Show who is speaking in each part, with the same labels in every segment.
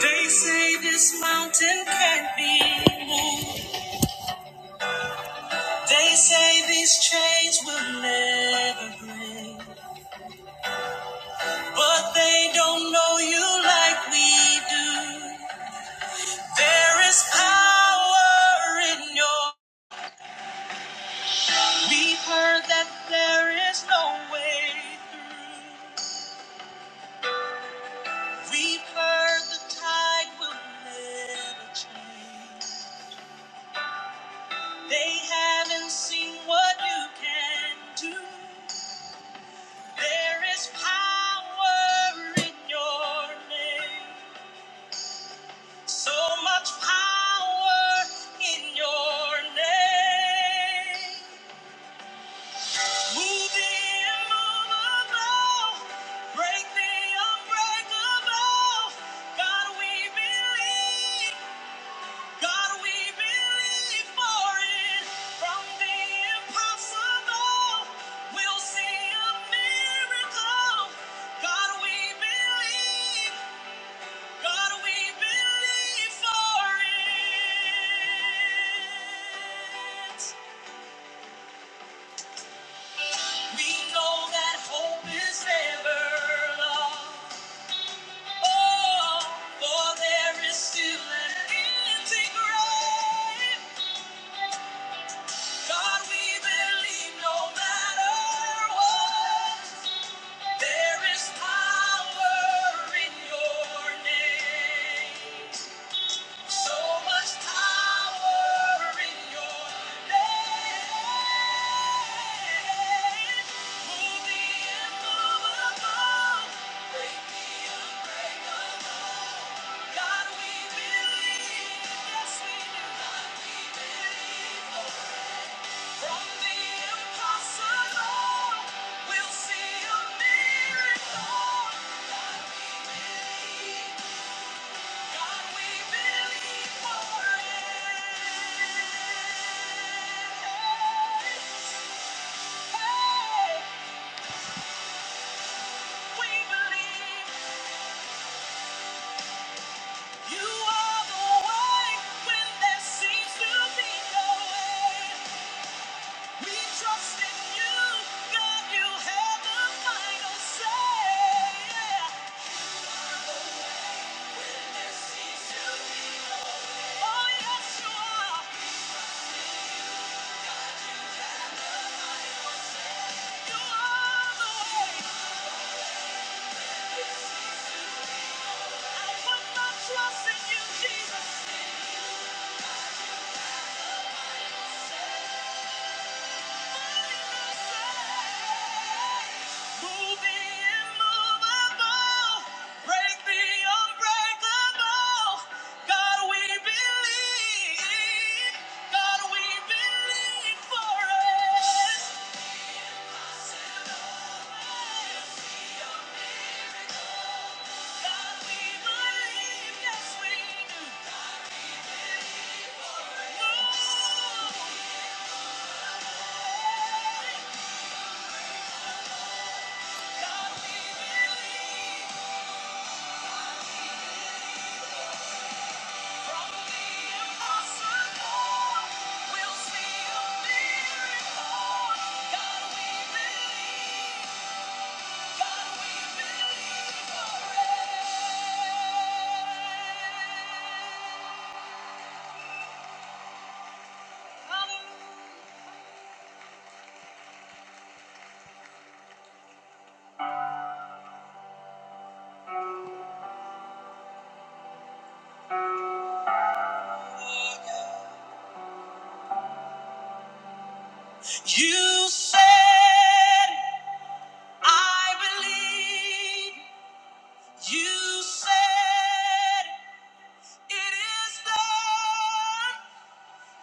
Speaker 1: They say this mountain can't be moved. They say these chains will never break. But they don't know you like we do. There is power in your. We've heard that there is no way through. We've heard the tide will never change. They haven't seen what you can do. There is power in your name. So much power in your name. Move the immovable. Break the unbreakable. God, we believe. God, we believe for it. From the impossible, we'll see a miracle. God, we believe. God, we believe for it. We know that hope is never lost. Oh, for there is still an empty grave. God, we believe no matter what. There is power in your name. So much power in your name. Move the immovable. Break the unbreakable. God, we believe. Yes, we do. God, we believe. From the impossible, we'll see a miracle. God, we believe. Trust in you, Jesus. Thank you. You said, I believe. You said, it is done.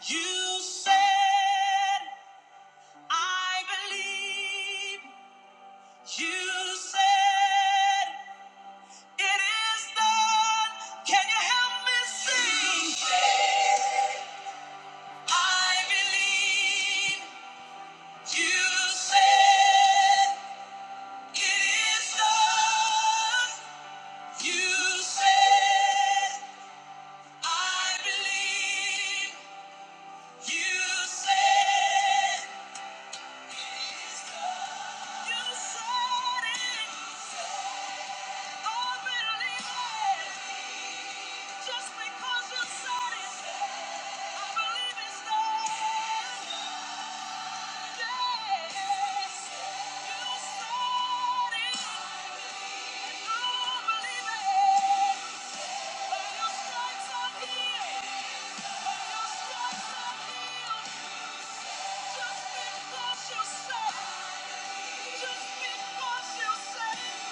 Speaker 1: You said, I believe you said it is done. Can you help me sing? I believe you said it is done. You said, I believe you said it is done. You said it. I believe it. Just because you said it, I believe it's done. Yes, you said it. I believe it. By your stripes I'm healed. By your stripes I'm healed. Just because you said it, just because you said it,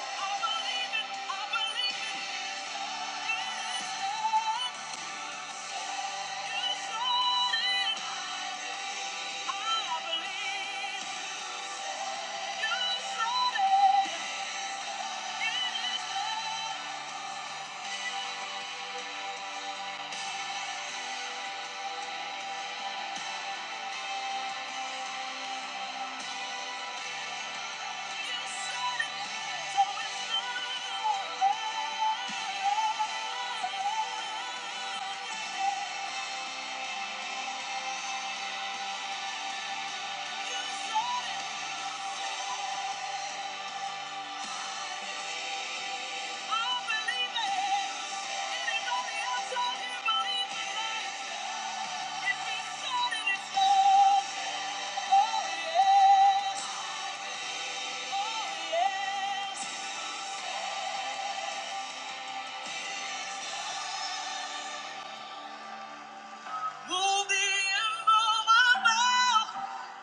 Speaker 1: I believe it. I believe it. It is done. You said it. I believe. Yes. Oh, yes. Oh, yes. Move the immovable.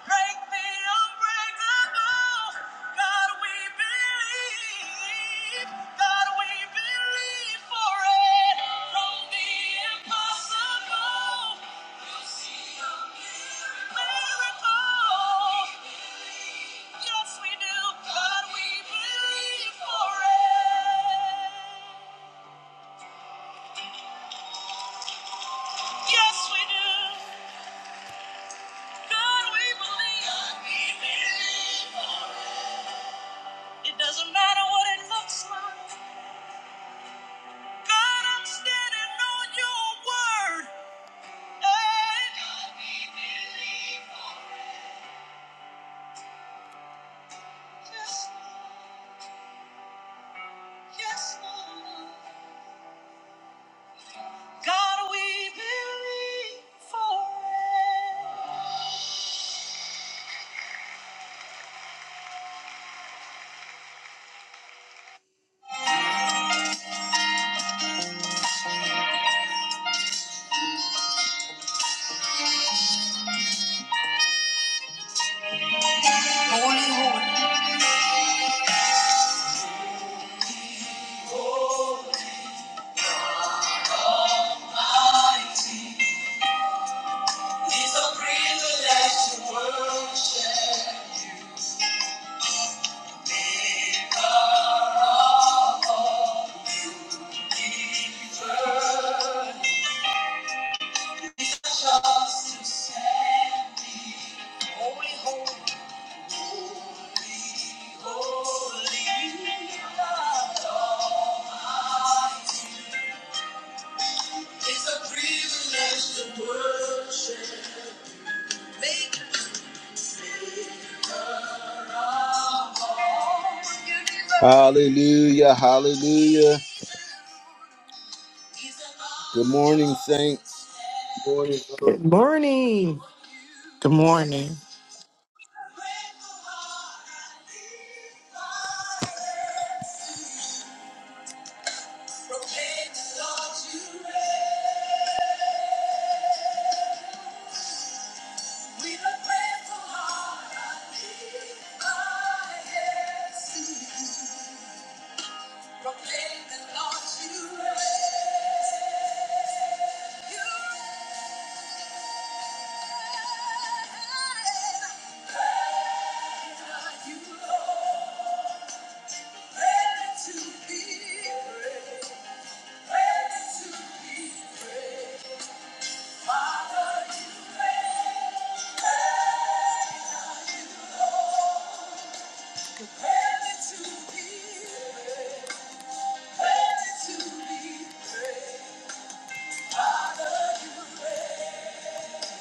Speaker 1: Break the unbreakable. God, we believe. God, we believe for it. From the impossible, we'll see a miracle. Yes, we do. God, we believe for it. Yes, we do. God, we believe. It doesn't matter what it looks like. God, I'm standing on your word. Hey. God, we believe. for- Yes, yes, Lord. God, we believe for it. Holy, holy, mighty. It's a privilege to worship. Just to say, holy, holy, holy. Hallelujah, hallelujah. Good morning, saints.
Speaker 2: morning. Hallelujah.
Speaker 3: Good morning.
Speaker 4: Good morning.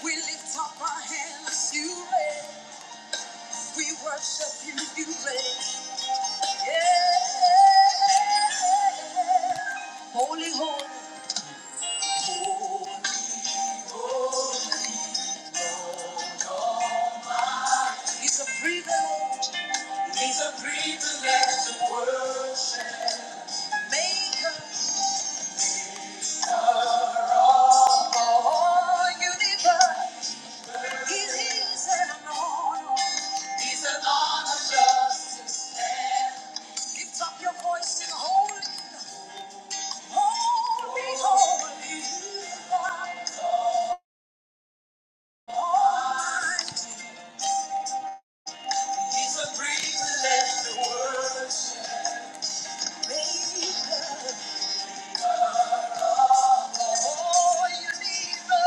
Speaker 1: We lift up our hands, you reign. We worship you, you reign. Yeah. Holy, holy, it's a privilege. It's a privilege to worship. Maker of all universe. It is an honor. It's an honor just to stand. Lift up your voice in holy, holy, holy. you are. Lord. It's a privilege to worship Maker. Oh, you need the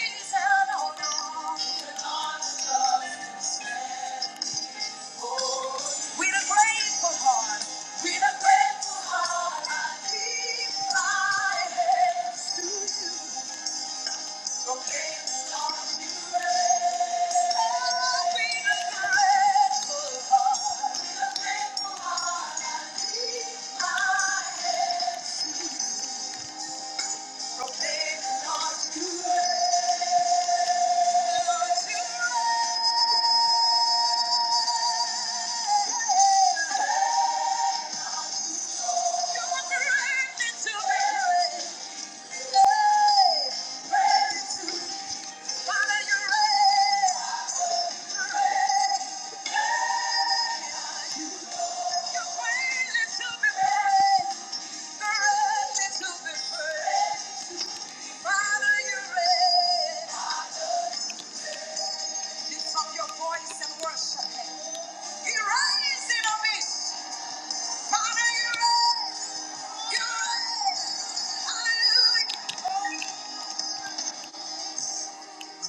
Speaker 1: is out on us. With a grateful heart, with a grateful heart, I lift my hands to you. Thank you.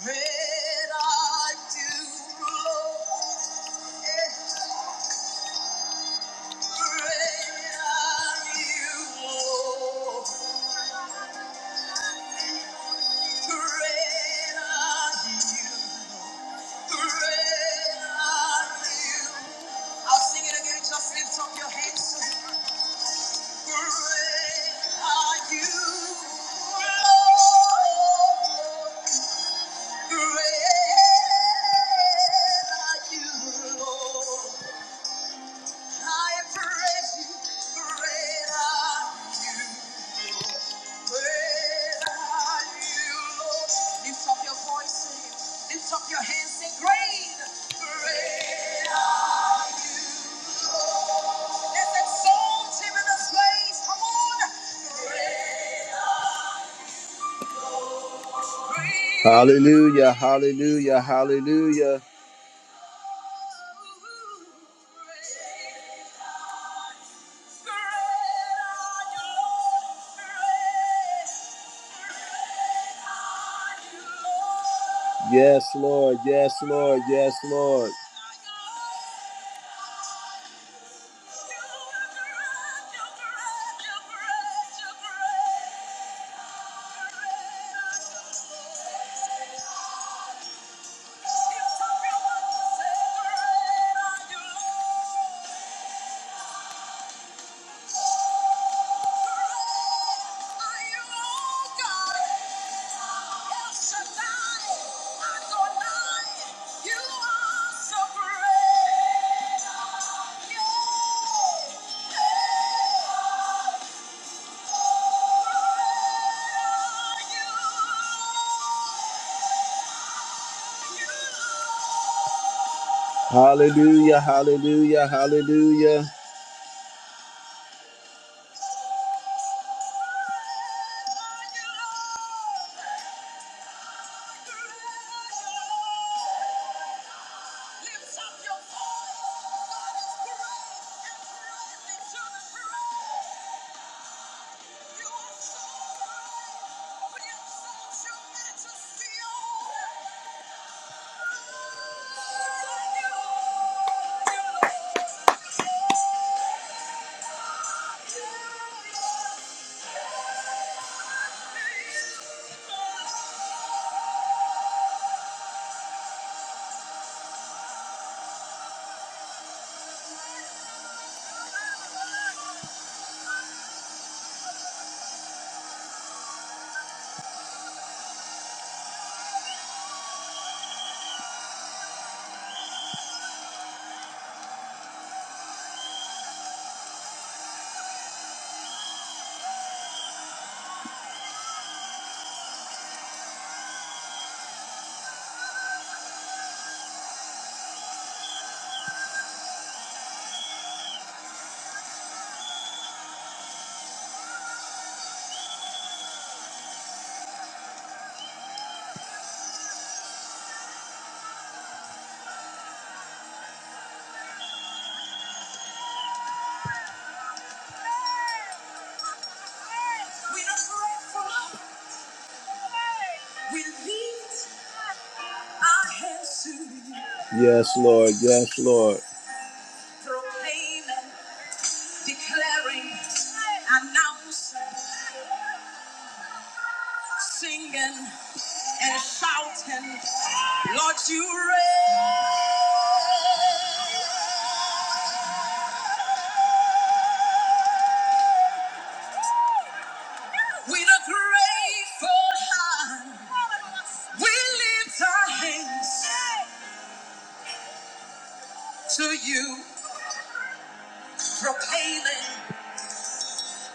Speaker 1: Red I do, Lord. I'll sing it again. Just lift up your hands. Great are you, Lord. Great are you, Lord. Lift up your voice, lift up your hands, say, Great, great him in this place. Come on. Hallelujah, hallelujah, hallelujah. Yes, Lord. Yes, Lord. Yes, Lord. so Yeah. Hallelujah, hallelujah, hallelujah. Yes, Lord. Yes, Lord. Proclaiming, declaring, announce. singing and shouting, Lord, you reign with a grateful heart. We lift our hands to you, proclaiming,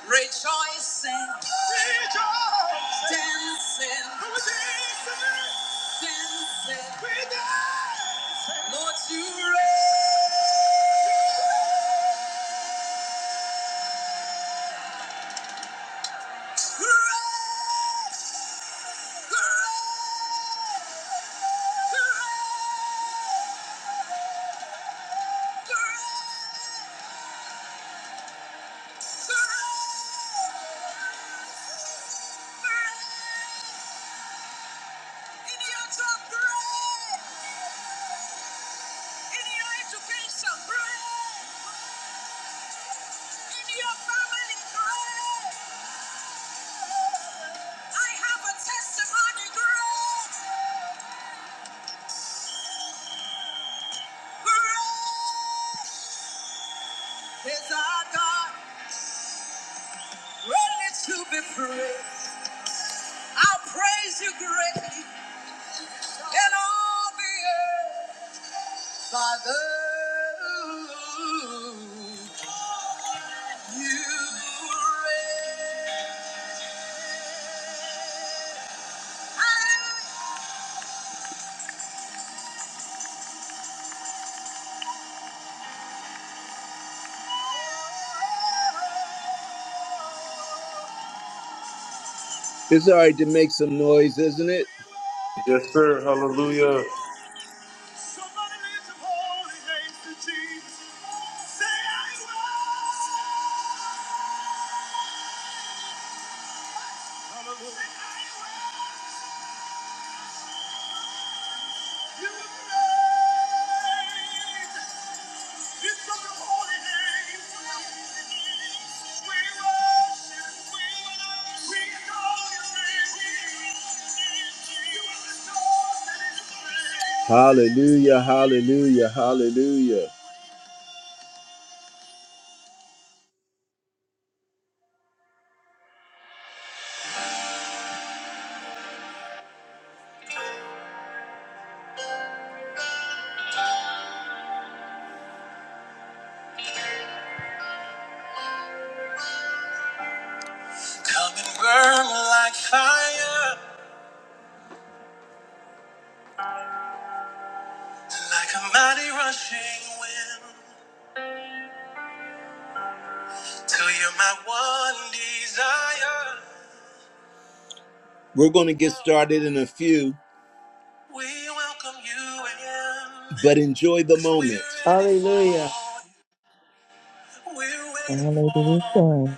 Speaker 1: rejoicing, rejoicing, dancing, dancing, dancing. We dance. Lord, you reign. Great, great, great, great. Is our God ready to be praised? I praise you greatly in all the earth, Father. It's all right to make some noise, isn't it?
Speaker 2: Yes, sir. Hallelujah.
Speaker 1: Hallelujah, hallelujah, hallelujah. We're going to get started in a few. We welcome you in. But enjoy the 'cause we're moment. ready for
Speaker 3: Hallelujah.
Speaker 1: you.
Speaker 5: Hallelujah.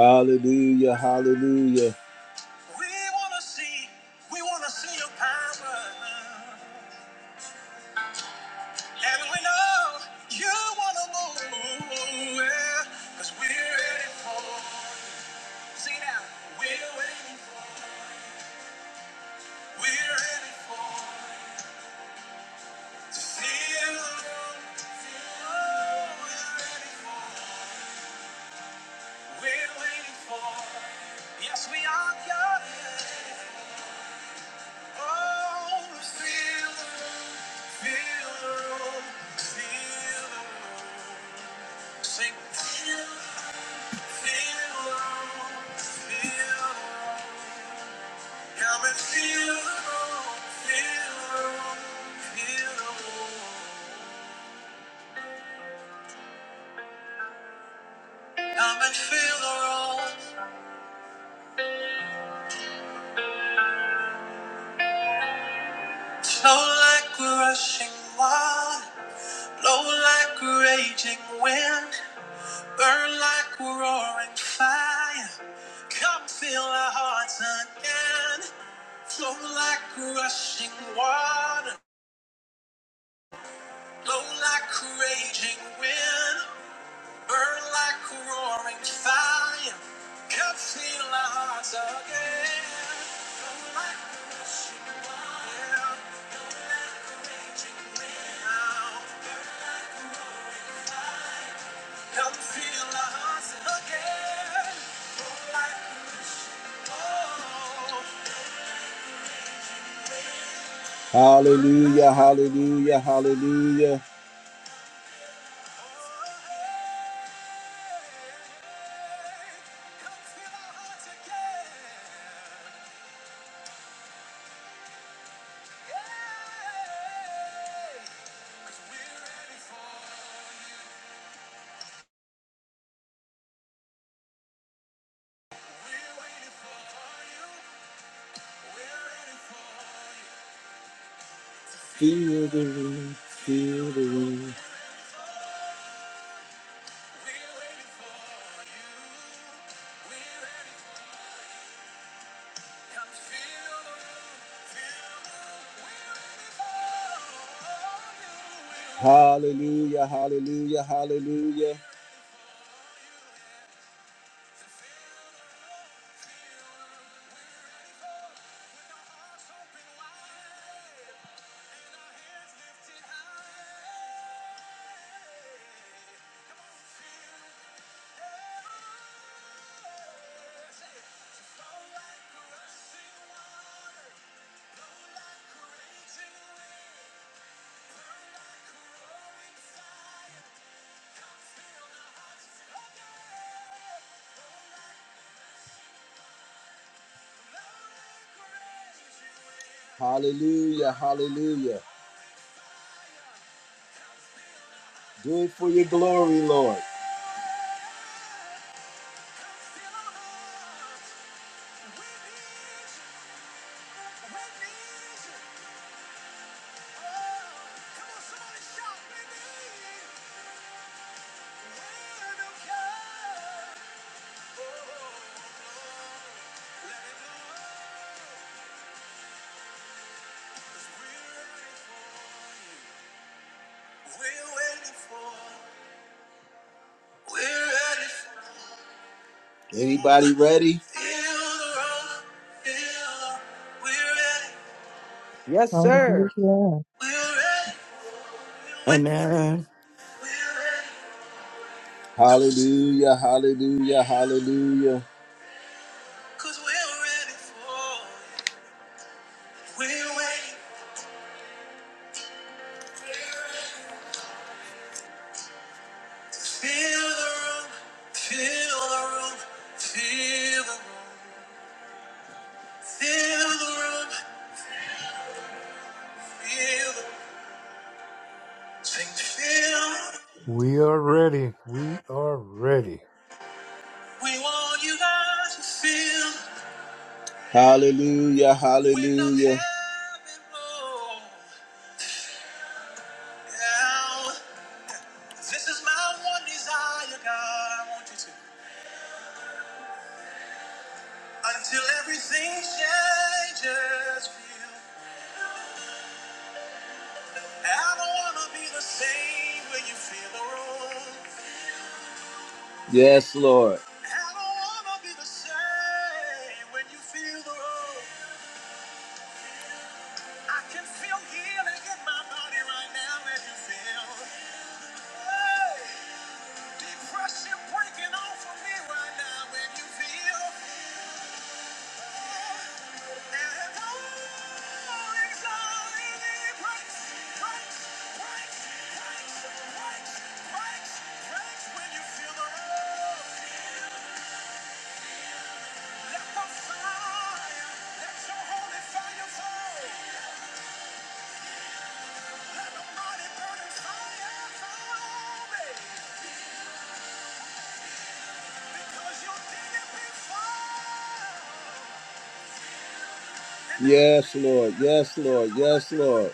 Speaker 1: Hallelujah, hallelujah, hallelujah, hallelujah, hallelujah. Feel the room, feel the room. Hallelujah, hallelujah, hallelujah, hallelujah, hallelujah. Do it for your glory, Lord. Anybody ready?
Speaker 3: Yes, sir.
Speaker 5: Hallelujah.
Speaker 4: Amen.
Speaker 1: Hallelujah, hallelujah, hallelujah,
Speaker 6: We are ready. We are ready.
Speaker 1: hallelujah, hallelujah. Yes, Lord. Yes, Lord. Yes, Lord. Yes, Lord.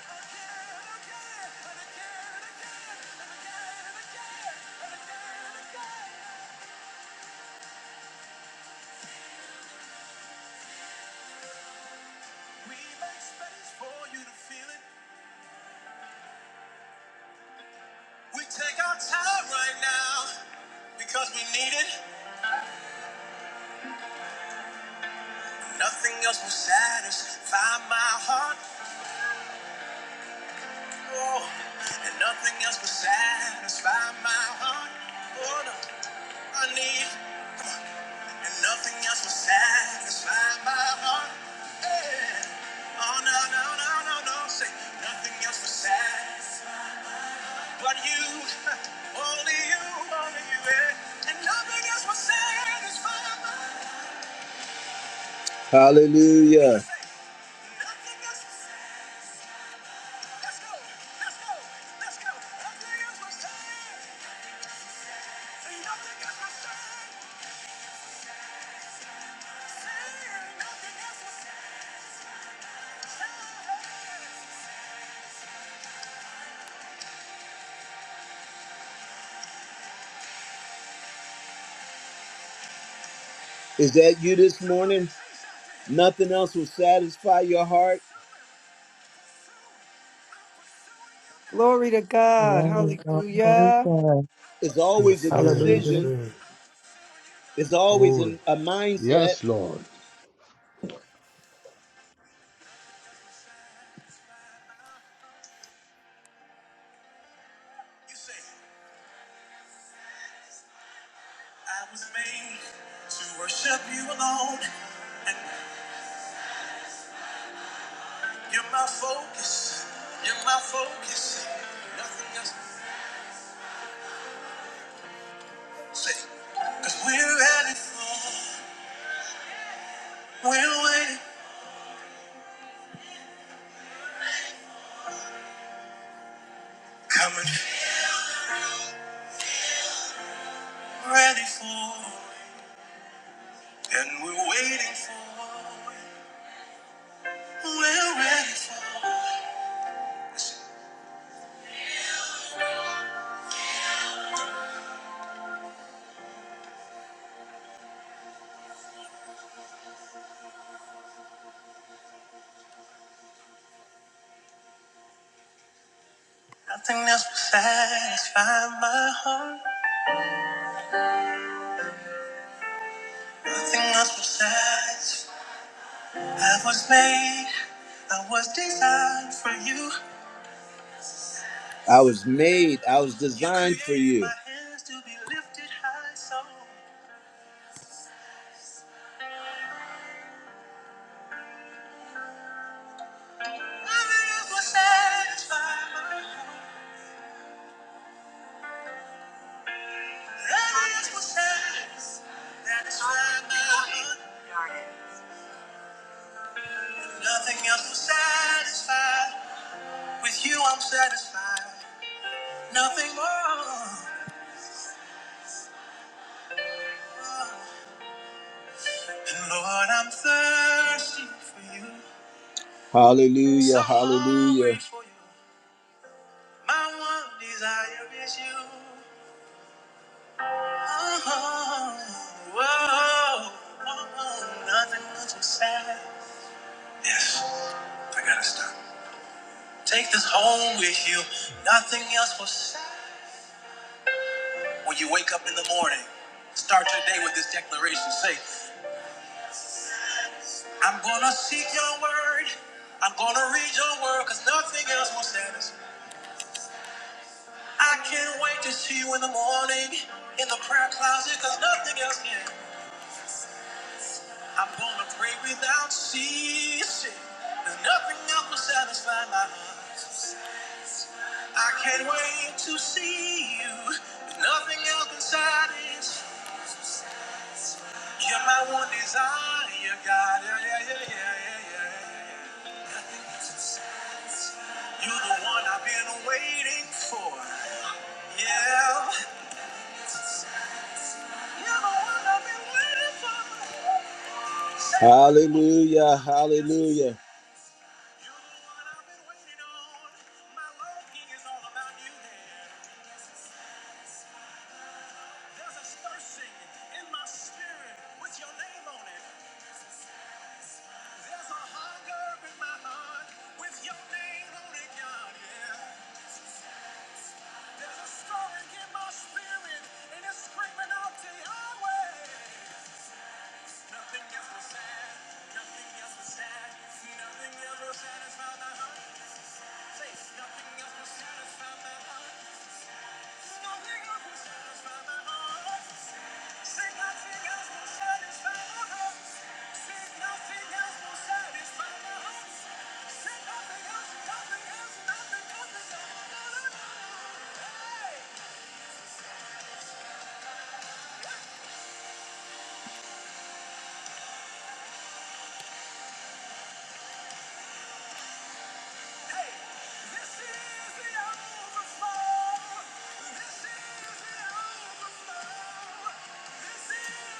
Speaker 1: Hallelujah. Is that you this morning? Nothing else will satisfy your heart.
Speaker 3: Glory to God.
Speaker 5: Amen.
Speaker 3: Hallelujah.
Speaker 5: Hallelujah.
Speaker 1: It's
Speaker 6: Yes,
Speaker 1: always a
Speaker 6: sir. Yes,
Speaker 4: Hallelujah.
Speaker 1: decision,
Speaker 6: sir.
Speaker 1: it's always an,
Speaker 6: Holy.
Speaker 1: a mindset.
Speaker 7: Yes, Lord.
Speaker 1: I was made, I was designed for you. Hallelujah, hallelujah. Hallelujah, hallelujah.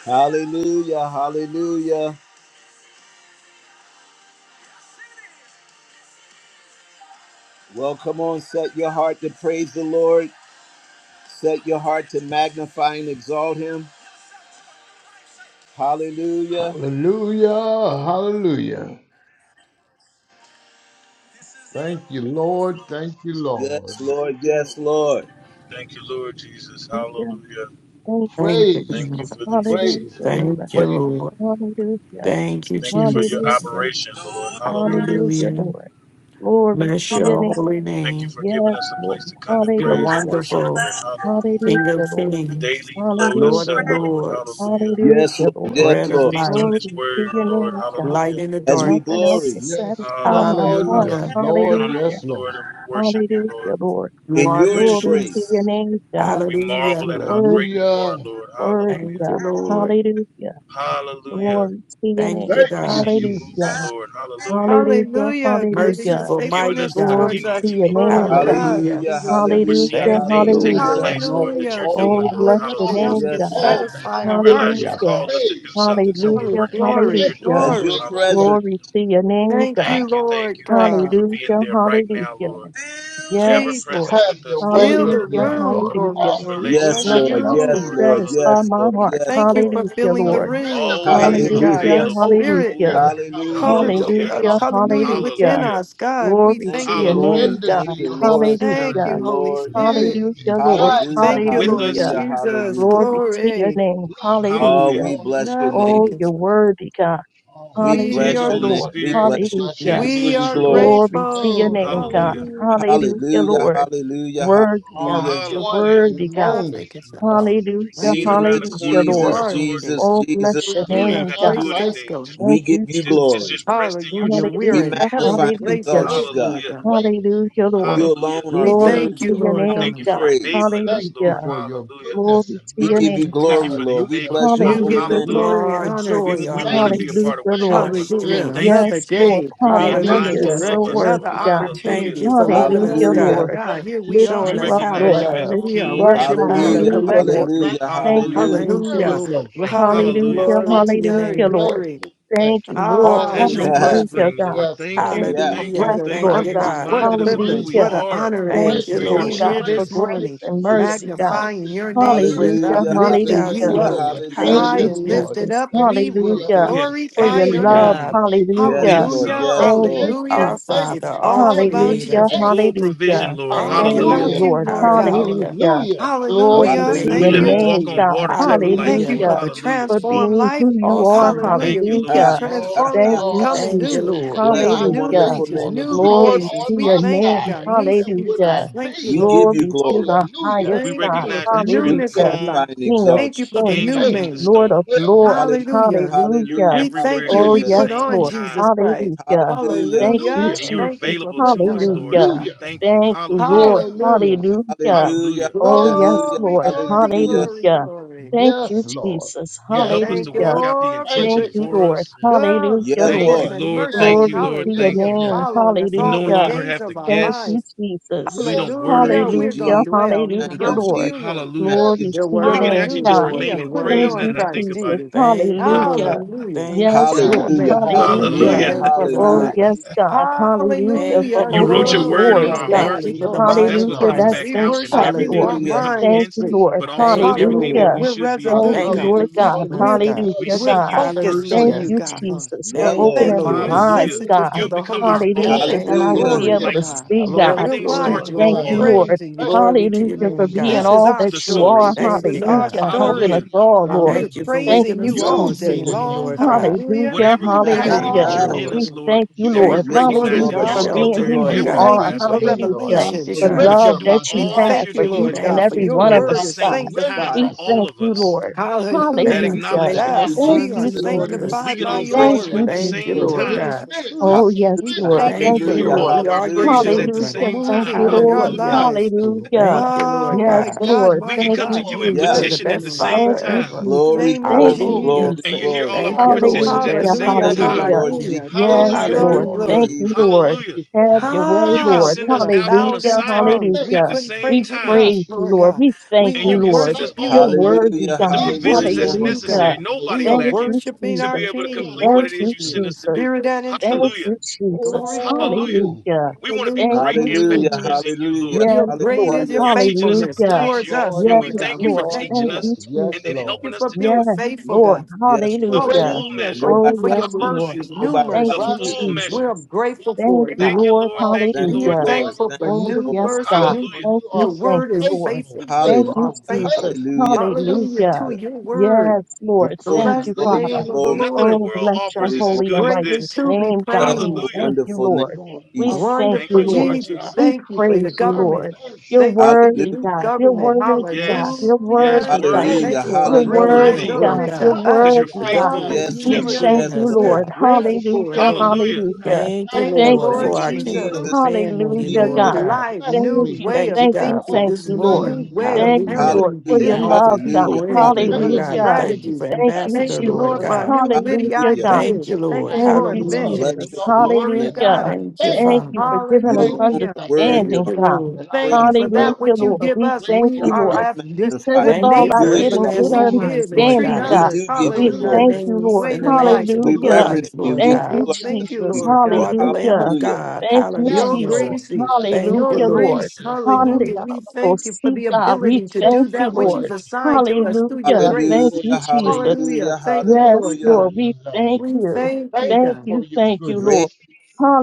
Speaker 1: Hallelujah, hallelujah. Well, come on, set your heart to praise the Lord. Set your heart to magnify and exalt Him. Hallelujah.
Speaker 7: Hallelujah. Hallelujah. Thank you, Lord. Thank you,
Speaker 1: Yes,
Speaker 7: Lord.
Speaker 1: Lord. Yes, Lord.
Speaker 5: Thank you. Thank you,
Speaker 4: Thank you.
Speaker 7: Praise
Speaker 5: Jesus.
Speaker 7: you.
Speaker 4: Lord.
Speaker 7: Praise
Speaker 5: Hallelujah,
Speaker 7: us.
Speaker 5: Lord.
Speaker 4: Thank you,
Speaker 7: Praise
Speaker 4: Lord.
Speaker 5: Hallelujah.
Speaker 4: Thank you, Jesus.
Speaker 5: Hallelujah.
Speaker 2: Your
Speaker 5: Hallelujah,
Speaker 4: Hallelujah.
Speaker 5: Lord. Glory to
Speaker 4: Bless
Speaker 5: your
Speaker 4: your
Speaker 5: name.
Speaker 4: holy name.
Speaker 5: Yes, Lord.
Speaker 4: You're
Speaker 5: Hallelujah.
Speaker 4: wonderful. King
Speaker 5: Hallelujah,
Speaker 4: of
Speaker 5: Lord.
Speaker 4: kings,
Speaker 2: daily load us
Speaker 4: Lord of
Speaker 2: up.
Speaker 5: Hallelujah.
Speaker 4: lords,
Speaker 1: Yes,
Speaker 5: Hallelujah,
Speaker 1: Lord.
Speaker 5: Lord.
Speaker 1: Yes,
Speaker 4: bread of
Speaker 1: Lord.
Speaker 5: Glory
Speaker 4: life,
Speaker 5: to your name, God.
Speaker 4: light in the
Speaker 1: As we
Speaker 5: Nothing else will
Speaker 1: glory
Speaker 7: you.
Speaker 4: darkness.
Speaker 7: Yes,
Speaker 5: satisfy my
Speaker 7: Lord.
Speaker 5: heart.
Speaker 7: Yes,
Speaker 4: Hallelujah.
Speaker 7: Lord.
Speaker 5: Hallelujah.
Speaker 7: Yes, Lord.
Speaker 5: Hallelujah, Lord.
Speaker 4: You
Speaker 1: in
Speaker 4: are the
Speaker 1: your
Speaker 5: Glory to
Speaker 4: truth.
Speaker 1: embrace.
Speaker 5: your name, God.
Speaker 4: Hallelujah.
Speaker 5: You're worthy,
Speaker 7: Hallelujah.
Speaker 5: worthy,
Speaker 4: Thank you,
Speaker 5: God.
Speaker 4: Lord.
Speaker 5: Hallelujah. Glory to your name.
Speaker 4: Thank you,
Speaker 7: Thank you,
Speaker 4: God.
Speaker 7: Jesus.
Speaker 5: Hallelujah. Hallelujah.
Speaker 3: Hallelujah. Great is your
Speaker 5: Hallelujah.
Speaker 4: Merciful, mighty
Speaker 3: faithfulness
Speaker 4: God.
Speaker 5: Glory
Speaker 3: towards
Speaker 5: to
Speaker 3: us.
Speaker 5: your
Speaker 3: Glory to
Speaker 5: name, God.
Speaker 3: God.
Speaker 4: Hallelujah.
Speaker 1: Hallelujah.
Speaker 3: Hallelujah.
Speaker 1: Hallelujah.
Speaker 5: Hallelujah.
Speaker 4: Thank you, Lord.
Speaker 7: Bless
Speaker 1: Hallelujah.
Speaker 7: the
Speaker 5: Hallelujah.
Speaker 7: Lord,
Speaker 3: Hallelujah.
Speaker 7: all
Speaker 3: Thank
Speaker 5: Oh,
Speaker 7: my
Speaker 3: you, Lord.
Speaker 5: bless your
Speaker 3: Nothing
Speaker 7: soul,
Speaker 3: else
Speaker 5: name,
Speaker 7: and
Speaker 3: can
Speaker 5: God.
Speaker 1: Yes, Lord.
Speaker 7: all that's
Speaker 3: satisfy our
Speaker 7: within
Speaker 3: hearts.
Speaker 7: me. I
Speaker 5: Hallelujah.
Speaker 7: praise your holy
Speaker 3: Glory,
Speaker 5: Hallelujah.
Speaker 7: name.
Speaker 3: glory,
Speaker 7: Thank you.
Speaker 5: Hallelujah.
Speaker 1: As
Speaker 3: glory.
Speaker 1: your
Speaker 7: Thank you. Thank
Speaker 1: presence.
Speaker 5: Glory
Speaker 7: you.
Speaker 5: to your name,
Speaker 3: Thank
Speaker 5: God.
Speaker 3: you, Lord God.
Speaker 5: Hallelujah. Hallelujah.
Speaker 3: Gee,
Speaker 5: Yes, Lord.
Speaker 7: Have your way
Speaker 3: fill
Speaker 7: with
Speaker 3: the
Speaker 7: me,
Speaker 5: Hallelujah.
Speaker 7: O
Speaker 3: room.
Speaker 7: Lord.
Speaker 3: Glory,
Speaker 5: Hallelujah.
Speaker 7: Have
Speaker 3: glory.
Speaker 7: your
Speaker 5: There's
Speaker 1: Yes,
Speaker 3: Bless
Speaker 5: nothing
Speaker 7: way.
Speaker 1: Lord.
Speaker 5: else will
Speaker 1: Yes,
Speaker 3: you.
Speaker 1: Lord.
Speaker 5: satisfy
Speaker 1: Yes,
Speaker 5: my
Speaker 1: Lord.
Speaker 5: heart.
Speaker 1: Yes,
Speaker 3: Thank you
Speaker 1: Lord.
Speaker 3: for
Speaker 7: I
Speaker 5: Hallelujah,
Speaker 3: filling the
Speaker 5: Lord.
Speaker 7: surrender
Speaker 3: room. Glory to
Speaker 7: myself to
Speaker 3: God.
Speaker 5: Hallelujah,
Speaker 7: the
Speaker 3: Your
Speaker 1: Hallelujah.
Speaker 7: Holy
Speaker 3: spirit.
Speaker 5: hallelujah,
Speaker 7: Spirit.
Speaker 1: Hallelujah.
Speaker 3: Hovers
Speaker 7: Hallelujah.
Speaker 3: over us.
Speaker 5: hallelujah,
Speaker 7: Hallelujah.
Speaker 3: Hallelujah. Within
Speaker 5: hallelujah.
Speaker 3: us, God, we
Speaker 5: Glory
Speaker 7: I
Speaker 5: to
Speaker 1: Thank
Speaker 3: thank
Speaker 1: you,
Speaker 5: your
Speaker 3: you.
Speaker 1: Lord.
Speaker 5: name,
Speaker 7: surrender
Speaker 1: Thank
Speaker 7: to
Speaker 5: God.
Speaker 7: you,
Speaker 1: you,
Speaker 3: We
Speaker 7: Holy
Speaker 1: Lord. Thank
Speaker 3: thank
Speaker 7: Spirit.
Speaker 1: you,
Speaker 5: Hallelujah,
Speaker 3: you, Holy
Speaker 1: Lord.
Speaker 7: Lead
Speaker 3: Spirit.
Speaker 5: hallelujah,
Speaker 7: me,
Speaker 5: Lord.
Speaker 3: We
Speaker 7: guide
Speaker 1: Hallelujah.
Speaker 7: me.
Speaker 3: thank you, Lord
Speaker 5: Hallelujah.
Speaker 1: Hallelujah.
Speaker 3: Jesus.
Speaker 1: Hallelujah.
Speaker 5: Glory to your
Speaker 3: Glory.
Speaker 5: name.
Speaker 7: Glory,
Speaker 1: Oh,
Speaker 5: Hallelujah.
Speaker 1: we
Speaker 7: glory,
Speaker 1: bless your
Speaker 7: glory.
Speaker 3: Nothing
Speaker 5: Oh,
Speaker 1: name.
Speaker 3: can.
Speaker 5: you're worthy, God.
Speaker 7: Oh,
Speaker 1: We
Speaker 3: We
Speaker 1: bless
Speaker 3: are
Speaker 5: Hallelujah,
Speaker 7: bless
Speaker 1: your name.
Speaker 3: gr-
Speaker 7: your
Speaker 5: Lord.
Speaker 1: We
Speaker 7: name,
Speaker 1: bless your
Speaker 7: bless
Speaker 1: name.
Speaker 7: your
Speaker 5: Hallelujah.
Speaker 1: We
Speaker 3: we
Speaker 1: give you
Speaker 3: are
Speaker 7: name,
Speaker 1: glory.
Speaker 7: bless your
Speaker 5: Glory to your
Speaker 3: grateful.
Speaker 7: name.
Speaker 5: name, God.
Speaker 3: Hallelujah.
Speaker 5: Hallelujah,
Speaker 1: Hallelujah,
Speaker 5: Lord.
Speaker 1: hallelujah,
Speaker 7: You
Speaker 5: Worthy,
Speaker 7: are
Speaker 5: God.
Speaker 7: the
Speaker 1: hallelujah.
Speaker 5: You're
Speaker 7: one and
Speaker 5: worthy, God.
Speaker 3: Nothing
Speaker 7: only
Speaker 3: can
Speaker 7: true
Speaker 3: stop
Speaker 7: God.
Speaker 3: us.
Speaker 5: Hallelujah,
Speaker 3: Like you can.
Speaker 1: Jesus,
Speaker 5: hallelujah,
Speaker 3: You
Speaker 1: Jesus,
Speaker 5: Lord.
Speaker 3: are our King.
Speaker 1: Jesus,
Speaker 5: Oh,
Speaker 1: Jesus.
Speaker 5: bless your
Speaker 7: There
Speaker 3: You
Speaker 5: name,
Speaker 7: is
Speaker 3: have
Speaker 5: God.
Speaker 7: none
Speaker 3: placed
Speaker 7: like
Speaker 3: us
Speaker 7: you.
Speaker 3: going.
Speaker 1: We
Speaker 5: Thank
Speaker 1: give
Speaker 5: you,
Speaker 1: you glory.
Speaker 5: Jesus.
Speaker 3: Hallelujah. We are
Speaker 1: We
Speaker 3: in
Speaker 5: Hallelujah,
Speaker 7: Great,
Speaker 3: heavenly
Speaker 1: magnify and exalt
Speaker 5: hallelujah,
Speaker 1: you,
Speaker 3: places,
Speaker 7: grateful,
Speaker 1: God.
Speaker 3: Lord
Speaker 7: grateful,
Speaker 3: God.
Speaker 5: hallelujah,
Speaker 7: grateful.
Speaker 1: You
Speaker 5: Lord.
Speaker 1: alone are
Speaker 3: We
Speaker 5: Glory
Speaker 3: thank
Speaker 1: worthy
Speaker 7: Yes,
Speaker 5: to
Speaker 3: you,
Speaker 1: of
Speaker 5: your
Speaker 7: Lord.
Speaker 3: Lord
Speaker 1: honor
Speaker 5: name,
Speaker 3: God.
Speaker 1: and
Speaker 5: God.
Speaker 1: praise.
Speaker 7: Thank you
Speaker 5: Hallelujah.
Speaker 7: for your goodness
Speaker 5: Glory
Speaker 7: and
Speaker 5: to
Speaker 1: We
Speaker 5: your
Speaker 1: give you
Speaker 7: mercy.
Speaker 5: name, God.
Speaker 1: glory, Lord. We
Speaker 7: Hallelujah.
Speaker 1: bless your
Speaker 3: You
Speaker 1: holy
Speaker 3: get the
Speaker 5: Hallelujah,
Speaker 1: name.
Speaker 4: You
Speaker 7: Hallelujah.
Speaker 4: are
Speaker 3: glory and
Speaker 4: our
Speaker 5: Jesus.
Speaker 3: honor
Speaker 4: joy,
Speaker 3: this
Speaker 4: our
Speaker 7: Thank
Speaker 3: morning.
Speaker 7: you.
Speaker 4: peace,
Speaker 5: Hallelujah,
Speaker 7: Thank
Speaker 5: Lord.
Speaker 4: our
Speaker 7: you. Thank
Speaker 3: Hallelujah.
Speaker 7: you.
Speaker 4: strength.
Speaker 3: Another
Speaker 5: Yes,
Speaker 7: Thank
Speaker 5: Lord.
Speaker 3: day,
Speaker 7: you. Thank
Speaker 3: another
Speaker 5: Hallelujah.
Speaker 7: you.
Speaker 4: Hallelujah.
Speaker 5: So
Speaker 3: direct, another
Speaker 5: worthy, God.
Speaker 4: Thank you
Speaker 3: opportunity.
Speaker 4: for loving
Speaker 7: Oh,
Speaker 4: us,
Speaker 5: Hallelujah,
Speaker 3: Glory
Speaker 7: just
Speaker 3: to
Speaker 4: God,
Speaker 1: Hallelujah,
Speaker 5: Lord.
Speaker 3: God.
Speaker 7: thank
Speaker 3: Here
Speaker 7: you.
Speaker 3: we
Speaker 5: Lift
Speaker 3: are,
Speaker 4: showing
Speaker 7: I'm
Speaker 5: you
Speaker 4: us
Speaker 5: up,
Speaker 3: Lord
Speaker 4: how to
Speaker 3: God.
Speaker 5: Lord. I
Speaker 4: love.
Speaker 5: lift
Speaker 7: thankful.
Speaker 3: We are
Speaker 5: you up.
Speaker 7: Thankful.
Speaker 3: worshiping you
Speaker 1: hallelujah,
Speaker 7: I'm
Speaker 5: Hallelujah, Lord.
Speaker 4: Hallelujah.
Speaker 3: collectively.
Speaker 1: hallelujah,
Speaker 5: Thank
Speaker 7: thankful
Speaker 5: you,
Speaker 1: hallelujah.
Speaker 4: Thank
Speaker 7: and
Speaker 4: you,
Speaker 7: ever
Speaker 3: Hallelujah.
Speaker 5: Jesus.
Speaker 7: so
Speaker 4: Lord.
Speaker 7: grateful.
Speaker 3: Hallelujah.
Speaker 5: Hallelujah,
Speaker 4: Glory to
Speaker 3: Glory,
Speaker 4: your
Speaker 7: Thankful.
Speaker 3: glory,
Speaker 5: hallelujah,
Speaker 4: name.
Speaker 5: Lord.
Speaker 3: glory.
Speaker 7: Thankful. Thankful.
Speaker 5: Thank you, Lord.
Speaker 7: Yes,
Speaker 4: Always
Speaker 3: Hallelujah.
Speaker 7: Lord.
Speaker 5: Hallelujah,
Speaker 4: present.
Speaker 5: God.
Speaker 7: Yes, Lord.
Speaker 5: Thank you
Speaker 1: yeah,
Speaker 5: for
Speaker 4: Hallelujah.
Speaker 3: What
Speaker 5: breath,
Speaker 3: a
Speaker 4: Thank
Speaker 5: Lord
Speaker 7: Thank
Speaker 3: um,
Speaker 4: you,
Speaker 7: you
Speaker 5: God.
Speaker 4: God.
Speaker 7: for
Speaker 3: what
Speaker 7: your
Speaker 3: a privilege,
Speaker 5: Hallelujah.
Speaker 3: what an
Speaker 7: grace,
Speaker 3: honor it
Speaker 4: Thank
Speaker 5: Thank
Speaker 3: is
Speaker 4: you,
Speaker 5: you,
Speaker 3: to
Speaker 7: grace,
Speaker 5: Lord
Speaker 3: be
Speaker 4: Lord.
Speaker 3: here
Speaker 5: God, for
Speaker 3: this
Speaker 7: grace.
Speaker 5: grace
Speaker 7: Thank
Speaker 3: morning,
Speaker 7: you
Speaker 5: and
Speaker 7: for your
Speaker 5: mercy, God.
Speaker 3: magnifying
Speaker 7: mercy,
Speaker 3: your name,
Speaker 4: We're
Speaker 7: mercy,
Speaker 5: Hallelujah,
Speaker 1: hallelujah,
Speaker 4: nothing
Speaker 7: mercy.
Speaker 3: lifting
Speaker 4: without
Speaker 7: Thank
Speaker 4: you,
Speaker 3: you
Speaker 7: you
Speaker 5: hallelujah.
Speaker 1: hallelujah,
Speaker 7: for
Speaker 3: up.
Speaker 7: your
Speaker 4: Lord.
Speaker 5: Thank
Speaker 3: High
Speaker 5: you,
Speaker 1: hallelujah.
Speaker 7: patience,
Speaker 3: and
Speaker 4: Hallelujah.
Speaker 7: Lord.
Speaker 3: lifted
Speaker 5: Jesus.
Speaker 3: up,
Speaker 7: Thank you
Speaker 3: we
Speaker 7: for
Speaker 3: will
Speaker 7: your
Speaker 5: Hallelujah. For
Speaker 3: glorify
Speaker 5: your
Speaker 4: Thank you,
Speaker 3: your
Speaker 7: understanding.
Speaker 5: love.
Speaker 3: name.
Speaker 4: God.
Speaker 7: Thank you for
Speaker 1: Yes,
Speaker 5: Hallelujah.
Speaker 7: your
Speaker 1: Lord,
Speaker 3: Hallelujah,
Speaker 7: love.
Speaker 1: yes,
Speaker 5: Thank you,
Speaker 1: Lord.
Speaker 7: Thank you,
Speaker 3: hallelujah.
Speaker 4: Our
Speaker 5: Jesus.
Speaker 7: thank
Speaker 4: Father,
Speaker 3: It's
Speaker 7: you,
Speaker 4: our
Speaker 3: all
Speaker 7: thank you,
Speaker 3: about
Speaker 5: Hallelujah.
Speaker 4: Creator.
Speaker 7: thank
Speaker 3: Jesus.
Speaker 7: you.
Speaker 3: It's
Speaker 5: Hallelujah.
Speaker 4: Thank
Speaker 3: all
Speaker 4: you,
Speaker 5: Thank you,
Speaker 3: about
Speaker 7: Hallelujah,
Speaker 4: Lord.
Speaker 3: you,
Speaker 5: Lord.
Speaker 3: Lord God.
Speaker 4: Hallelujah.
Speaker 5: Hallelujah.
Speaker 7: hallelujah,
Speaker 5: Glory
Speaker 3: Hallelujah.
Speaker 5: to
Speaker 7: hallelujah.
Speaker 5: your
Speaker 3: Thank
Speaker 4: Waymaker.
Speaker 3: you,
Speaker 1: Hallelujah.
Speaker 5: name,
Speaker 3: Jesus.
Speaker 5: God.
Speaker 3: Thank you
Speaker 4: Hallelujah.
Speaker 3: for
Speaker 5: Hallelujah.
Speaker 3: the
Speaker 5: For
Speaker 3: transformed
Speaker 5: being
Speaker 3: life.
Speaker 5: who you are.
Speaker 4: Awesome God.
Speaker 3: Hallelujah. We keep
Speaker 5: Hallelujah.
Speaker 1: Ha,
Speaker 7: Oh
Speaker 3: transforming
Speaker 5: Thank
Speaker 3: and
Speaker 5: you,
Speaker 7: Lord,
Speaker 3: becoming
Speaker 4: Thank
Speaker 5: Jesus.
Speaker 7: if
Speaker 4: you,
Speaker 3: new.
Speaker 7: it
Speaker 4: Lord.
Speaker 7: had
Speaker 3: We
Speaker 1: Bless
Speaker 3: are
Speaker 7: not
Speaker 1: the
Speaker 3: new
Speaker 5: Hallelujah.
Speaker 7: been
Speaker 1: wonderful
Speaker 3: creatures,
Speaker 7: for
Speaker 1: name of
Speaker 3: new
Speaker 7: the Lord
Speaker 1: Jesus.
Speaker 5: Glory
Speaker 3: creations.
Speaker 5: to
Speaker 7: on
Speaker 3: We
Speaker 5: your
Speaker 7: my
Speaker 3: thank you,
Speaker 5: name.
Speaker 3: God,
Speaker 7: side,
Speaker 3: new
Speaker 7: where would
Speaker 5: Hallelujah.
Speaker 3: species.
Speaker 7: I
Speaker 3: Thank you,
Speaker 1: We
Speaker 7: be?
Speaker 3: Lord.
Speaker 1: give you
Speaker 5: Glory to
Speaker 1: glory.
Speaker 5: the
Speaker 7: Hallelujah.
Speaker 5: highest
Speaker 3: Thank you,
Speaker 5: God.
Speaker 3: Lord,
Speaker 7: Mm,
Speaker 3: for
Speaker 7: mm,
Speaker 1: We
Speaker 3: newness
Speaker 7: mm.
Speaker 5: Hallelujah.
Speaker 3: of
Speaker 1: magnify
Speaker 3: life.
Speaker 1: and
Speaker 5: King of
Speaker 3: Thank
Speaker 1: exalt
Speaker 3: you
Speaker 1: you.
Speaker 3: for the
Speaker 5: Kings.
Speaker 3: new
Speaker 7: Thank you.
Speaker 3: man.
Speaker 5: Lord of
Speaker 7: Where would I
Speaker 5: Lords.
Speaker 1: Hallelujah,
Speaker 7: be?
Speaker 3: Hallelujah.
Speaker 1: hallelujah,
Speaker 5: Hallelujah.
Speaker 3: We thank
Speaker 7: Where
Speaker 3: you.
Speaker 5: Oh,
Speaker 3: We
Speaker 1: hallelujah,
Speaker 5: yes,
Speaker 7: would I
Speaker 3: put on
Speaker 5: Lord.
Speaker 7: be?
Speaker 3: Jesus Christ.
Speaker 5: Hallelujah.
Speaker 1: hallelujah,
Speaker 5: Thank you,
Speaker 3: Hallelujah.
Speaker 7: Hallelujah.
Speaker 3: Thank
Speaker 5: Jesus.
Speaker 3: you for putting on Jesus
Speaker 5: Hallelujah.
Speaker 7: Hallelujah.
Speaker 3: Christ.
Speaker 5: Thank you, Lord.
Speaker 7: Hallelujah.
Speaker 3: Hallelujah.
Speaker 5: Hallelujah.
Speaker 1: hallelujah,
Speaker 5: Oh,
Speaker 7: Yes.
Speaker 5: yes,
Speaker 1: hallelujah,
Speaker 3: Glory,
Speaker 5: Lord.
Speaker 7: Yes.
Speaker 3: glory,
Speaker 1: hallelujah.
Speaker 3: glory,
Speaker 7: Yes.
Speaker 5: Hallelujah.
Speaker 3: glory.
Speaker 5: Thank you,
Speaker 7: Yes, Lord.
Speaker 5: Jesus.
Speaker 7: Yes,
Speaker 3: Thank you,
Speaker 7: Lord.
Speaker 5: Hallelujah.
Speaker 1: Mm.
Speaker 3: Lord, for
Speaker 7: Thank
Speaker 5: Thank
Speaker 7: you,
Speaker 3: good
Speaker 5: you,
Speaker 7: Holy
Speaker 5: Lord.
Speaker 7: Spirit.
Speaker 3: Girl,
Speaker 5: Hallelujah,
Speaker 1: Yeah,
Speaker 5: Lord.
Speaker 3: goodness
Speaker 1: Lord.
Speaker 3: and mercy,
Speaker 5: Glory
Speaker 7: Yes.
Speaker 5: to your
Speaker 7: Yes.
Speaker 3: hallelujah,
Speaker 5: name.
Speaker 7: Yes.
Speaker 3: following us all the
Speaker 5: Hallelujah.
Speaker 3: days of our
Speaker 5: Thank you,
Speaker 3: lives.
Speaker 5: Jesus.
Speaker 7: Yes.
Speaker 1: Thank
Speaker 3: Hallelujah.
Speaker 1: you,
Speaker 3: We're going
Speaker 5: Hallelujah.
Speaker 1: Jesus.
Speaker 3: to dwell in the
Speaker 1: Thank
Speaker 5: Hallelujah,
Speaker 1: you,
Speaker 3: house of
Speaker 7: Yes.
Speaker 5: Lord.
Speaker 3: you,
Speaker 1: Jesus.
Speaker 7: Yes.
Speaker 3: Lord.
Speaker 1: Thank you,
Speaker 5: Glory
Speaker 7: Yes.
Speaker 1: Jesus.
Speaker 4: You're
Speaker 5: to your
Speaker 4: worthy,
Speaker 5: name,
Speaker 3: Hallelujah.
Speaker 5: God.
Speaker 4: Lord.
Speaker 3: We are
Speaker 4: You're
Speaker 3: putting
Speaker 5: Thank
Speaker 3: on
Speaker 5: you,
Speaker 4: worthy.
Speaker 3: Christ
Speaker 5: Jesus.
Speaker 3: Jesus.
Speaker 4: Thank you,
Speaker 5: Hallelujah.
Speaker 4: Lord.
Speaker 3: Hallelujah.
Speaker 4: Thank you,
Speaker 5: Yes,
Speaker 3: We
Speaker 4: God.
Speaker 5: Lord.
Speaker 7: Praise your
Speaker 1: Hallelujah,
Speaker 3: make no
Speaker 7: holy
Speaker 5: Hallelujah.
Speaker 1: hallelujah,
Speaker 7: name.
Speaker 3: provisions
Speaker 4: Thank you,
Speaker 3: for the
Speaker 5: Oh,
Speaker 1: hallelujah,
Speaker 3: flesh.
Speaker 4: Father.
Speaker 5: yes, God. Hallelujah.
Speaker 4: Thank you,
Speaker 5: For
Speaker 3: Hallelujah.
Speaker 7: We
Speaker 4: Lord.
Speaker 5: opening
Speaker 7: love you,
Speaker 3: Glory,
Speaker 5: doors,
Speaker 7: Lord,
Speaker 5: God.
Speaker 4: Thank
Speaker 3: glory,
Speaker 7: because
Speaker 4: you
Speaker 7: you
Speaker 4: for the
Speaker 3: glory.
Speaker 4: mind
Speaker 7: first
Speaker 4: of
Speaker 5: Hallelujah.
Speaker 7: loved
Speaker 5: That's
Speaker 7: us.
Speaker 4: Christ.
Speaker 3: We
Speaker 5: been
Speaker 3: worship
Speaker 5: shut,
Speaker 7: Yes,
Speaker 3: you.
Speaker 5: Lord.
Speaker 3: Our
Speaker 7: thank
Speaker 1: hallelujah.
Speaker 4: Hallelujah.
Speaker 7: you,
Speaker 3: mind
Speaker 5: Thank
Speaker 3: is
Speaker 7: Jesus.
Speaker 5: you,
Speaker 3: free.
Speaker 5: Lord.
Speaker 4: Thank you,
Speaker 3: Hallelujah.
Speaker 4: Lord.
Speaker 5: Hallelujah.
Speaker 3: We're
Speaker 7: I
Speaker 5: Thank
Speaker 3: resolute,
Speaker 5: you,
Speaker 7: love
Speaker 4: Thank you
Speaker 3: God.
Speaker 4: for
Speaker 5: Lord
Speaker 7: you, Lord,
Speaker 5: God.
Speaker 4: keeping
Speaker 7: if
Speaker 4: us,
Speaker 3: We're
Speaker 4: God.
Speaker 7: you loved
Speaker 5: Hallelujah,
Speaker 3: we're
Speaker 7: me
Speaker 5: God.
Speaker 7: from the
Speaker 3: focused
Speaker 5: Thank
Speaker 3: on
Speaker 7: beginning,
Speaker 4: Hallelujah.
Speaker 3: you,
Speaker 5: you,
Speaker 7: from
Speaker 3: God,
Speaker 7: the
Speaker 3: Lord.
Speaker 5: Jesus, for
Speaker 1: Yeah,
Speaker 4: Thank you,
Speaker 1: Lord.
Speaker 5: opening
Speaker 3: Thank
Speaker 5: my
Speaker 3: you.
Speaker 7: ooh,
Speaker 4: Lord.
Speaker 3: We're
Speaker 5: eyes,
Speaker 7: ooh,
Speaker 5: God.
Speaker 3: sensitive to
Speaker 7: and
Speaker 3: the
Speaker 7: from
Speaker 3: Holy
Speaker 7: the
Speaker 3: Spirit.
Speaker 5: Hallelujah.
Speaker 7: end,
Speaker 5: That
Speaker 4: Thank
Speaker 7: from
Speaker 5: I
Speaker 7: the
Speaker 4: you,
Speaker 5: would
Speaker 1: Hallelujah.
Speaker 5: be
Speaker 4: Lord.
Speaker 3: Glory to
Speaker 5: able to
Speaker 7: beginning
Speaker 3: God.
Speaker 5: see,
Speaker 7: of my life.
Speaker 5: God.
Speaker 4: Glory,
Speaker 3: We're
Speaker 7: You
Speaker 5: We
Speaker 4: glory,
Speaker 7: know it
Speaker 3: watching.
Speaker 5: thank
Speaker 3: We're
Speaker 5: you,
Speaker 7: all,
Speaker 4: glory.
Speaker 7: and
Speaker 5: Lord.
Speaker 7: I
Speaker 3: praising you,
Speaker 7: thank
Speaker 3: God.
Speaker 7: you.
Speaker 4: Glory to your
Speaker 5: Hallelujah
Speaker 7: Thank
Speaker 5: for
Speaker 4: name,
Speaker 7: you,
Speaker 5: being
Speaker 4: God.
Speaker 3: This
Speaker 7: thank
Speaker 3: is
Speaker 7: you.
Speaker 5: all
Speaker 3: our
Speaker 5: that you
Speaker 3: story.
Speaker 5: are.
Speaker 3: This
Speaker 4: Thank you,
Speaker 3: is our
Speaker 4: God.
Speaker 5: Hallelujah. Helping us
Speaker 3: story.
Speaker 7: Hallelujah.
Speaker 5: all,
Speaker 3: And
Speaker 5: Lord.
Speaker 3: we're
Speaker 4: Thank you for
Speaker 7: Hallelujah.
Speaker 5: Thank
Speaker 4: waking
Speaker 3: praising
Speaker 5: you,
Speaker 4: us
Speaker 3: you
Speaker 4: up
Speaker 3: all
Speaker 7: Use
Speaker 4: this
Speaker 7: me
Speaker 3: day
Speaker 5: Jesus.
Speaker 4: morning,
Speaker 7: today,
Speaker 3: long.
Speaker 4: Lord
Speaker 7: Lord.
Speaker 4: God.
Speaker 3: Hallelujah.
Speaker 5: Hallelujah.
Speaker 1: yes,
Speaker 7: Use me
Speaker 4: Thank
Speaker 5: Hallelujah.
Speaker 4: you,
Speaker 7: today,
Speaker 4: Lord.
Speaker 7: Lord.
Speaker 5: We
Speaker 3: Hallelujah.
Speaker 5: thank you, Lord.
Speaker 4: Thank
Speaker 7: Use
Speaker 4: you
Speaker 7: me
Speaker 4: for
Speaker 3: Glory,
Speaker 4: food
Speaker 7: today,
Speaker 5: Hallelujah
Speaker 4: and
Speaker 1: Lord.
Speaker 3: God.
Speaker 5: for
Speaker 7: Lord.
Speaker 1: Yes,
Speaker 5: being
Speaker 4: shelter,
Speaker 5: who
Speaker 4: Lord
Speaker 3: We
Speaker 1: Lord.
Speaker 5: you
Speaker 7: Use
Speaker 4: God.
Speaker 3: thank
Speaker 5: are.
Speaker 7: me
Speaker 3: you for
Speaker 7: today, Lord.
Speaker 5: Hallelujah.
Speaker 7: I
Speaker 4: Thank
Speaker 3: revelation,
Speaker 4: you,
Speaker 5: The
Speaker 4: God.
Speaker 3: truth.
Speaker 5: love
Speaker 7: surrender
Speaker 5: that
Speaker 3: We
Speaker 5: you
Speaker 7: myself
Speaker 5: have
Speaker 3: thank
Speaker 7: to
Speaker 5: for
Speaker 3: you,
Speaker 5: each
Speaker 3: Lord
Speaker 7: you,
Speaker 5: and
Speaker 7: Lord.
Speaker 3: God,
Speaker 4: Thank
Speaker 3: for
Speaker 4: you,
Speaker 5: every
Speaker 3: your
Speaker 5: one of
Speaker 4: Lord.
Speaker 3: word
Speaker 7: I
Speaker 5: us,
Speaker 3: is
Speaker 5: God.
Speaker 7: surrender
Speaker 3: sanctified.
Speaker 5: We thank
Speaker 7: myself.
Speaker 5: you,
Speaker 7: I
Speaker 5: Lord.
Speaker 7: surrender
Speaker 4: Thank
Speaker 3: Hallelujah.
Speaker 7: myself.
Speaker 4: you for
Speaker 5: Hallelujah.
Speaker 1: Thank
Speaker 7: If
Speaker 4: making
Speaker 7: I
Speaker 4: us
Speaker 1: you,
Speaker 3: That
Speaker 7: have
Speaker 5: Thank
Speaker 1: Jesus.
Speaker 3: we
Speaker 7: to
Speaker 4: sons
Speaker 3: are
Speaker 5: you,
Speaker 4: and
Speaker 1: Thank
Speaker 7: surrender
Speaker 5: Jesus.
Speaker 1: you,
Speaker 4: daughters.
Speaker 7: to
Speaker 3: sanctified by
Speaker 7: you,
Speaker 3: your
Speaker 1: Jesus.
Speaker 7: Lord,
Speaker 5: Thank you,
Speaker 3: word.
Speaker 7: every
Speaker 4: Thank you,
Speaker 5: Jesus.
Speaker 3: Your
Speaker 4: Lord
Speaker 3: word
Speaker 7: 15
Speaker 3: is
Speaker 4: God.
Speaker 7: minutes, I
Speaker 3: truth.
Speaker 1: Hallelujah,
Speaker 5: Oh, yes,
Speaker 3: We
Speaker 7: surrender
Speaker 5: Lord.
Speaker 7: to
Speaker 3: thank you
Speaker 7: you.
Speaker 5: Thank
Speaker 4: Thank you,
Speaker 3: for
Speaker 5: you,
Speaker 3: it,
Speaker 1: hallelujah,
Speaker 3: God.
Speaker 4: Lord.
Speaker 5: Lord.
Speaker 4: We are your
Speaker 3: We
Speaker 1: hallelujah.
Speaker 7: Keep
Speaker 3: thank you for
Speaker 4: children.
Speaker 7: my,
Speaker 5: Hallelujah.
Speaker 7: mind,
Speaker 5: Thank you,
Speaker 3: moving
Speaker 7: keep
Speaker 3: in our
Speaker 5: Lord.
Speaker 4: Hallelujah.
Speaker 7: my
Speaker 3: lives.
Speaker 7: mind.
Speaker 5: Hallelujah.
Speaker 4: Thank you,
Speaker 3: My,
Speaker 4: Lord
Speaker 3: my
Speaker 5: Yes,
Speaker 4: God.
Speaker 7: Faith,
Speaker 3: God,
Speaker 5: Lord.
Speaker 3: my
Speaker 5: Thank you,
Speaker 3: God, we
Speaker 7: glory,
Speaker 5: Jesus.
Speaker 1: Yeah,
Speaker 4: You're the
Speaker 3: bless you,
Speaker 4: best
Speaker 3: Lord.
Speaker 7: mercy,
Speaker 5: Thank
Speaker 4: father
Speaker 5: you,
Speaker 4: ever.
Speaker 7: peace.
Speaker 3: In the
Speaker 5: Jesus.
Speaker 1: glory,
Speaker 3: name of
Speaker 5: Thank
Speaker 1: glory,
Speaker 5: you,
Speaker 7: Holy,
Speaker 4: Hallelujah.
Speaker 1: glory,
Speaker 3: Jesus.
Speaker 5: Jesus.
Speaker 7: holy,
Speaker 1: glory.
Speaker 4: Thank you,
Speaker 7: holy.
Speaker 4: Lord. There's
Speaker 5: Hallelujah.
Speaker 4: none
Speaker 3: Hallelujah,
Speaker 1: Thank
Speaker 4: other
Speaker 1: you,
Speaker 7: Thank you
Speaker 4: like
Speaker 5: Hallelujah.
Speaker 1: Lord
Speaker 7: for
Speaker 4: you.
Speaker 1: Jesus.
Speaker 7: your
Speaker 3: hallelujah. Glory,
Speaker 5: Yes,
Speaker 1: Thank
Speaker 7: patience,
Speaker 1: you,
Speaker 3: glory,
Speaker 5: Lord.
Speaker 7: Lord.
Speaker 1: Lord
Speaker 4: Hallelujah.
Speaker 5: Thank
Speaker 3: glory.
Speaker 5: you,
Speaker 1: Jesus.
Speaker 5: Lord.
Speaker 7: Thank you for
Speaker 5: Have
Speaker 7: your
Speaker 5: your way,
Speaker 3: Ah,
Speaker 5: Lord.
Speaker 7: patience,
Speaker 3: we had a
Speaker 7: Father.
Speaker 5: Hallelujah.
Speaker 3: thousand tongues.
Speaker 7: Thank
Speaker 3: We
Speaker 5: Hallelujah.
Speaker 7: you for
Speaker 3: couldn't
Speaker 7: your
Speaker 5: We
Speaker 3: praise you enough,
Speaker 5: praise you,
Speaker 7: patience.
Speaker 3: Lord
Speaker 5: Lord.
Speaker 3: God.
Speaker 5: We thank
Speaker 3: We
Speaker 5: you,
Speaker 3: would
Speaker 7: Oh,
Speaker 5: Lord.
Speaker 7: thank
Speaker 3: worship
Speaker 7: you,
Speaker 5: You're
Speaker 3: you
Speaker 7: thank you,
Speaker 5: worthy,
Speaker 1: Hallelujah,
Speaker 5: God.
Speaker 3: we
Speaker 7: thank you so
Speaker 3: worship
Speaker 1: hallelujah,
Speaker 7: much
Speaker 3: you,
Speaker 7: for
Speaker 3: God.
Speaker 5: Hallelujah.
Speaker 7: your
Speaker 3: We are
Speaker 5: Thank
Speaker 7: patience.
Speaker 5: you,
Speaker 3: worshiping our
Speaker 5: Jesus.
Speaker 3: King.
Speaker 5: Thank
Speaker 3: Worship
Speaker 5: you,
Speaker 3: you, in
Speaker 7: Mm-mm-mm.
Speaker 5: Jesus.
Speaker 3: spirit and in
Speaker 5: Thank
Speaker 3: truth.
Speaker 5: you, Jesus.
Speaker 3: Glory to God.
Speaker 7: Oh,
Speaker 5: Hallelujah. Thank
Speaker 3: Hallelujah.
Speaker 5: you,
Speaker 1: hallelujah,
Speaker 3: Hallelujah.
Speaker 5: Jesus.
Speaker 7: mm-mm-mm.
Speaker 1: hallelujah,
Speaker 3: Your
Speaker 5: Yes,
Speaker 3: great
Speaker 5: Lord.
Speaker 3: is your
Speaker 1: hallelujah.
Speaker 3: faithfulness
Speaker 5: Hallelujah.
Speaker 7: yes,
Speaker 3: towards us,
Speaker 7: Lord,
Speaker 3: Lord
Speaker 5: Yes,
Speaker 7: yes,
Speaker 3: God. We
Speaker 5: Lord.
Speaker 7: Lord,
Speaker 3: thank
Speaker 5: Thank
Speaker 3: you.
Speaker 5: you,
Speaker 7: yes, yes,
Speaker 5: Jesus.
Speaker 3: Thank
Speaker 7: Lord.
Speaker 3: you for being
Speaker 5: Yes,
Speaker 3: faithful,
Speaker 5: Lord.
Speaker 3: God.
Speaker 1: Yes, Lord. Yes,
Speaker 5: Hallelujah.
Speaker 3: Hallelujah.
Speaker 1: but
Speaker 7: Grateful.
Speaker 3: Thank you
Speaker 1: nobody
Speaker 5: Oh,
Speaker 3: for
Speaker 1: like
Speaker 3: your
Speaker 5: yes,
Speaker 1: you, God.
Speaker 5: Lord.
Speaker 3: mercies, new
Speaker 7: I
Speaker 1: Nobody
Speaker 7: have
Speaker 5: Thank
Speaker 1: like
Speaker 3: mercies.
Speaker 5: you,
Speaker 1: you.
Speaker 5: Jesus.
Speaker 3: We
Speaker 7: gratitude.
Speaker 3: are grateful
Speaker 5: Thank
Speaker 3: for it,
Speaker 5: you,
Speaker 3: God.
Speaker 5: Lord.
Speaker 7: Oh, for
Speaker 1: Thank
Speaker 3: We
Speaker 1: you,
Speaker 3: are
Speaker 7: you
Speaker 5: Hallelujah.
Speaker 7: all
Speaker 1: Lord.
Speaker 7: to
Speaker 3: thankful
Speaker 1: Thank
Speaker 3: for
Speaker 5: Oh,
Speaker 7: being
Speaker 1: you,
Speaker 3: new
Speaker 1: Lord.
Speaker 7: so
Speaker 5: yes,
Speaker 3: mercy.
Speaker 5: God.
Speaker 3: New,
Speaker 7: faithful.
Speaker 5: Thank
Speaker 7: You
Speaker 5: you,
Speaker 7: are
Speaker 3: your
Speaker 7: so
Speaker 5: thank
Speaker 3: word
Speaker 5: you,
Speaker 3: is
Speaker 5: Lord.
Speaker 7: faithful,
Speaker 3: faithful.
Speaker 5: Thank
Speaker 3: You
Speaker 5: you,
Speaker 3: are
Speaker 7: faithful,
Speaker 1: Hallelujah,
Speaker 3: faithful.
Speaker 5: Jesus.
Speaker 1: hallelujah.
Speaker 7: faithful.
Speaker 3: Hallelujah
Speaker 7: Yes,
Speaker 5: Hallelujah.
Speaker 3: to your word.
Speaker 5: Yes, Lord.
Speaker 7: sir.
Speaker 1: Glory,
Speaker 5: Thank
Speaker 3: Bless
Speaker 5: you,
Speaker 3: the
Speaker 1: glory,
Speaker 7: hallelujah.
Speaker 5: Father.
Speaker 3: name of the
Speaker 1: glory, glory,
Speaker 3: Lord.
Speaker 5: Oh, bless your
Speaker 1: glory, glory.
Speaker 5: holy and
Speaker 3: Greatly
Speaker 5: righteous
Speaker 3: to be
Speaker 5: name, God.
Speaker 1: Bless
Speaker 5: We
Speaker 1: the
Speaker 7: Lord,
Speaker 3: praised.
Speaker 5: thank you,
Speaker 1: wonderful name
Speaker 5: Lord.
Speaker 7: Lord,
Speaker 1: of
Speaker 5: We
Speaker 7: I
Speaker 1: Jesus.
Speaker 5: thank you,
Speaker 3: Wonderful
Speaker 7: feel you
Speaker 5: Lord.
Speaker 7: and
Speaker 3: Jesus.
Speaker 7: I
Speaker 5: We
Speaker 3: Thank you
Speaker 7: give
Speaker 3: for your
Speaker 5: praise
Speaker 7: you
Speaker 5: you,
Speaker 7: my
Speaker 5: Lord.
Speaker 3: government.
Speaker 5: You're
Speaker 7: thanks.
Speaker 3: Thank you for your
Speaker 5: worthy,
Speaker 1: Hallelujah.
Speaker 3: new
Speaker 5: God. You're
Speaker 7: Oh,
Speaker 3: government.
Speaker 7: I
Speaker 5: worthy,
Speaker 7: want to
Speaker 5: God. You're
Speaker 7: put my
Speaker 3: Hallelujah.
Speaker 5: worthy, God.
Speaker 4: Thank you
Speaker 1: Hallelujah.
Speaker 3: Thank
Speaker 7: thanks
Speaker 3: you
Speaker 4: for
Speaker 3: for
Speaker 5: You're
Speaker 4: our
Speaker 7: runs
Speaker 3: bringing
Speaker 1: Hallelujah.
Speaker 7: out
Speaker 3: that
Speaker 5: worthy,
Speaker 4: government,
Speaker 7: of my
Speaker 4: Lord
Speaker 5: God.
Speaker 3: government
Speaker 5: You're
Speaker 3: to
Speaker 4: God.
Speaker 7: heart to
Speaker 3: us.
Speaker 7: you,
Speaker 5: worthy,
Speaker 4: The
Speaker 7: out of
Speaker 5: God.
Speaker 7: my
Speaker 4: government
Speaker 1: Yes,
Speaker 4: that
Speaker 5: We
Speaker 1: Lord.
Speaker 4: you've
Speaker 3: Hallelujah.
Speaker 7: spirit to
Speaker 5: thank
Speaker 4: given
Speaker 1: Yes,
Speaker 7: you.
Speaker 5: you,
Speaker 4: us,
Speaker 1: Lord.
Speaker 3: We're
Speaker 5: Lord.
Speaker 4: God.
Speaker 7: You have
Speaker 3: grateful for it,
Speaker 5: Hallelujah.
Speaker 3: Lord.
Speaker 7: strengthened me. You have
Speaker 5: Hallelujah.
Speaker 4: Thank you,
Speaker 3: Thank
Speaker 7: guided
Speaker 3: the
Speaker 5: Thank
Speaker 7: me.
Speaker 4: Lord,
Speaker 5: you,
Speaker 7: You
Speaker 1: Thank
Speaker 3: Lord
Speaker 4: for
Speaker 1: you,
Speaker 7: have
Speaker 4: our
Speaker 5: Jesus.
Speaker 1: Jesus.
Speaker 4: kingdom
Speaker 3: Jesus.
Speaker 7: encouraged
Speaker 1: Thank
Speaker 7: me.
Speaker 4: family,
Speaker 1: you,
Speaker 5: Hallelujah,
Speaker 3: New
Speaker 4: Lord
Speaker 7: You
Speaker 1: Jesus.
Speaker 5: God.
Speaker 7: have
Speaker 4: God.
Speaker 3: life,
Speaker 7: blessed
Speaker 3: new
Speaker 5: Thank
Speaker 7: me.
Speaker 5: you.
Speaker 3: way
Speaker 4: Thank
Speaker 3: of
Speaker 4: you,
Speaker 5: Thank you.
Speaker 4: God, for
Speaker 7: All
Speaker 3: thinking,
Speaker 5: Thank
Speaker 4: this
Speaker 5: you,
Speaker 7: none
Speaker 5: Lord.
Speaker 7: of
Speaker 3: new
Speaker 4: room.
Speaker 7: these
Speaker 3: way of
Speaker 5: Thank you,
Speaker 7: things
Speaker 4: Hallelujah.
Speaker 5: Lord,
Speaker 3: handling
Speaker 7: have
Speaker 5: for
Speaker 1: Hallelujah.
Speaker 5: your
Speaker 4: And
Speaker 7: I
Speaker 4: all
Speaker 3: business.
Speaker 4: the
Speaker 5: love, God.
Speaker 7: earned.
Speaker 1: Hallelujah.
Speaker 4: people in
Speaker 3: Thank
Speaker 4: it,
Speaker 3: you for
Speaker 4: Lord
Speaker 1: Hallelujah.
Speaker 7: None
Speaker 3: the
Speaker 7: of
Speaker 4: God.
Speaker 7: these
Speaker 5: Hallelujah.
Speaker 4: Thank you
Speaker 7: things
Speaker 4: for
Speaker 3: strategies.
Speaker 5: Thank
Speaker 7: have
Speaker 5: you,
Speaker 7: I
Speaker 3: Thank
Speaker 4: Ambassador,
Speaker 3: you,
Speaker 4: Lord
Speaker 3: Lord,
Speaker 5: Jesus.
Speaker 7: deserved.
Speaker 3: for
Speaker 4: God.
Speaker 3: new
Speaker 7: You
Speaker 3: witty
Speaker 5: Hallelujah,
Speaker 1: Hallelujah.
Speaker 5: God.
Speaker 7: give them
Speaker 4: Thank
Speaker 3: ideas.
Speaker 7: to
Speaker 4: you,
Speaker 7: me
Speaker 3: Thank
Speaker 4: Lord.
Speaker 3: you
Speaker 7: out of
Speaker 5: Thank
Speaker 3: for
Speaker 7: the
Speaker 5: you,
Speaker 7: love
Speaker 4: Hallelujah.
Speaker 1: Bless
Speaker 7: of
Speaker 5: Jesus.
Speaker 1: your
Speaker 7: your
Speaker 3: inventions.
Speaker 1: wonderful
Speaker 7: heart,
Speaker 3: Glory to
Speaker 1: name,
Speaker 7: and
Speaker 1: God.
Speaker 7: I
Speaker 5: Hallelujah.
Speaker 3: God.
Speaker 4: Thank you,
Speaker 7: thank
Speaker 5: Thank
Speaker 7: you,
Speaker 5: you for
Speaker 4: Father.
Speaker 5: giving
Speaker 1: You
Speaker 5: us
Speaker 1: alone
Speaker 7: thank you,
Speaker 3: Hallelujah.
Speaker 1: are
Speaker 7: thank
Speaker 1: worthy
Speaker 4: Thank
Speaker 1: of
Speaker 5: understanding,
Speaker 4: you,
Speaker 1: our
Speaker 5: God.
Speaker 7: you.
Speaker 4: Lord.
Speaker 7: And I
Speaker 3: Thank
Speaker 1: praise
Speaker 3: you
Speaker 7: am
Speaker 3: for
Speaker 1: and glory.
Speaker 3: that
Speaker 5: Hallelujah,
Speaker 3: which you
Speaker 7: grateful,
Speaker 5: Lord.
Speaker 3: give
Speaker 5: We
Speaker 3: us.
Speaker 5: thank
Speaker 3: We
Speaker 1: We
Speaker 5: you,
Speaker 7: grateful,
Speaker 3: are
Speaker 1: do
Speaker 5: Lord.
Speaker 7: grateful.
Speaker 3: our
Speaker 5: You
Speaker 3: good
Speaker 5: said
Speaker 1: magnify
Speaker 5: with
Speaker 3: good
Speaker 1: you.
Speaker 4: Thank
Speaker 1: We
Speaker 5: all
Speaker 4: you
Speaker 5: thy
Speaker 4: for
Speaker 1: do
Speaker 3: neighbors.
Speaker 7: Praise
Speaker 5: getting,
Speaker 1: exalt
Speaker 7: the
Speaker 5: get
Speaker 1: you.
Speaker 3: We
Speaker 4: everlasting
Speaker 7: Lord for
Speaker 4: life,
Speaker 3: give
Speaker 7: your
Speaker 3: and
Speaker 4: Lord
Speaker 3: treat
Speaker 5: understanding,
Speaker 4: God.
Speaker 1: We
Speaker 5: God.
Speaker 7: grace
Speaker 3: others.
Speaker 1: do
Speaker 7: and
Speaker 4: For
Speaker 1: give you
Speaker 5: We
Speaker 4: putting
Speaker 7: mercy.
Speaker 3: Hallelujah.
Speaker 4: our
Speaker 1: glory.
Speaker 5: thank
Speaker 3: The
Speaker 5: you,
Speaker 4: names
Speaker 5: Lord.
Speaker 3: way
Speaker 4: in the
Speaker 3: we like
Speaker 4: Lamb's
Speaker 3: to
Speaker 1: We
Speaker 4: book
Speaker 3: be
Speaker 4: of
Speaker 5: Hallelujah.
Speaker 7: Hallelujah,
Speaker 1: reverence
Speaker 4: life,
Speaker 3: treated.
Speaker 1: you.
Speaker 4: Lord
Speaker 1: We
Speaker 5: Thank
Speaker 3: We
Speaker 5: you,
Speaker 4: God.
Speaker 1: humble
Speaker 7: hallelujah,
Speaker 3: thank you,
Speaker 5: Jesus.
Speaker 1: ourselves
Speaker 3: Lord
Speaker 1: before
Speaker 7: hallelujah.
Speaker 4: You
Speaker 1: you.
Speaker 4: are
Speaker 3: God.
Speaker 4: the Lamb
Speaker 5: Hallelujah.
Speaker 4: of
Speaker 1: Hallelujah.
Speaker 4: God.
Speaker 5: Thank you,
Speaker 3: Your
Speaker 7: Yes,
Speaker 4: Hallelujah.
Speaker 5: Jesus.
Speaker 7: Lord,
Speaker 3: grace,
Speaker 7: yes,
Speaker 4: Thank
Speaker 3: your
Speaker 4: you,
Speaker 7: Lord,
Speaker 5: Hallelujah,
Speaker 4: Lord.
Speaker 7: yes,
Speaker 5: Lord.
Speaker 3: grace,
Speaker 7: yes, Lord.
Speaker 3: hallelujah.
Speaker 5: Hallelujah.
Speaker 3: We
Speaker 5: Oh,
Speaker 3: thank you for
Speaker 5: see,
Speaker 3: the
Speaker 5: God, we
Speaker 3: ability to
Speaker 5: thank
Speaker 3: do
Speaker 7: Thank you
Speaker 5: you,
Speaker 3: that
Speaker 7: for
Speaker 3: which
Speaker 7: your,
Speaker 5: Lord.
Speaker 3: you've assigned to us through your
Speaker 5: Hallelujah.
Speaker 7: thank you
Speaker 5: Thank
Speaker 3: grace.
Speaker 7: for
Speaker 5: you,
Speaker 1: Hallelujah.
Speaker 7: your
Speaker 5: Jesus.
Speaker 7: grace.
Speaker 3: Hallelujah. Thank
Speaker 1: Hallelujah.
Speaker 3: you,
Speaker 7: Thank
Speaker 5: Yes,
Speaker 3: Lord
Speaker 7: you
Speaker 1: Hallelujah.
Speaker 7: for
Speaker 3: God.
Speaker 5: Lord,
Speaker 7: your
Speaker 5: we thank
Speaker 7: love.
Speaker 3: We
Speaker 5: you.
Speaker 3: thank you,
Speaker 7: Thank
Speaker 5: Thank
Speaker 7: you
Speaker 3: God.
Speaker 5: you,
Speaker 7: for your
Speaker 5: thank you, Lord.
Speaker 1: Great
Speaker 7: goodness.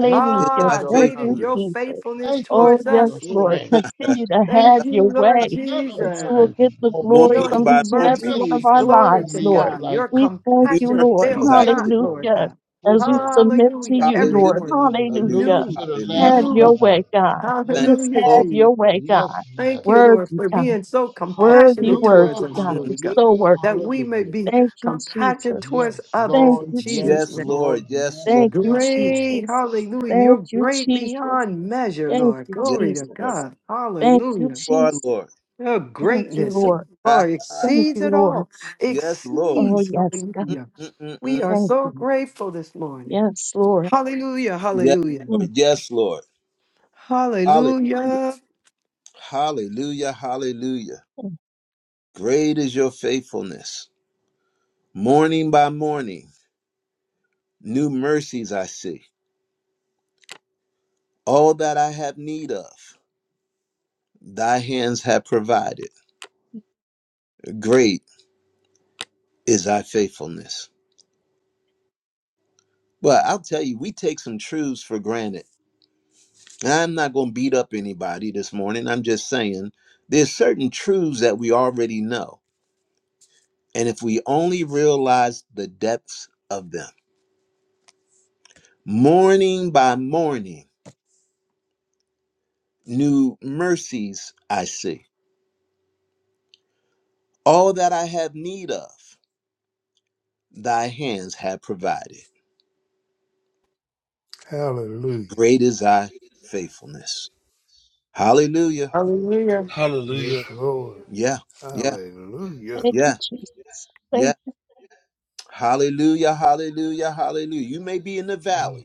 Speaker 7: Thank you
Speaker 1: is
Speaker 7: for
Speaker 1: thy
Speaker 3: Ah,
Speaker 7: your
Speaker 5: Thank
Speaker 3: great
Speaker 5: you,
Speaker 3: is
Speaker 1: faithfulness.
Speaker 3: your
Speaker 7: courage.
Speaker 5: Jesus.
Speaker 3: faithfulness
Speaker 7: Thank you
Speaker 5: Oh,
Speaker 3: towards
Speaker 7: for
Speaker 5: yes,
Speaker 3: us,
Speaker 7: your
Speaker 5: Lord.
Speaker 3: Lord.
Speaker 7: strength.
Speaker 5: Continue to
Speaker 7: Thank
Speaker 5: have
Speaker 3: Thank
Speaker 7: you.
Speaker 5: your
Speaker 3: you, Lord
Speaker 5: way
Speaker 7: None of
Speaker 5: that you
Speaker 3: Jesus.
Speaker 5: will
Speaker 7: mine
Speaker 5: get
Speaker 7: can
Speaker 5: the
Speaker 7: hold
Speaker 5: glory
Speaker 7: me
Speaker 3: Your
Speaker 1: Morning
Speaker 5: from
Speaker 7: up.
Speaker 3: new
Speaker 1: by
Speaker 5: each and
Speaker 1: morning.
Speaker 5: every one of
Speaker 7: Nothing
Speaker 3: mercies,
Speaker 5: our
Speaker 7: can
Speaker 3: glory
Speaker 7: hold
Speaker 5: lives,
Speaker 3: to
Speaker 7: me up
Speaker 5: Lord.
Speaker 3: God.
Speaker 7: like
Speaker 3: Your
Speaker 5: We
Speaker 7: you.
Speaker 5: thank
Speaker 1: New
Speaker 5: you,
Speaker 3: compassion
Speaker 5: Lord.
Speaker 1: mercies
Speaker 3: fails
Speaker 1: I
Speaker 3: not,
Speaker 1: see.
Speaker 3: Lord
Speaker 7: Grateful,
Speaker 5: Hallelujah.
Speaker 3: God.
Speaker 7: so
Speaker 5: As we
Speaker 7: grateful.
Speaker 5: submit to
Speaker 3: Hallelujah.
Speaker 5: you,
Speaker 3: Every
Speaker 1: Hallelujah,
Speaker 5: Lord.
Speaker 3: morning,
Speaker 1: hallelujah,
Speaker 7: Hallelujah
Speaker 5: Hallelujah.
Speaker 3: new,
Speaker 7: to the
Speaker 1: hallelujah.
Speaker 7: Lamb
Speaker 5: Have
Speaker 7: of
Speaker 5: your
Speaker 3: new.
Speaker 5: way,
Speaker 7: God.
Speaker 5: God.
Speaker 1: Thank
Speaker 7: Yes,
Speaker 5: Just
Speaker 1: you,
Speaker 3: Hallelujah,
Speaker 5: have
Speaker 1: Lord.
Speaker 3: Jesus.
Speaker 5: your way,
Speaker 7: yes,
Speaker 5: God.
Speaker 3: Thank you,
Speaker 7: yes.
Speaker 3: Lord,
Speaker 5: Worthy,
Speaker 3: for
Speaker 5: God.
Speaker 3: being so
Speaker 5: Worthy,
Speaker 3: compassionate towards
Speaker 7: Hallelujah,
Speaker 5: worthy,
Speaker 3: us,
Speaker 5: God.
Speaker 1: Mm.
Speaker 5: You're
Speaker 3: Lord God,
Speaker 5: so
Speaker 7: hallelujah,
Speaker 5: worthy.
Speaker 3: that we may
Speaker 7: hallelujah.
Speaker 3: be
Speaker 5: Thank you,
Speaker 3: compassionate
Speaker 5: Jesus.
Speaker 3: towards
Speaker 7: Yes,
Speaker 3: others
Speaker 5: Thank
Speaker 7: Lord,
Speaker 3: in
Speaker 5: you,
Speaker 3: Jesus'
Speaker 7: yes,
Speaker 1: Yes,
Speaker 5: Jesus.
Speaker 3: name.
Speaker 7: Lord,
Speaker 1: Lord. Yes,
Speaker 7: yes,
Speaker 1: Lord.
Speaker 5: Thank you,
Speaker 7: yes, Lord.
Speaker 3: Great,
Speaker 5: Jesus.
Speaker 3: hallelujah. You're
Speaker 5: Thank you,
Speaker 3: great
Speaker 5: Jesus.
Speaker 3: beyond measure,
Speaker 5: Thank
Speaker 3: Lord.
Speaker 5: you,
Speaker 1: Yes,
Speaker 3: Glory to
Speaker 1: Lord.
Speaker 5: Jesus.
Speaker 3: God.
Speaker 5: Thank you,
Speaker 3: Hallelujah.
Speaker 1: You are
Speaker 5: Jesus.
Speaker 1: Lord.
Speaker 3: Your
Speaker 5: Thank you,
Speaker 3: greatness, oh,
Speaker 5: Lord.
Speaker 1: Ha,
Speaker 3: Lord,
Speaker 1: ha.
Speaker 5: Thank
Speaker 3: exceeds
Speaker 5: you,
Speaker 3: it
Speaker 5: Lord.
Speaker 3: all.
Speaker 1: yes, Lord.
Speaker 5: Oh,
Speaker 3: Exceeds,
Speaker 5: yes, God.
Speaker 1: Mm,
Speaker 3: hallelujah.
Speaker 1: mm, mm,
Speaker 3: We
Speaker 1: mm.
Speaker 3: are
Speaker 5: Thank
Speaker 3: so
Speaker 5: you.
Speaker 3: grateful this morning.
Speaker 5: Yes, Lord.
Speaker 3: Hallelujah,
Speaker 1: Yes,
Speaker 3: hallelujah.
Speaker 5: Mm,
Speaker 1: Lord. Yes, Lord. Hallelujah.
Speaker 3: Hallelujah.
Speaker 1: Hallelujah, hallelujah.
Speaker 5: mm.
Speaker 1: Great is your faithfulness. Morning by morning, new mercies I see. All that I have need of, thy hands have provided. Great is thy faithfulness. Well, I'll tell you, we take some truths for granted. And I'm not going to beat up anybody this morning. I'm just saying there's certain truths that we already know. And if we only realize the depths of them, morning by morning, new mercies I see. All that I have need of, thy hands have provided.
Speaker 6: Hallelujah.
Speaker 1: Great is thy faithfulness. Hallelujah.
Speaker 3: Hallelujah.
Speaker 6: Yes, Lord.
Speaker 1: Yeah, yeah,
Speaker 6: Hallelujah.
Speaker 5: Thank you,
Speaker 1: yeah,
Speaker 5: Jesus.
Speaker 1: yeah.
Speaker 5: Thank you.
Speaker 1: Hallelujah, hallelujah, hallelujah. You may be in the valley
Speaker 6: Mm.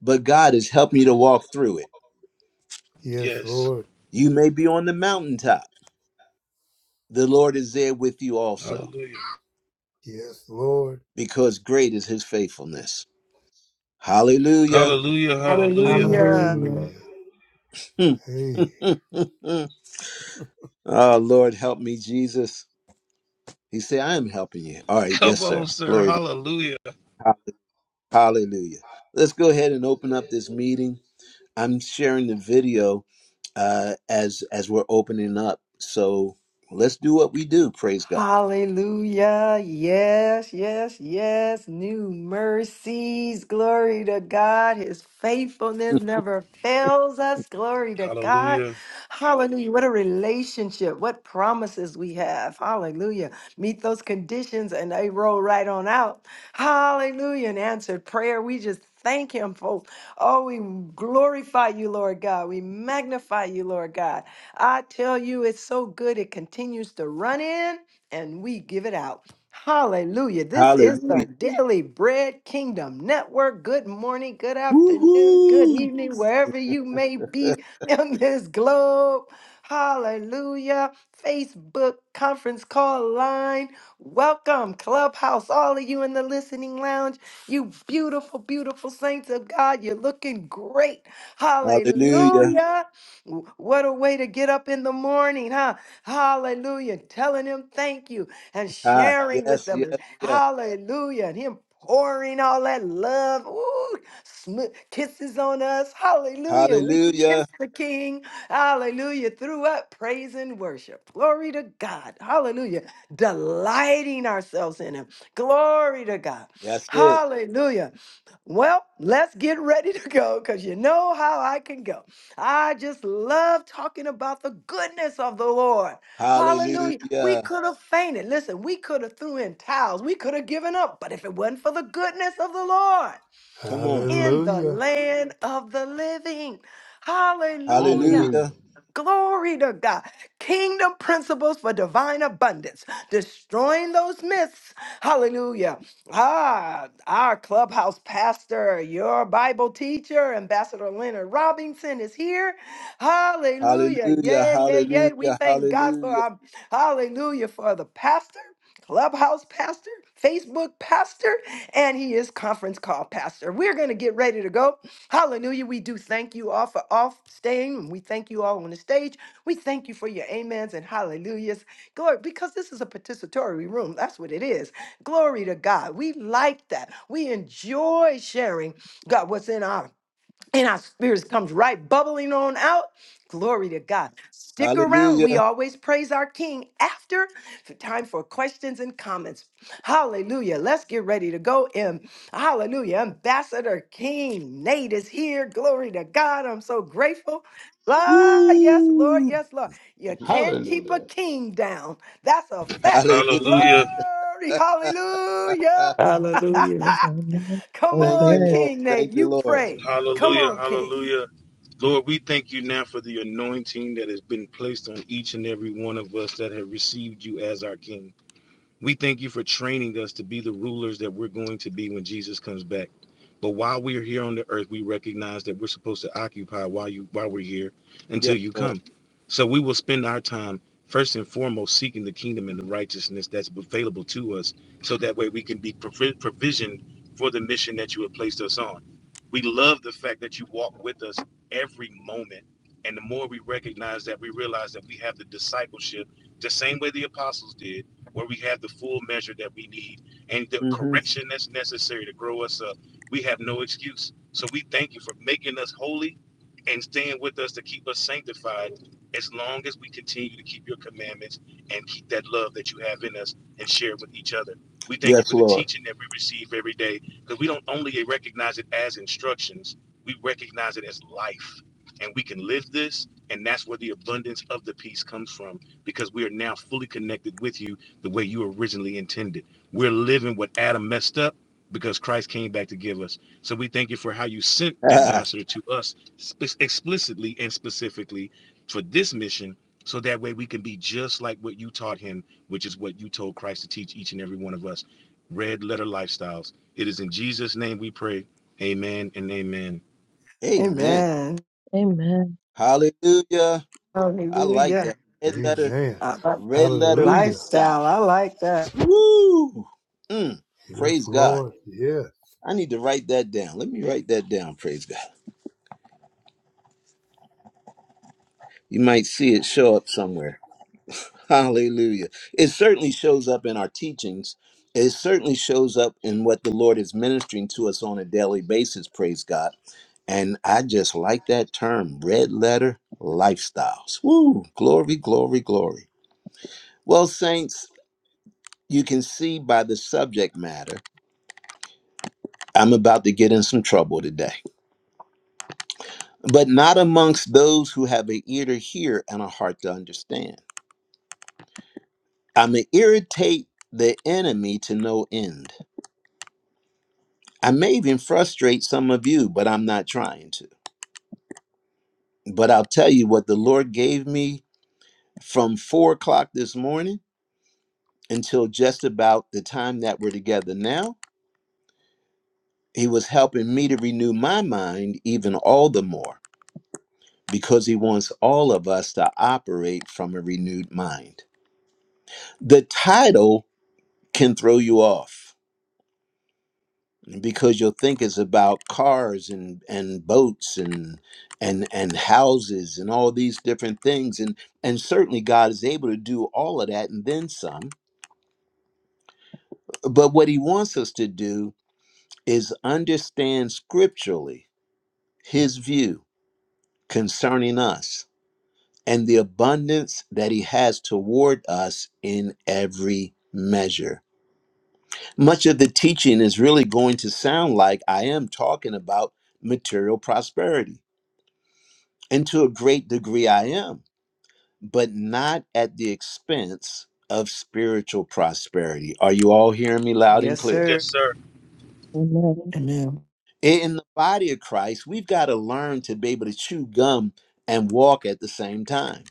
Speaker 1: but God is helping you to walk through it.
Speaker 6: Yes, Lord.
Speaker 1: You may be on the mountaintop. The Lord is there with you also,
Speaker 6: Yes, Lord.
Speaker 1: because great is his faithfulness. Hallelujah.
Speaker 3: Hallelujah.
Speaker 4: Hallelujah.
Speaker 6: Hallelujah. Hey.
Speaker 1: oh, Lord, help me, Jesus. He said, I am helping you. All right, yes, sir. Glory to God. Hallelujah. Let's go ahead and open up this meeting. I'm sharing the video uh, as as we're opening up. So let's do what we do. Praise God.
Speaker 3: Hallelujah. Yes, yes, yes. New mercies. Glory to God. His faithfulness never fails us. Glory to God. Hallelujah. What a relationship. What promises we have. Hallelujah. Meet those conditions and they roll right on out. Hallelujah. And answered prayer. We just thank him for, oh, we glorify you, Lord God. We magnify you, Lord God. I tell you, it's so good. It continues to run in and we give it out. Hallelujah. This is
Speaker 1: Hallelujah.
Speaker 3: the Daily Bread Kingdom Network. Good morning, good afternoon, good
Speaker 1: Woo-hoo.
Speaker 3: evening, wherever you may be in this globe. Hallelujah. Facebook conference call line. Welcome, Clubhouse, all of you in the listening lounge. You beautiful, beautiful saints of God. You're looking great.
Speaker 1: Hallelujah.
Speaker 3: Hallelujah. W- What a way to get up in the morning, huh? Hallelujah. Telling him thank you and
Speaker 1: Ah,
Speaker 3: sharing with
Speaker 1: yes,
Speaker 3: them. And
Speaker 1: yes, yes.
Speaker 3: hallelujah. And him pouring all that love. Ooh, sm- kisses on us. Hallelujah. We
Speaker 1: Hallelujah.
Speaker 3: kiss the king. Hallelujah. Through up praise and worship. Glory to God. Hallelujah. Delighting ourselves in him. Glory to God.
Speaker 1: That's it.
Speaker 3: Hallelujah. Well, let's get ready to go because you know how I can go. I just love talking about the goodness of the Lord. Hallelujah. We
Speaker 1: Hallelujah.
Speaker 3: could have fainted. Listen, we could have threw in towels. We could have given up. But if it wasn't for the goodness of the Lord
Speaker 1: Come on.
Speaker 3: in the
Speaker 6: Hallelujah.
Speaker 3: land of the living, hallelujah.
Speaker 1: Hallelujah.
Speaker 7: Hallelujah.
Speaker 3: Glory to God. Kingdom principles for divine abundance, destroying those myths. Hallelujah. Ah, our clubhouse pastor, your Bible teacher, Ambassador Leonard Robinson is here. Hallelujah.
Speaker 1: Hallelujah.
Speaker 3: Yeah, yeah, yeah. We
Speaker 1: Hallelujah.
Speaker 3: thank God for
Speaker 1: Hallelujah.
Speaker 3: our hallelujah for the pastor. Clubhouse pastor, Facebook pastor, and he is conference call pastor. We're going to get ready to go. Hallelujah. We do thank you all for off staying. We thank you all on the stage. We thank you for your amens and hallelujahs. Glory, because this is a participatory room. That's what it is. Glory to God. We like that. We enjoy sharing God what's in our and our spirits comes right bubbling on out. Glory to God. Stick around. We
Speaker 1: Hallelujah.
Speaker 3: always praise our King after for time for questions and comments. Hallelujah. Let's get ready to go in. Hallelujah. Ambassador King Nate is here. Glory to God. I'm so grateful. Ah, yes, Lord.
Speaker 1: Woo.
Speaker 3: Yes, Lord. You can't keep a
Speaker 7: Hallelujah.
Speaker 3: king down. That's a fact.
Speaker 1: Hallelujah.
Speaker 3: Glory. Hallelujah.
Speaker 1: Ah,
Speaker 4: Hallelujah.
Speaker 5: Amen.
Speaker 3: Come
Speaker 1: Thank
Speaker 3: on,
Speaker 1: you,
Speaker 5: Amen.
Speaker 1: Lord.
Speaker 3: King Nate.
Speaker 1: Thank you,
Speaker 3: You
Speaker 1: Lord.
Speaker 3: pray. Come on, King.
Speaker 1: Yes, Lord. hmm Yes, Lord. Ah, Amen.
Speaker 3: Amen.
Speaker 5: Amen.
Speaker 1: Hallelujah. I like
Speaker 3: Hallelujah.
Speaker 1: that. Red letter,
Speaker 6: Amen.
Speaker 3: Uh, uh,
Speaker 1: red letter
Speaker 6: Hallelujah.
Speaker 1: lifestyle.
Speaker 3: lifestyle. I like that.
Speaker 1: Woo! Mm,
Speaker 6: Yes,
Speaker 1: praise God.
Speaker 6: Lord. Yes.
Speaker 1: I need to write that down. Let me write that down. Praise God. You might see it show up somewhere. Hallelujah. It certainly shows up in our teachings. It certainly shows up in what the Lord is ministering to us on a daily basis. Praise God. And I just like that term, red letter lifestyles. Woo! Glory, glory, glory. Well, saints, you can see by the subject matter, I'm about to get in some trouble today. but not amongst those who have an ear to hear and a heart to understand. I may irritate the enemy to no end. I may even frustrate some of you, but I'm not trying to. But I'll tell you what the Lord gave me from four o'clock this morning until just about the time that we're together now. He was helping me to renew my mind even all the more because he wants all of us to operate from a renewed mind. The title can throw you off because you'll think it's about cars and and boats and and and houses and all these different things and and certainly God is able to do all of that and then some but what he wants us to do is understand scripturally his view concerning us and the abundance that he has toward us in every measure much of the teaching is really going to sound like I am talking about material prosperity And to a great degree, I am, but not at the expense of spiritual prosperity. Are you all hearing me loud and
Speaker 3: Yes,
Speaker 1: clear?
Speaker 3: sir.
Speaker 4: Amen.
Speaker 1: In the body of Christ, we've got to learn to be able to chew gum and walk at the same time.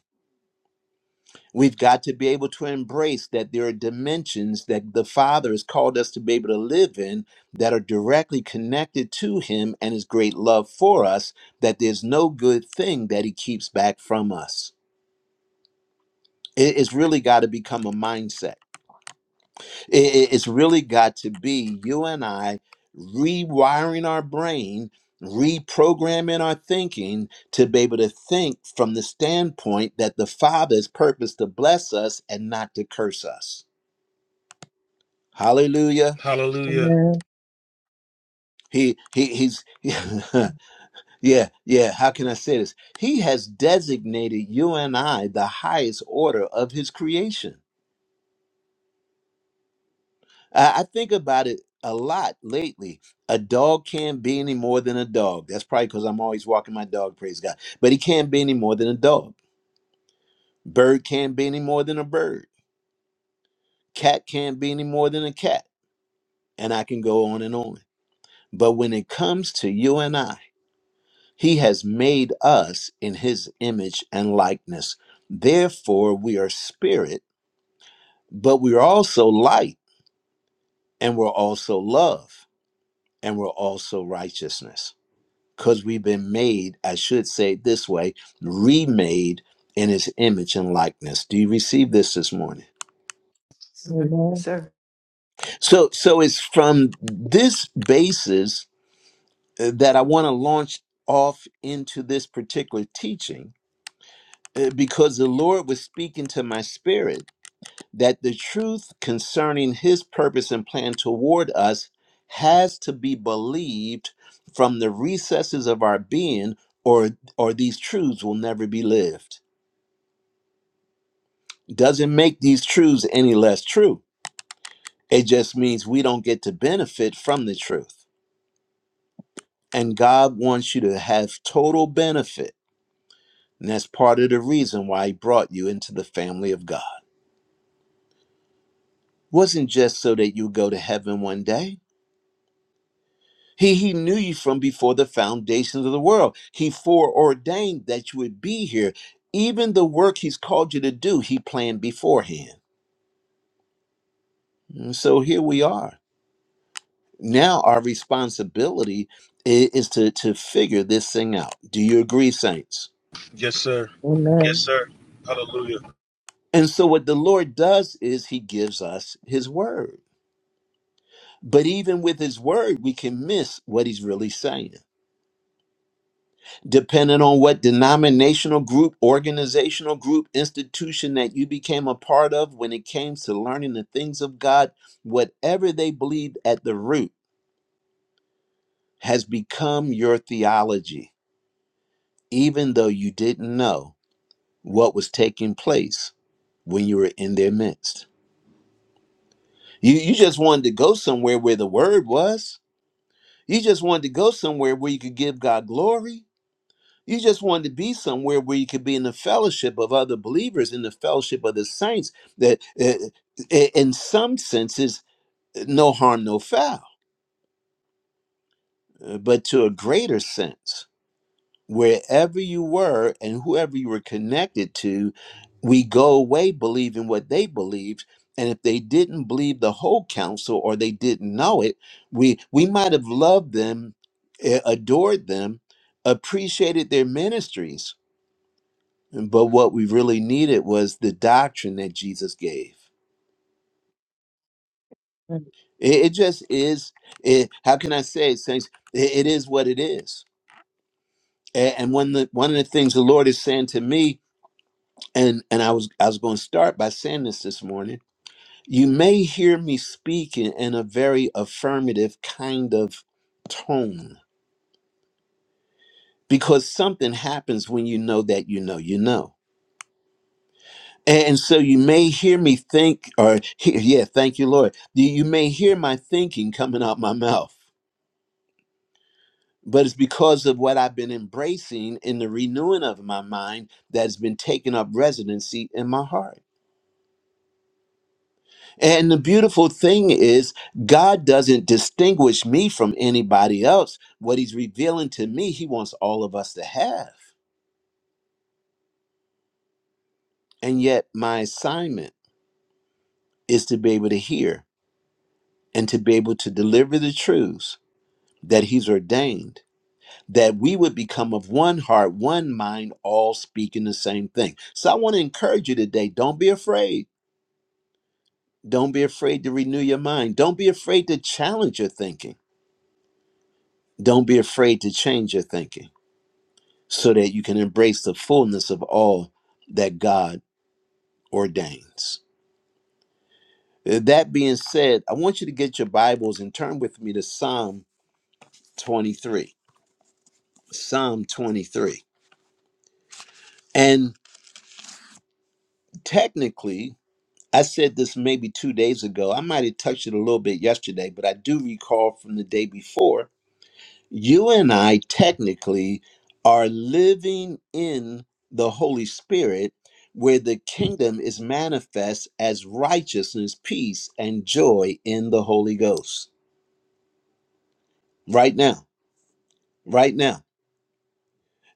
Speaker 1: We've got to be able to embrace that there are dimensions that the Father has called us to be able to live in that are directly connected to Him and His great love for us, that there's no good thing that He keeps back from us. It- It's really got to become a mindset I- i- It's really got to be you and I rewiring our brain, reprogramming our thinking to be able to think from the standpoint that the Father is purposed to bless us and not to curse us. Hallelujah.
Speaker 5: Amen.
Speaker 1: He, he he's yeah yeah how can i say this he has designated you and i the highest order of his creation I I think about it a lot lately. A dog can't be any more than a dog. That's probably because I'm always walking my dog, praise God. But he can't be any more than a dog. Bird can't be any more than a bird. Cat can't be any more than a cat. And I can go on and on. But when it comes to you and I, he has made us in his image and likeness. Therefore, we are spirit, but we're also light, and we're also love, and we're also righteousness because we've been made, I should say it this way, remade in his image and likeness. Do you receive this this morning?
Speaker 3: Yes,
Speaker 5: Amen.
Speaker 3: sir.
Speaker 1: So so it's from this basis uh, that I want to launch off into this particular teaching uh, because the Lord was speaking to my spirit that the truth concerning his purpose and plan toward us has to be believed from the recesses of our being or or these truths will never be lived Doesn't make these truths any less true. It just means we don't get to benefit from the truth. And God wants you to have total benefit. And that's part of the reason why He brought you into the family of God. Wasn't just so that you go to heaven one day. He, he knew you from before the foundations of the world. He foreordained that you would be here. Even the work He's called you to do, He planned beforehand. And so here we are now our responsibility i- is to to figure this thing out do you agree saints
Speaker 5: Amen.
Speaker 1: and so what the lord does is he gives us his word but even with his word we can miss what he's really saying depending on what denominational group organizational group institution that you became a part of when it came to learning the things of god whatever they believed at the root has become your theology even though you didn't know what was taking place when you were in their midst. You, you just wanted to go somewhere where the word was. You just wanted to go somewhere where you could give God glory. You just wanted to be somewhere where you could be in the fellowship of other believers, in the fellowship of the saints. That, uh, in some senses, no harm, no foul. Uh, But to a greater sense, wherever you were and whoever you were connected to, we go away believing what they believed. And if they didn't believe the whole counsel or they didn't know it, we we might have loved them, a- adored them, appreciated their ministries. But what we really needed was the doctrine that Jesus gave.
Speaker 5: Amen.
Speaker 1: It, it just is. It, how can I say it, saints? It, it is what it is. A- And one of the, one of the things the Lord is saying to me and and I was I was going to start by saying this this morning. You may hear me speaking in a very affirmative kind of tone because something happens when you know that you know you know. And so you may hear me think, or hear, yeah, thank you, Lord. You you may hear my thinking coming out my mouth, but it's because of what I've been embracing in the renewing of my mind that has been taking up residency in my heart. And the beautiful thing is, God doesn't distinguish me from anybody else. What He's revealing to me, He wants all of us to have. And yet, my assignment is to be able to hear and to be able to deliver the truths that He's ordained, that we would become of one heart, one mind, all speaking the same thing. So I want to encourage you today don't be afraid. Don't be afraid to renew your mind. Don't be afraid to challenge your thinking. Don't be afraid to change your thinking so that you can embrace the fullness of all that God ordains. Uh, That being said, I want you to get your Bibles and turn with me to Psalm 23. Psalm 23. And technically, I said this maybe two days ago. I might have touched it a little bit yesterday, but I do recall from the day before you and I technically are living in the Holy Spirit, where the kingdom is manifest as righteousness, peace, and joy in the Holy Ghost. Right now, right now.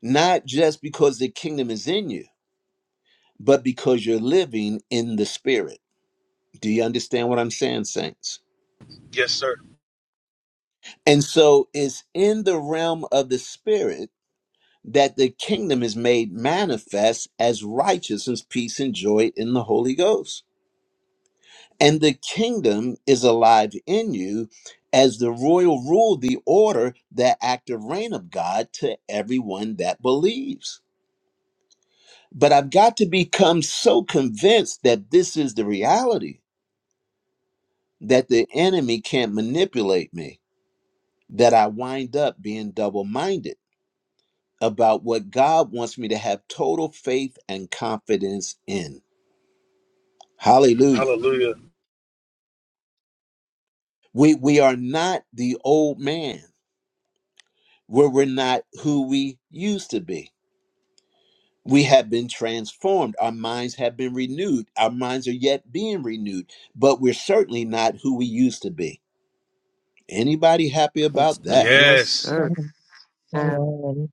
Speaker 1: Not just because the kingdom is in you, but because you're living in the Spirit. Do you understand what I'm saying, saints? And so it's in the realm of the Spirit that the kingdom is made manifest as righteousness, peace, and joy in the Holy Ghost. And the kingdom is alive in you as the royal rule, the order, the active reign of God to everyone that believes. But I've got to become so convinced that this is the reality, that the enemy can't manipulate me, that I wind up being double minded about what God wants me to have total faith and confidence in. Hallelujah. We we are not the old man where we're not who we used to be. We have been transformed. Our minds have been renewed. Our minds are yet being renewed, but we're certainly not who we used to be. Anybody happy
Speaker 3: Yes,
Speaker 1: about
Speaker 3: sir.
Speaker 1: that?
Speaker 3: Yes, sir.
Speaker 5: Amen.
Speaker 3: Amen.
Speaker 5: Amen.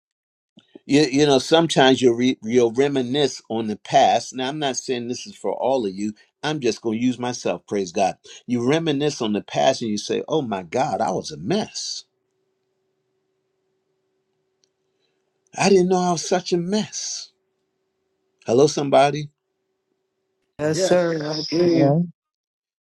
Speaker 1: You, you know, sometimes you'll, re, you'll reminisce on the past. Now, I'm not saying this is for all of you. I'm just going to use myself, praise God. You reminisce on the past and you say, oh my God, I was a mess. I didn't know I was such a mess. Hello, somebody.
Speaker 3: Yes, sir. I
Speaker 7: Yes.
Speaker 3: hear you.
Speaker 5: Amen.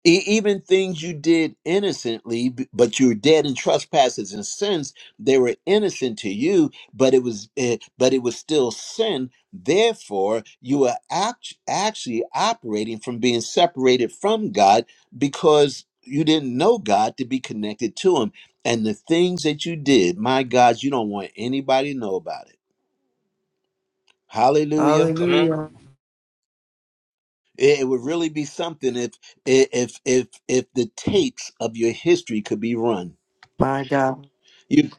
Speaker 1: E- even things you did innocently, b- but you were dead in trespasses and sins. They were innocent to you, but it was, eh, but it was still sin. Therefore, you are act- actually operating from being separated from God because you didn't know God to be connected to Him. And the things that you did, my God, you don't want anybody to know about it. Hallelujah.
Speaker 3: Hallelujah.
Speaker 1: It it would really be something if if if if the tapes of your history could be run.
Speaker 3: My God.
Speaker 1: You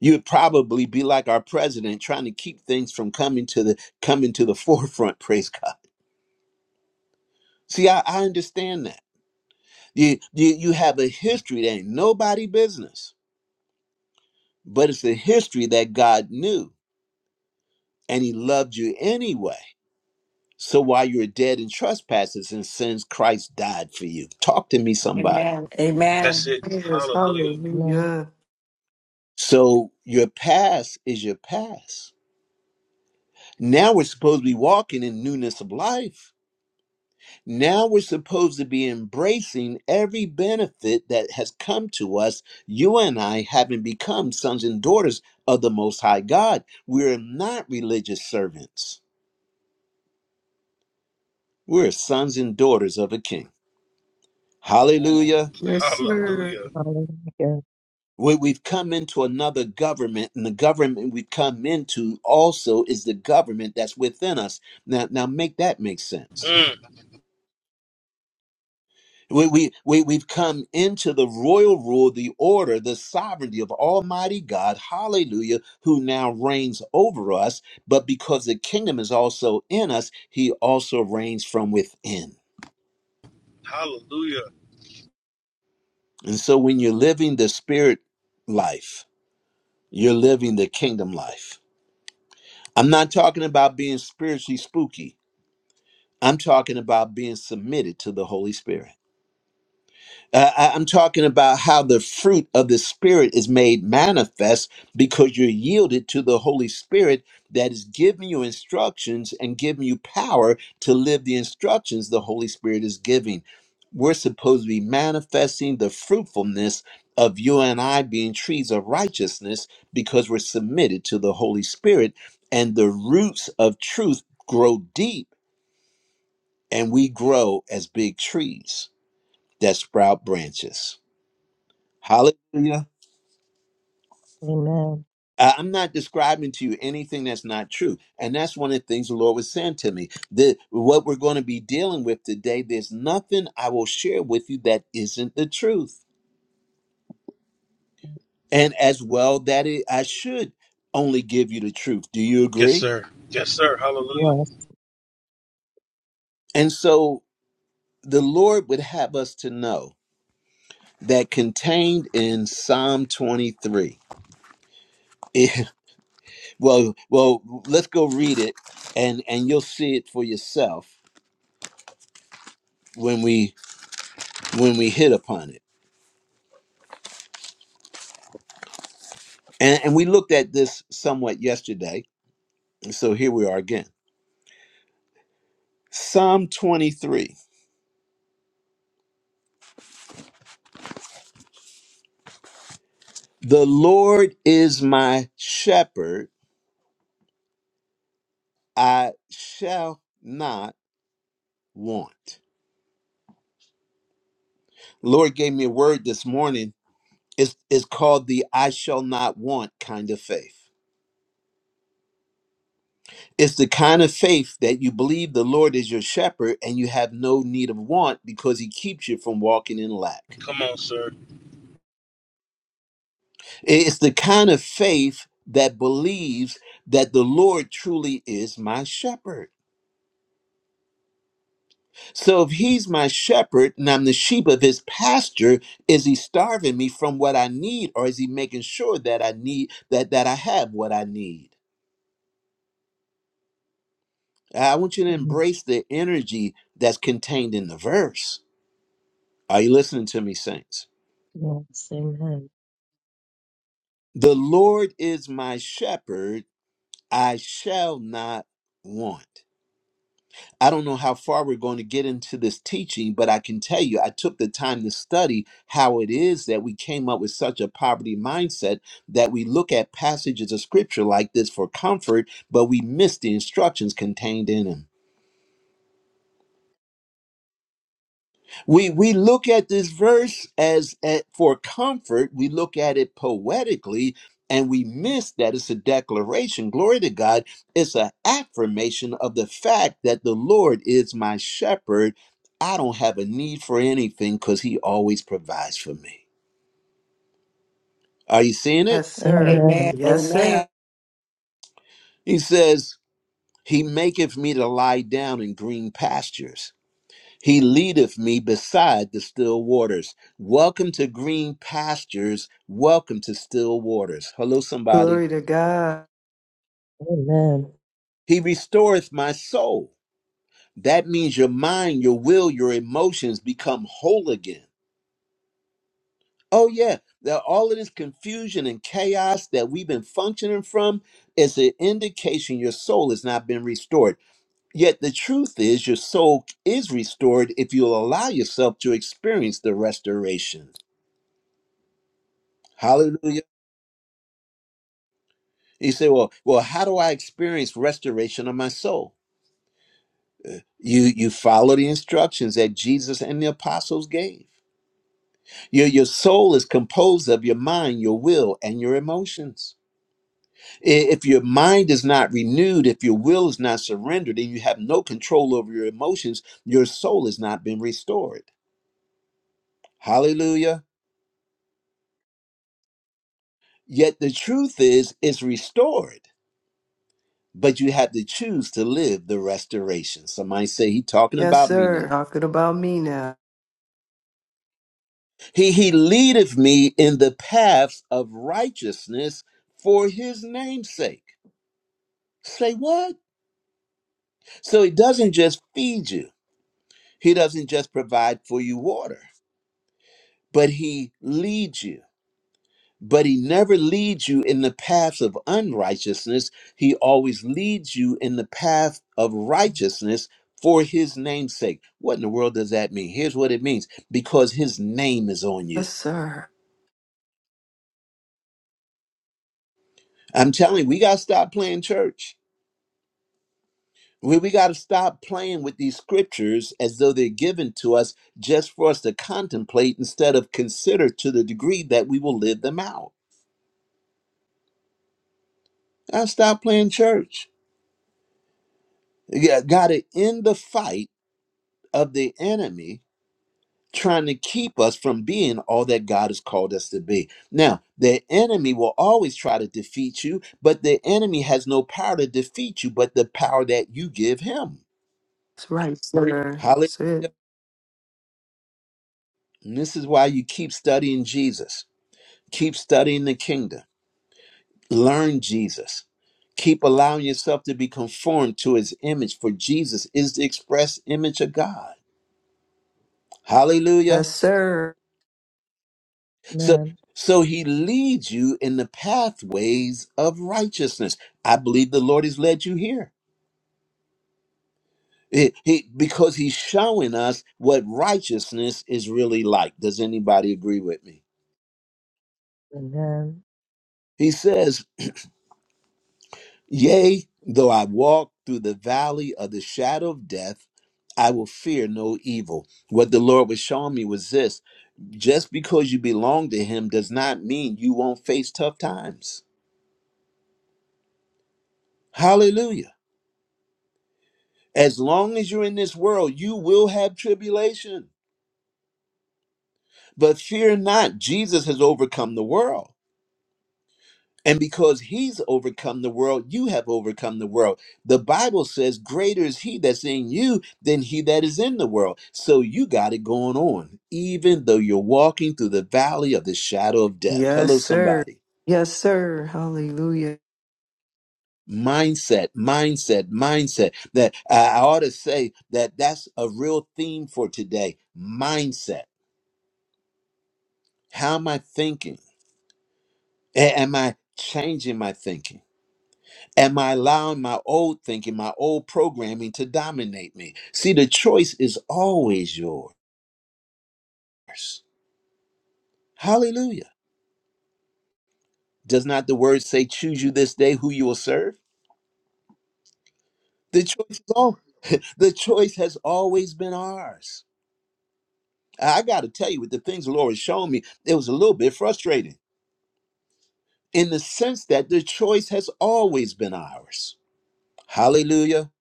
Speaker 1: you'd probably be like our president, trying to keep things from coming to the coming to the forefront. Praise God. See, I, I understand that. You, you you have a history that ain't nobody business, but it's a history that God knew and He loved you anyway. So while you were dead in trespasses and sins, Christ died for you. Talk to me, somebody.
Speaker 8: Amen. Amen.
Speaker 3: Yes,
Speaker 5: Amen.
Speaker 3: hallelujah.
Speaker 1: So your past is your past Now we're supposed to be walking in newness of life. Now we're supposed to be embracing every benefit that has come to us, you and I having become sons and daughters of the Most High God. We're not religious servants, we're sons and daughters of a king. Hallelujah.
Speaker 3: Yes, sir.
Speaker 5: Hallelujah.
Speaker 1: We- We've come into another government, and the government we've come into also is the government that's within us. Now, now make that make sense. We, we, we, we've come into the royal rule, the order, the sovereignty of Almighty God, hallelujah, who now reigns over us. But because the kingdom is also in us, he also reigns from within. And so when you're living the spirit life, you're living the kingdom life. I'm not talking about being spiritually spooky, I'm talking about being submitted to the Holy Spirit. Uh, I- I'm talking about how the fruit of the Spirit is made manifest because you're yielded to the Holy Spirit that is giving you instructions and giving you power to live the instructions the Holy Spirit is giving. We're supposed to be manifesting the fruitfulness of you and I being trees of righteousness because we're submitted to the Holy Spirit and the roots of truth grow deep and we grow as big trees that sprout branches. Hallelujah.
Speaker 5: Amen.
Speaker 1: I- I'm not describing to you anything that's not true. And that's one of the things the Lord was saying to me. That what we're going to be dealing with today, there's nothing I will share with you that isn't the truth. And as well, that it, I should only give you the truth. Do you agree?
Speaker 5: Yes.
Speaker 1: And so the Lord would have us to know that contained in Psalm 23. Eh, well, well, let's go read it and, and you'll see it for yourself when we when we hit upon it. And, and we looked at this somewhat yesterday. and So here we are again. Psalm 23 The Lord is my shepherd, I shall not want. Lord gave me a word this morning. It's, it's called the I shall not want kind of faith. It's the kind of faith that you believe the Lord is your shepherd and you have no need of want because he keeps you from walking in lack. It's the kind of faith that believes that the Lord truly is my shepherd. So if he's my shepherd and I'm the sheep of his pasture, is he starving me from what I need or is he making sure that I need that that I have what I need? I want you to
Speaker 5: Amen.
Speaker 1: embrace the energy that's contained in the verse. Are you listening to me, saints?
Speaker 5: Yes. Amen.
Speaker 1: The Lord is my shepherd, I shall not want. I don't know how far we're going to get into this teaching, but I can tell you I took the time to study how it is that we came up with such a poverty mindset that we look at passages of scripture like this for comfort, but we miss the instructions contained in them. we we look at this verse as at, for comfort we look at it poetically and we miss that it's a declaration glory to god it's an affirmation of the fact that the lord is my shepherd i don't have a need for anything because he always provides for me are you seeing it
Speaker 3: Yes, sir.
Speaker 8: Amen.
Speaker 5: Amen.
Speaker 3: Yes,
Speaker 8: Amen.
Speaker 3: sir.
Speaker 1: he says he maketh me to lie down in green pastures He leadeth me beside the still waters. Welcome to green pastures. Welcome to still waters. Hello, somebody.
Speaker 3: Glory to God.
Speaker 5: Amen.
Speaker 1: He restoreth my soul. That means your mind, your will, your emotions become whole again. Oh, yeah. Now, all of this confusion and chaos that we've been functioning from is an indication your soul has not been restored. Yet the truth is, your soul is restored if you'll allow yourself to experience the restoration. Hallelujah. You say, well, well, how do I experience restoration of my soul? You you follow the instructions that Jesus and the apostles gave. Your your soul is composed of your mind, your will, and your emotions. I- If your mind is not renewed, if your will is not surrendered, and you have no control over your emotions, your soul has not been restored. Hallelujah. Yet the truth is, it's restored, but you have to choose to live the restoration. Somebody say, he talking
Speaker 3: Yes,
Speaker 1: about me now.
Speaker 3: sir. Talking about me now.
Speaker 1: He, he leadeth me in the paths of righteousness for his name's sake. Say what? So he doesn't just feed you, he doesn't just provide for you water, but he leads you. But he never leads you in the paths of unrighteousness. He always leads you in the path of righteousness for his name's sake. What in the world does that mean? Here's what it means because his name is on you.
Speaker 3: Yes, sir.
Speaker 1: I'm telling you, we got to stop playing church We, we got to stop playing with these scriptures as though they're given to us just for us to contemplate instead of consider to the degree that we will live them out. Gotta stop playing church. Yeah, got to end the fight of the enemy trying to keep us from being all that God has called us to be. Now, the enemy will always try to defeat you, but the enemy has no power to defeat you but the power that you give him.
Speaker 3: That's right, sir.
Speaker 1: Hallelujah.
Speaker 3: That's it.
Speaker 1: And this is why you keep studying Jesus Keep studying the kingdom. Learn Jesus. Keep allowing yourself to be conformed to his image, for Jesus is the express image of God. Hallelujah.
Speaker 3: Yes, sir.
Speaker 1: So
Speaker 5: Amen.
Speaker 1: so he leads you in the pathways of righteousness. I believe the Lord has led you here. He- he- because he's showing us what righteousness is really like. Does anybody agree with me?
Speaker 5: Amen.
Speaker 1: He says Yea, though I walk through the valley of the shadow of death, I will fear no evil. What the Lord was showing me was this just because you belong to Him does not mean you won't face tough times. Hallelujah. As long as you're in this world, you will have tribulation. But fear not, Jesus has overcome the world. And because he's overcome the world, you have overcome the world. The Bible says, Greater is he that's in you than he that is in the world. So you got it going on, even though you're walking through the valley of the shadow of death. Hello,
Speaker 3: Yes, sir.
Speaker 1: somebody.
Speaker 3: Yes, sir. Hallelujah.
Speaker 1: Mindset, mindset, mindset. That I ought to say that that's a real theme for today. Mindset. How am I thinking? A- am I changing my thinking? Am I allowing my old thinking, my old programming to dominate me? See, the choice is always yours. Hallelujah. Does not the word say, choose you this day who you will serve? The choice is all the choice has always been ours. I gotta tell you, with the things the Lord has shown me, it was a little bit frustrating in the sense that the choice has always been ours. Hallelujah.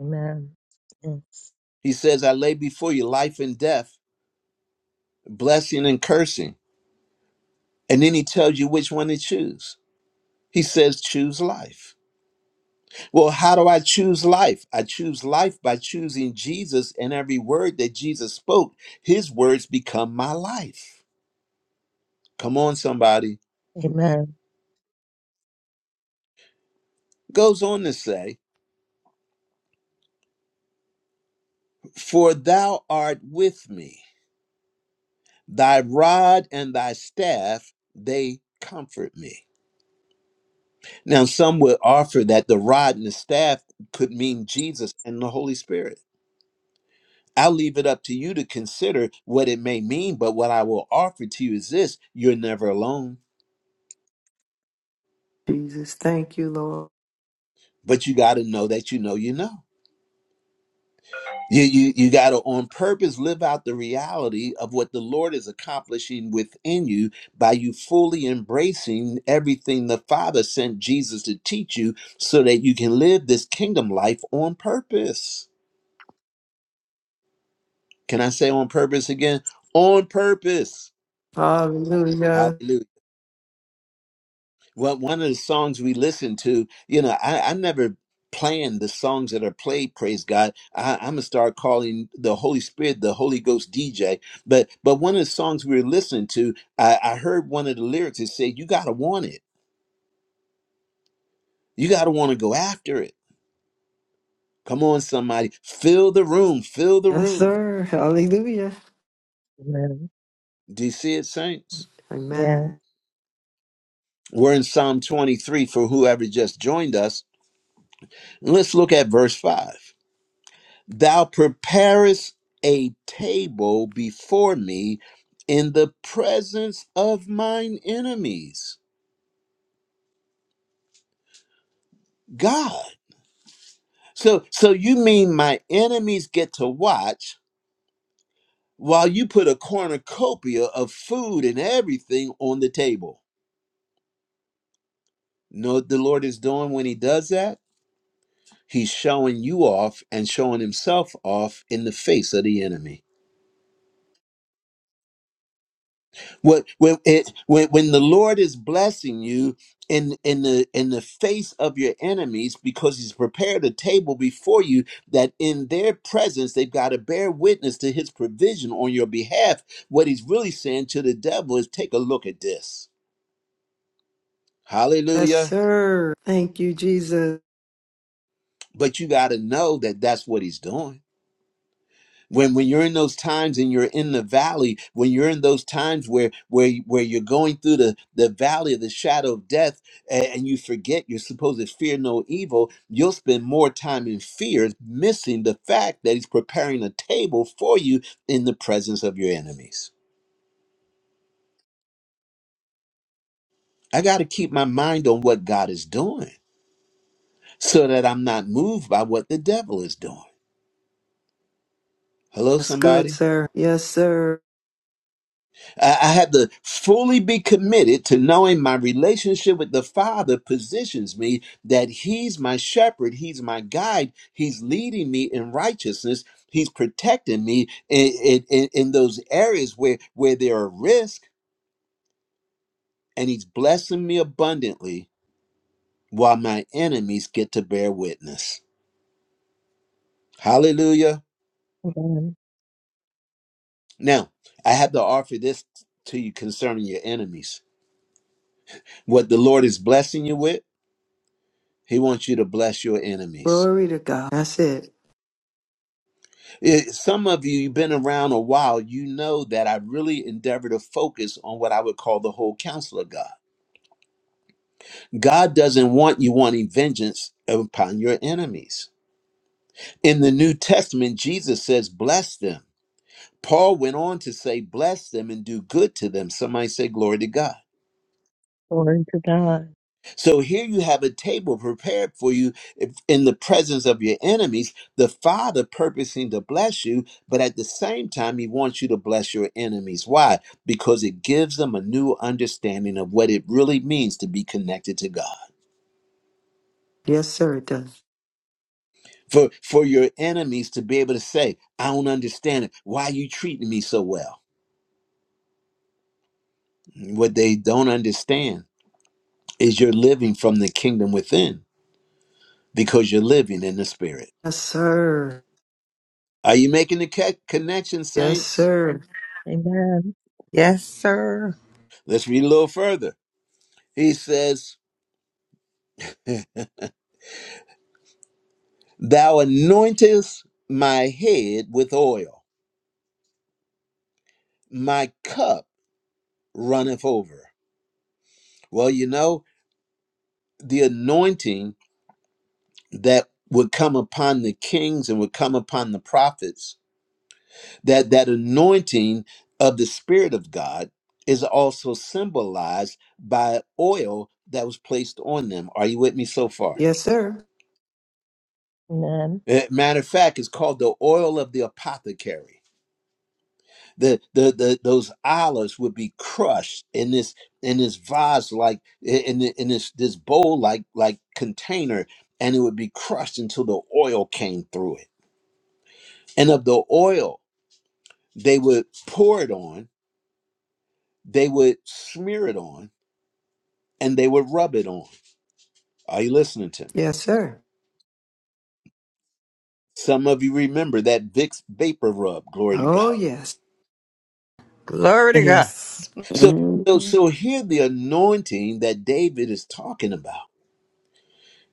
Speaker 5: Amen. Yes.
Speaker 1: He says, I lay before you life and death, blessing and cursing. And then he tells you which one to choose. He says, choose life. Well, how do I choose life? I choose life by choosing Jesus, and every word that Jesus spoke, his words become my life. Come on, somebody.
Speaker 5: Amen.
Speaker 1: Goes on to say, For thou art with me, thy rod and thy staff, they comfort me. Now, some would offer that the rod and the staff could mean Jesus and the Holy Spirit. I'll leave it up to you to consider what it may mean, but what I will offer to you is this you're never alone,
Speaker 3: Jesus, thank you, Lord.
Speaker 1: but you got to know that you know you know. You, you, you got to on purpose live out the reality of what the Lord is accomplishing within you by you fully embracing everything the Father sent Jesus to teach you so that you can live this kingdom life on purpose. Can I say on purpose again? On purpose.
Speaker 3: Hallelujah.
Speaker 1: Hallelujah. Well, one of the songs we listened to, you know, I, I never plan the songs that are played. Praise God! I, I'm gonna start calling the Holy Spirit the Holy Ghost DJ. But but one of the songs we were listening to, I, I heard one of the lyrics. It said, "You gotta want it. You gotta want to go after it. Come on, somebody, fill the room, fill the
Speaker 3: Yes,
Speaker 1: room."
Speaker 3: sir. Hallelujah.
Speaker 5: Amen.
Speaker 1: Do you see it, saints?
Speaker 5: Yeah.
Speaker 3: Amen.
Speaker 1: We're in Psalm 23 for whoever just joined us. Let's look at verse five. Thou preparest a table before me in the presence of mine enemies. God. So so you mean my enemies get to watch while you put a cornucopia of food and everything on the table. Know what the Lord is doing when he does that? He's showing you off and showing himself off in the face of the enemy. What when it when when the Lord is blessing you in in the in the face of your enemies because he's prepared a table before you that in their presence they've got to bear witness to his provision on your behalf what he's really saying to the devil is take a look at this
Speaker 3: Yes,
Speaker 1: hallelujah
Speaker 3: sir. Thank you, Jesus.
Speaker 1: but you got to know that that's what he's doing when when you're in those times and you're in the valley when you're in those times where where where you're going through the the valley of the shadow of death and, and you forget you're supposed to fear no evil you'll spend more time in fear missing the fact that he's preparing a table for you in the presence of your enemies i got to keep my mind on what god is doing so that i'm not moved by what the devil is doing hello
Speaker 3: That's good,
Speaker 1: somebody
Speaker 3: sir. Yes, sir.
Speaker 1: I I have to fully be committed to knowing my relationship with the Father positions me that He's my shepherd, He's my guide, He's leading me in righteousness, He's protecting me in, in, in in those areas where, where there are risks, and He's blessing me abundantly while my enemies get to bear witness. Hallelujah.
Speaker 5: Amen.
Speaker 1: Now, I have to offer this to you concerning your enemies. What the Lord is blessing you with, He wants you to bless your enemies.
Speaker 3: Glory to God. That's it.
Speaker 1: It, some of you, you've been around a while, you know that I really endeavor to focus on what I would call the whole counsel of God. God doesn't want you wanting vengeance upon your enemies. In the New Testament, Jesus says, Bless them. Paul went on to say, Bless them and do good to them. Somebody say, Glory to God.
Speaker 5: Glory to God.
Speaker 1: So here you have a table prepared for you if- in the presence of your enemies, the Father purposing to bless you, but at the same time, He wants you to bless your enemies. Why? Because it gives them a new understanding of what it really means to be connected to God.
Speaker 3: Yes, sir. It does.
Speaker 1: For, for your enemies to be able to say, I don't understand it. Why are you treating me so well? What they don't understand is you're living from the kingdom within because you're living in the spirit.
Speaker 3: Yes, sir.
Speaker 1: Are you making the ca- connection,
Speaker 3: Yes,
Speaker 1: saints?
Speaker 3: sir.
Speaker 5: Amen.
Speaker 9: Yes, sir.
Speaker 1: Let's read a little further. He says, Thou anointest my head with oil, my cup runneth over. Well, you know, the anointing that would come upon the kings and would come upon the prophets, that that anointing of the Spirit of God is also symbolized by oil that was placed on them. Are you with me so far?
Speaker 3: Yes, sir.
Speaker 5: Amen.
Speaker 1: Eh, Matter of fact, it's called the oil of the apothecary the, the the those olives would be crushed in this in this vase like in the, in this this bowl like like container and it would be crushed until the oil came through it and of the oil they would pour it on they would smear it on and they would rub it on are you listening to me
Speaker 3: Yes, sir.
Speaker 1: some of you remember that Vicks vapor rub glory to
Speaker 3: Oh,
Speaker 1: God
Speaker 3: yes.
Speaker 9: Glory to God.
Speaker 4: Yes.
Speaker 1: so so
Speaker 4: Mhm.
Speaker 1: so here the anointing that David is talking about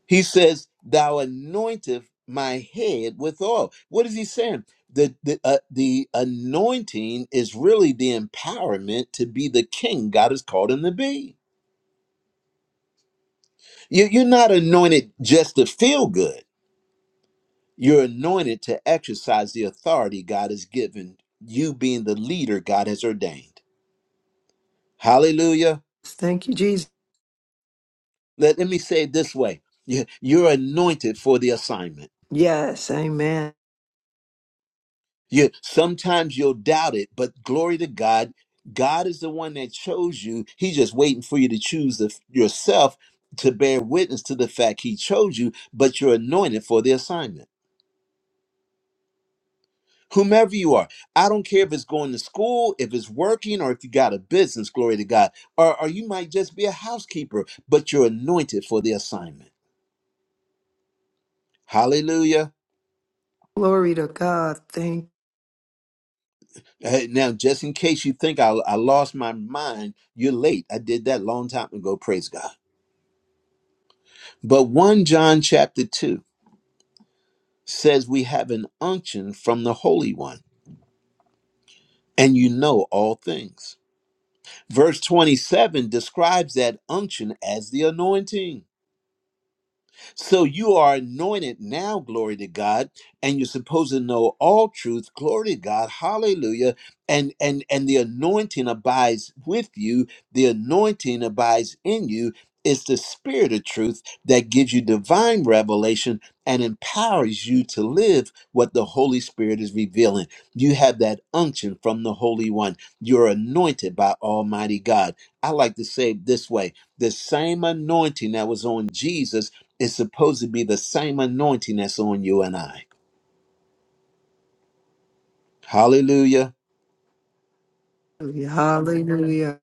Speaker 1: He says, Thou anointest my head with oil. What is he saying? The, the, uh, the anointing is really the empowerment to be the king God has called him to be. You, you're not anointed just to feel good, you're anointed to exercise the authority God has given you, being the leader God has ordained. Hallelujah.
Speaker 3: Thank you, Jesus.
Speaker 1: Let, let me say it this way You- you're anointed for the assignment.
Speaker 3: Yes. Amen.
Speaker 1: You sometimes you'll doubt it, but glory to God, God is the one that chose you. He's just waiting for you to choose the, yourself to bear witness to the fact He chose you, but you're anointed for the assignment. Whomever you are, I don't care if it's going to school, if it's working, or if you got a business, glory to God, or, or you might just be a housekeeper, but you're anointed for the assignment. Hallelujah.
Speaker 3: Glory to God. Thank
Speaker 1: Uh, Now, just in case you think I, I lost my mind, you're late. I did that long time ago. Praise God. But 1 John chapter 2 says we have an unction from the Holy One, and you know all things. Verse 27 describes that unction as the anointing. So you are anointed now, glory to God, and you're supposed to know all truth, glory to God, hallelujah. And and and the anointing abides with you, the anointing abides in you. It's the spirit of truth that gives you divine revelation and empowers you to live what the Holy Spirit is revealing. You have that unction from the Holy One. You're anointed by Almighty God. I like to say it this way the same anointing that was on Jesus it's supposed to be the same anointing that's on you and I. Hallelujah.
Speaker 3: you. Hallelujah.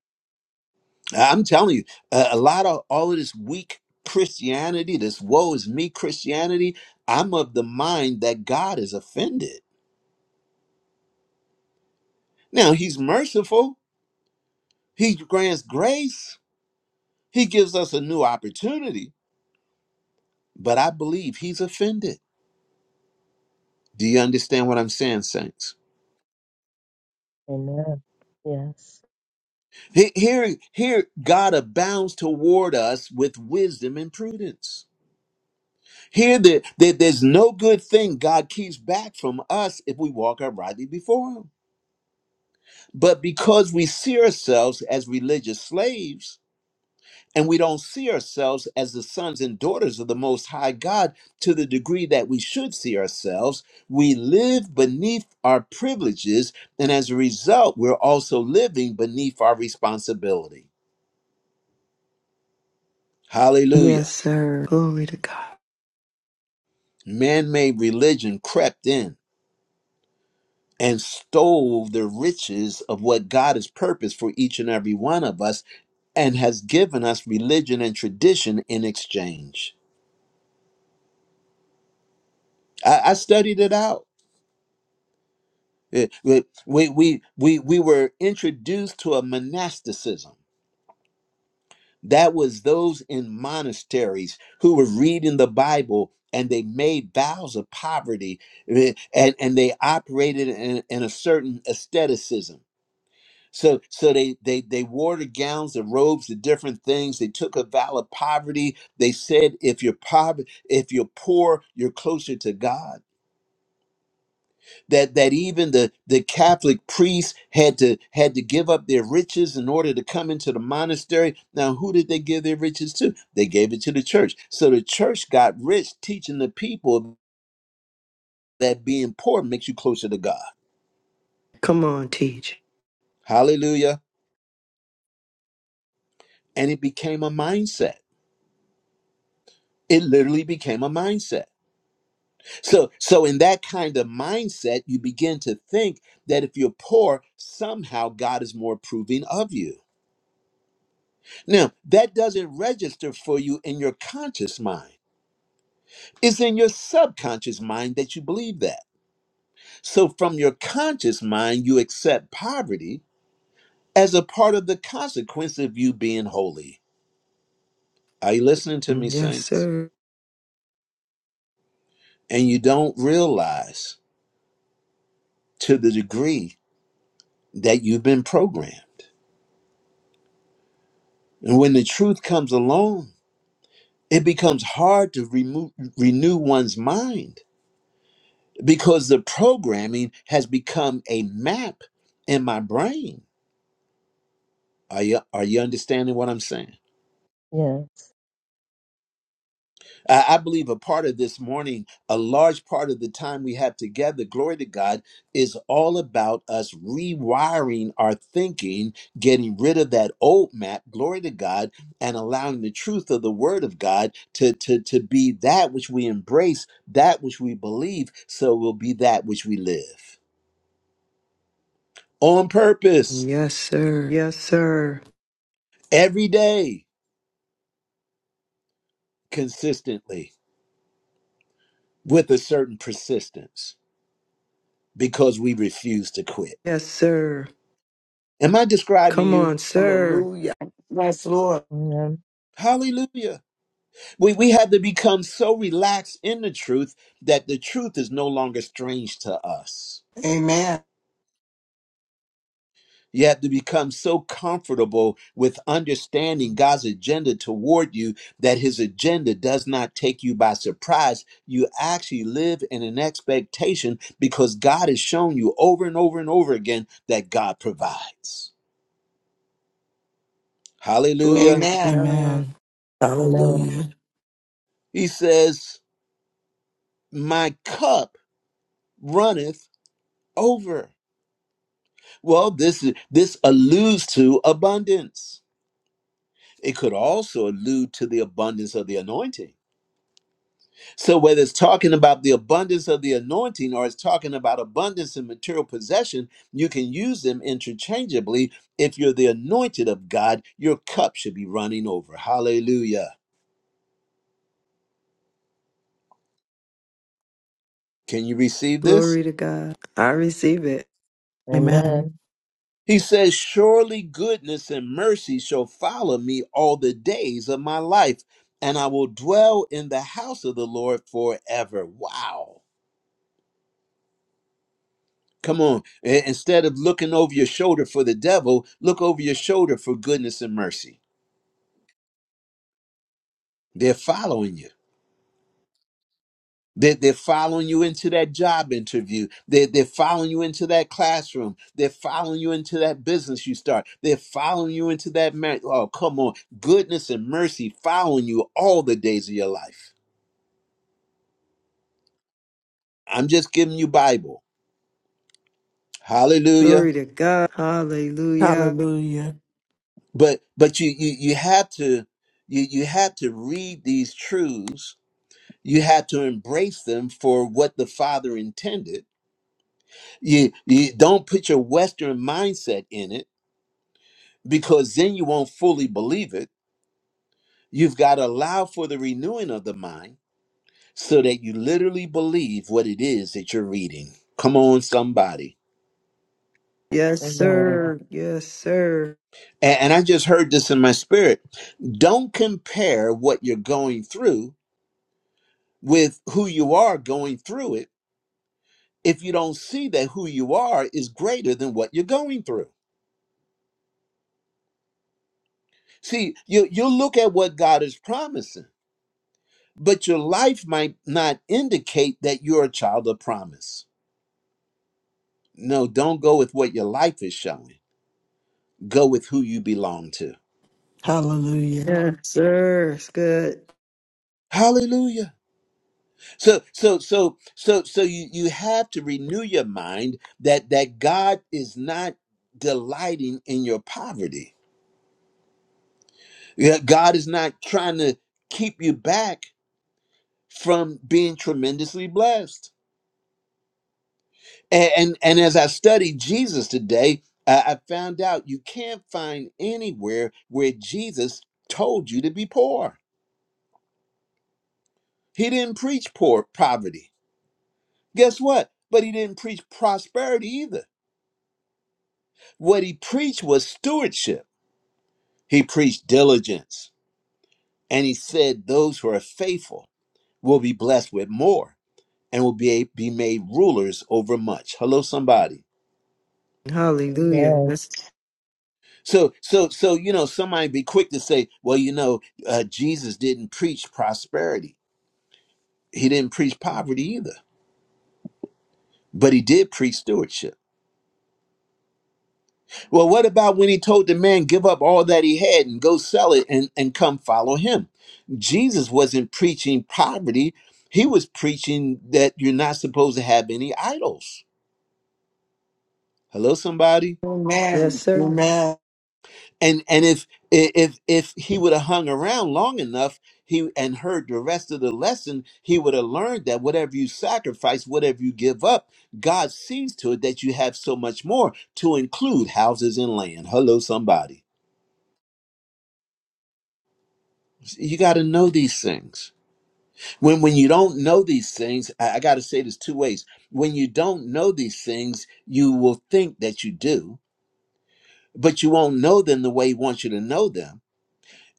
Speaker 1: I'm telling you, a, a lot of all of this weak Christianity, this woe is me Christianity, I'm of the mind that God is offended. Now, He's merciful, He grants grace, He gives us a new opportunity, but I believe He's offended. Do you understand what I'm saying, saints?
Speaker 5: Amen. Yes.
Speaker 1: He- Here, here, God abounds toward us with wisdom and prudence. Here that, that there's no good thing God keeps back from us if we walk uprightly before him. But because we see ourselves as religious slaves and we don't see ourselves as the sons and daughters of the most high God to the degree that we should see ourselves, we live beneath our privileges and as a result we're also living beneath our responsibility.
Speaker 3: Yes,
Speaker 1: Hallelujah.
Speaker 3: sir. Glory to God.
Speaker 1: Man-made religion crept in and stole the riches of what God has purposed for each and every one of us and has given us religion and tradition in exchange. I, I studied it out. It- it- We, we, we, we were introduced to a monasticism. That was those in monasteries who were reading the Bible and they made vows of poverty eh, and, and they operated in, in a certain aestheticism So, so they they they wore the gowns, the robes, the different things. They took a vow of poverty. They said, if you're poverty, if you're poor, you're closer to God. That that even the the Catholic priests had to had to give up their riches in order to come into the monastery. Now, who did they give their riches to? They gave it to the church. So the church got rich, teaching the people that being poor makes you closer to God.
Speaker 3: Come on, teach.
Speaker 1: Hallelujah! And it became a mindset. It literally became a mindset So, so in that kind of mindset, you begin to think that if you're poor, somehow God is more approving of you. Now, that doesn't register for you in your conscious mind. It's in your subconscious mind that you believe that. So, from your conscious mind, you accept poverty as a part of the consequence of you being holy. Are you listening to me,
Speaker 3: Yes,
Speaker 1: saints?
Speaker 3: sir.
Speaker 1: And you don't realize to the degree that you've been programmed. And when the truth comes along, it becomes hard to remove, renew one's mind because the programming has become a map in my brain. Are you, are you understanding what I'm saying?
Speaker 5: Yes.
Speaker 1: I I believe a part of this morning, a large part of the time we have together, glory to God, is all about us rewiring our thinking, getting rid of that old map, glory to God, and allowing the truth of the word of God to, to, to be that which we embrace, that which we believe, so it will be that which we live. On purpose,
Speaker 3: Yes, sir. Yes, sir.
Speaker 1: every day, consistently, with a certain persistence, because we refuse to quit.
Speaker 3: Yes, sir.
Speaker 1: Am I describing
Speaker 3: Come
Speaker 1: you?
Speaker 3: on, sir.
Speaker 8: Hallelujah. Yes, Lord.
Speaker 5: Amen.
Speaker 1: Hallelujah. We, we have to become so relaxed in the truth that the truth is no longer strange to us.
Speaker 8: Amen.
Speaker 1: You have to become so comfortable with understanding God's agenda toward you that his agenda does not take you by surprise. You actually live in an expectation because God has shown you over and over and over again that God provides. Hallelujah.
Speaker 3: Glory to
Speaker 8: Amen.
Speaker 3: God.
Speaker 4: Amen.
Speaker 5: Amen.
Speaker 4: Hallelujah.
Speaker 1: He says, My cup runneth over. Well, this is this alludes to abundance. It could also allude to the abundance of the anointing. So whether it's talking about the abundance of the anointing or it's talking about abundance in material possession, you can use them interchangeably. If you're the anointed of God, your cup should be running over. Hallelujah. Can you receive this?
Speaker 3: Glory to God. I receive it.
Speaker 4: Amen.
Speaker 5: Amen.
Speaker 1: He says, Surely goodness and mercy shall follow me all the days of my life, and I will dwell in the house of the Lord forever. Wow. Come on. I- Instead of looking over your shoulder for the devil, look over your shoulder for goodness and mercy. They're following you. They're, they're following you into that job interview. They're, they're following you into that classroom. They're following you into that business you start. They're following you into that marriage. Oh, come on. Goodness and mercy following you all the days of your life. I'm just giving you Bible. Hallelujah.
Speaker 3: Glory to God. Hallelujah.
Speaker 4: Hallelujah.
Speaker 1: But but you you, you have to you, you have to read these truths. You have to embrace them for what the Father intended. You, you don't put your Western mindset in it because then you won't fully believe it. You've got to allow for the renewing of the mind so that you literally believe what it is that you're reading. Come on, somebody.
Speaker 3: Yes,
Speaker 5: Amen.
Speaker 3: sir. Yes, sir.
Speaker 1: A- And, I just heard this in my spirit. Don't compare what you're going through with who you are going through it if you don't see that who you are is greater than what you're going through. See, you, you look at what God is promising, but your life might not indicate that you're a child of promise. No, don't go with what your life is showing. Go with who you belong to.
Speaker 4: Hallelujah.
Speaker 3: Yes, sir. It's good.
Speaker 1: Hallelujah. So so so so so you you have to renew your mind that that God is not delighting in your poverty. Yeah, God is not trying to keep you back from being tremendously blessed. And and, and as I studied Jesus today, I, I found out you can't find anywhere where Jesus told you to be poor. He didn't preach poor poverty Guess what? But he didn't preach prosperity either. What he preached was stewardship. He preached diligence. And he said those who are faithful will be blessed with more and will be, be made rulers over much. Hello, somebody.
Speaker 5: Amen.
Speaker 3: Hallelujah. Yes,
Speaker 1: So, so, so, you know, somebody be quick to say, well, you know, uh, Jesus didn't preach prosperity. He didn't preach poverty either, but he did preach stewardship. Well, what about when he told the man, give up all that he had and go sell it and, and come follow him? Jesus wasn't preaching poverty, he was preaching that you're not supposed to have any idols. Hello, somebody?
Speaker 3: yes
Speaker 8: Amen.
Speaker 3: sir.
Speaker 8: Amen.
Speaker 1: And and if if if he would have hung around long enough, he and heard the rest of the lesson, he would have learned that whatever you sacrifice, whatever you give up, God sees to it that you have so much more to include houses and land. Hello, somebody. You got to know these things. When when you don't know these things, I, I got to say this two ways. When you don't know these things, you will think that you do, but you won't know them the way he wants you to know them.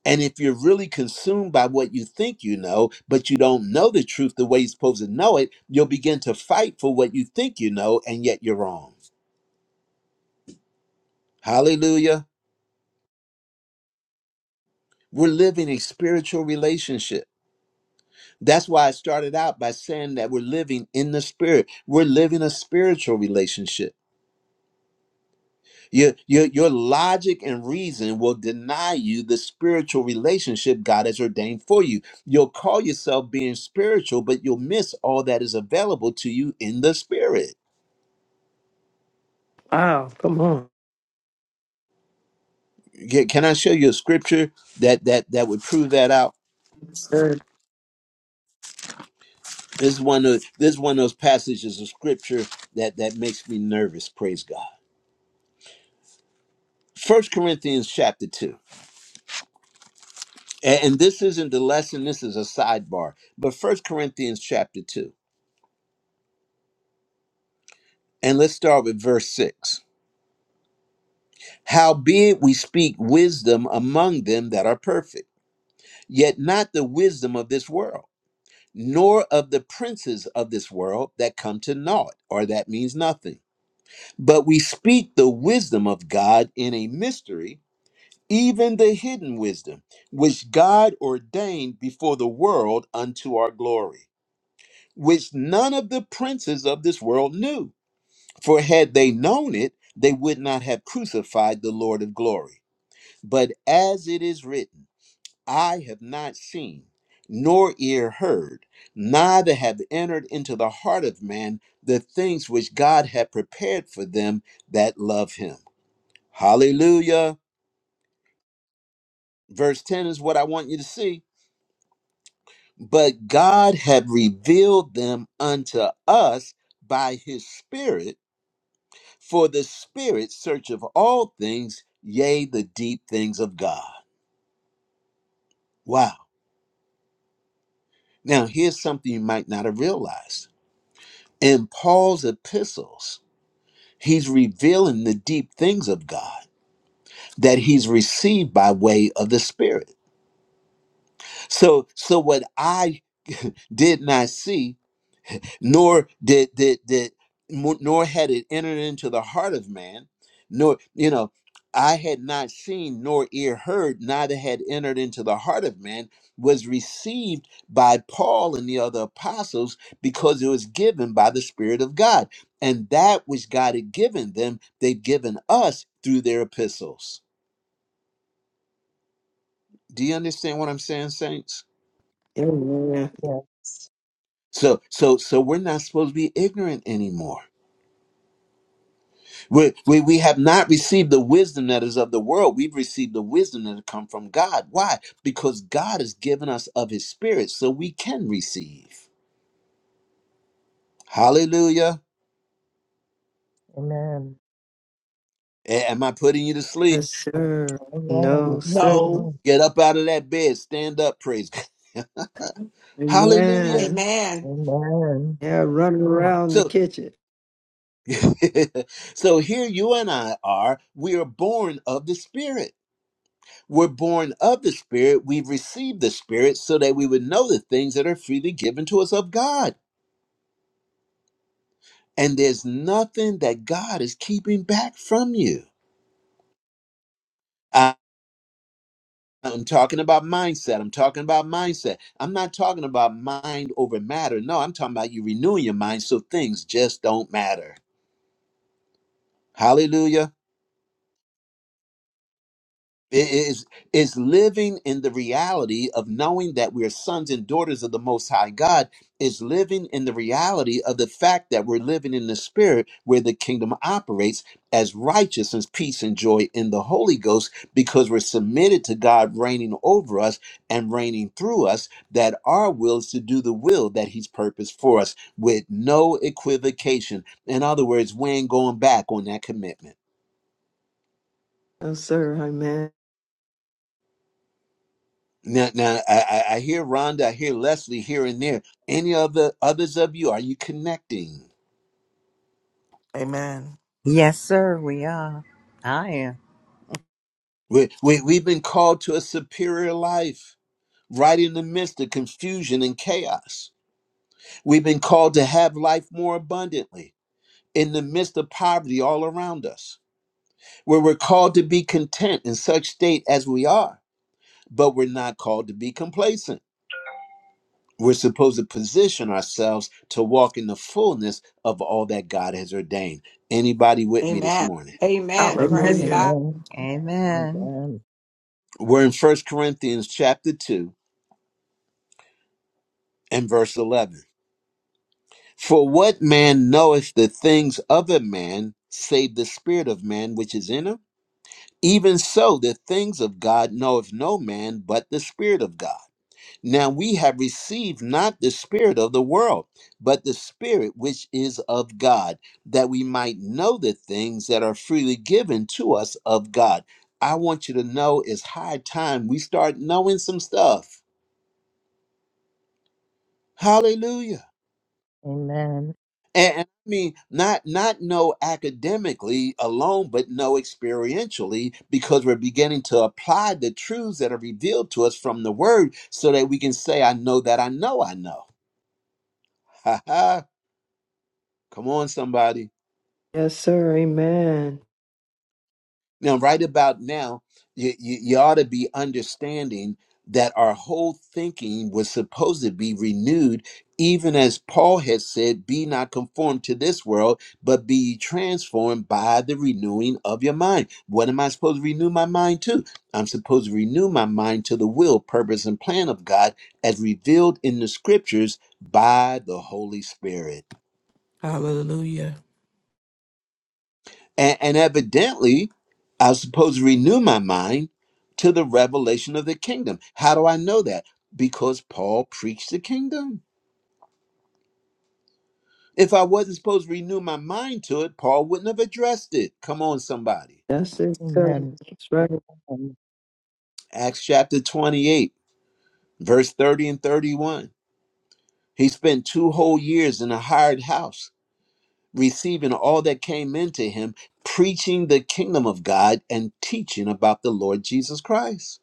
Speaker 1: And if you're really consumed by what you think you know, but you don't know the truth the way you're supposed to know it, you'll begin to fight for what you think you know, and yet you're wrong. Hallelujah. We're living a spiritual relationship. That's why I started out by saying that we're living in the spirit. We're living a spiritual relationship Your, your, your logic and reason will deny you the spiritual relationship God has ordained for you. You'll call yourself being spiritual, but you'll miss all that is available to you in the spirit.
Speaker 3: Wow. Come on.
Speaker 1: Ca- Can I show you a scripture that that that would prove that out?
Speaker 3: Yes, sir.
Speaker 1: This is one of this is one of those passages of scripture that that makes me nervous. Praise God. First Corinthians chapter two, A- and this isn't the lesson. This is a sidebar. But First Corinthians chapter two, and let's start with verse six. Howbeit we speak wisdom among them that are perfect, yet not the wisdom of this world, nor of the princes of this world that come to naught, or that means nothing. But we speak the wisdom of God in a mystery, even the hidden wisdom, which God ordained before the world unto our glory, which none of the princes of this world knew. For had they known it, they would not have crucified the Lord of glory. But as it is written, I have not seen, nor ear heard, neither have entered into the heart of man the things which God had prepared for them that love him. Hallelujah. Verse 10 is what I want you to see. But God had revealed them unto us by his Spirit, for the Spirit searcheth all things, yea, the deep things of God. Wow. Now, here's something you might not have realized In Paul's epistles, he's revealing the deep things of God that he's received by way of the Spirit. So, so what I did not see, nor did did did mo- nor had it entered into the heart of man nor you know i had not seen nor ear heard neither had entered into the heart of man was received by paul and the other apostles because it was given by the spirit of god and that which god had given them they've given us through their epistles do you understand what i'm saying saints
Speaker 3: Amen.
Speaker 5: Yes.
Speaker 1: so so so we're not supposed to be ignorant anymore We, we, we have not received the wisdom that is of the world. We've received the wisdom that has come from God. Why? Because God has given us of his spirit so we can receive. Hallelujah.
Speaker 5: Amen.
Speaker 1: A- Am I putting you to sleep?
Speaker 3: Yes, sir.
Speaker 5: Amen.
Speaker 3: No, sir.
Speaker 8: No.
Speaker 1: Get up out of that bed. Stand up. Praise God. Hallelujah.
Speaker 3: Amen.
Speaker 8: Amen.
Speaker 5: Mm-mm.
Speaker 3: Yeah, running around the
Speaker 1: So,
Speaker 3: kitchen.
Speaker 1: so here you and I are. We are born of the spirit. We're born of the spirit. We've received the spirit so that we would know the things that are freely given to us of God. And there's nothing that God is keeping back from you. I- I'm talking about mindset. I'm talking about mindset. I'm not talking about mind over matter. No, I'm talking about you renewing your mind so things just don't matter. Hallelujah. It is is living in the reality of knowing that we're sons and daughters of the most high God is living in the reality of the fact that we're living in the spirit where the kingdom operates as righteousness, peace and joy in the Holy Ghost because we're submitted to God reigning over us and reigning through us that our will is to do the will that he's purposed for us with no equivocation. In other words, we ain't going back on that commitment.
Speaker 3: Yes, sir. Amen.
Speaker 1: Now, now I, I I hear Rhonda, I hear Leslie here and there. Any of the others of you, are you connecting?
Speaker 4: Amen.
Speaker 9: Yes, sir, we are. I am.
Speaker 1: We, we, we've been called to a superior life right in the midst of confusion and chaos. We've been called to have life more abundantly in the midst of poverty all around us, where we're called to be content in such state as we are, but we're not called to be complacent. We're supposed to position ourselves to walk in the fullness of all that God has ordained. Anybody with me this
Speaker 8: Amen.
Speaker 1: morning?
Speaker 8: Amen. Praise
Speaker 3: Amen.
Speaker 4: Hallelujah.
Speaker 8: God.
Speaker 5: Amen. Mm.
Speaker 9: Amen.
Speaker 5: Amen. Amen.
Speaker 1: We're in First Corinthians chapter 2 and verse 11. For what man knoweth the things of a man, save the spirit of man which is in him? Even so, the things of God knoweth no man but the spirit of God. Now we have received not the spirit of the world, but the spirit which is of God, that we might know the things that are freely given to us of God. I want you to know it's high time we start knowing some stuff. Hallelujah.
Speaker 5: Amen.
Speaker 1: And, and I mean, not not know academically alone, but know experientially, because we're beginning to apply the truths that are revealed to us from the Word, so that we can say, "I know that I know I know." Come on, somebody.
Speaker 3: Yes, sir. Amen.
Speaker 1: Now, right about now, you, you, you ought to be understanding that our whole thinking was supposed to be renewed, even as Paul had said, Be not conformed to this world, but be ye transformed by the renewing of your mind. What am I supposed to renew my mind to? I'm supposed to renew my mind to the will, purpose, and plan of God as revealed in the scriptures by the Holy Spirit.
Speaker 4: Hallelujah.
Speaker 1: And, and evidently, I was supposed to renew my mind to the revelation of the kingdom. How do I know that? Because Paul preached the kingdom. If I wasn't supposed to renew my mind to it, Paul wouldn't have addressed it. Come on, somebody.
Speaker 3: That's it, sir.
Speaker 5: Amen.
Speaker 3: That's right.
Speaker 5: Amen.
Speaker 1: Acts chapter 28, verse 30 and 31. He spent two whole years in a hired house, receiving all that came into him, preaching the kingdom of God and teaching about the Lord Jesus Christ.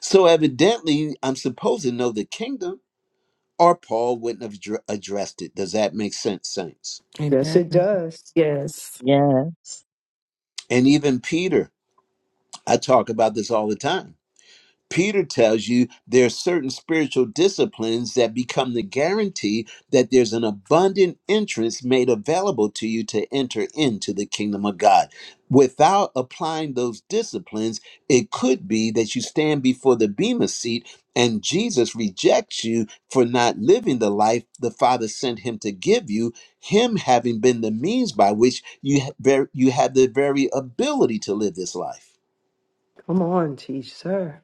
Speaker 1: So evidently, I'm supposed to know the kingdom, or Paul wouldn't have dr- addressed it. Does that make sense, saints?
Speaker 3: Yes, it
Speaker 4: Amen.
Speaker 3: does.
Speaker 4: Yes.
Speaker 5: Yes.
Speaker 1: And even Peter, I talk about this all the time. Peter tells you there are certain spiritual disciplines that become the guarantee that there's an abundant entrance made available to you to enter into the kingdom of God. Without applying those disciplines, it could be that you stand before the Bema seat and Jesus rejects you for not living the life the Father sent him to give you, him having been the means by which you, ha- ver- you had the very ability to live this life.
Speaker 3: Come on, teach, sir.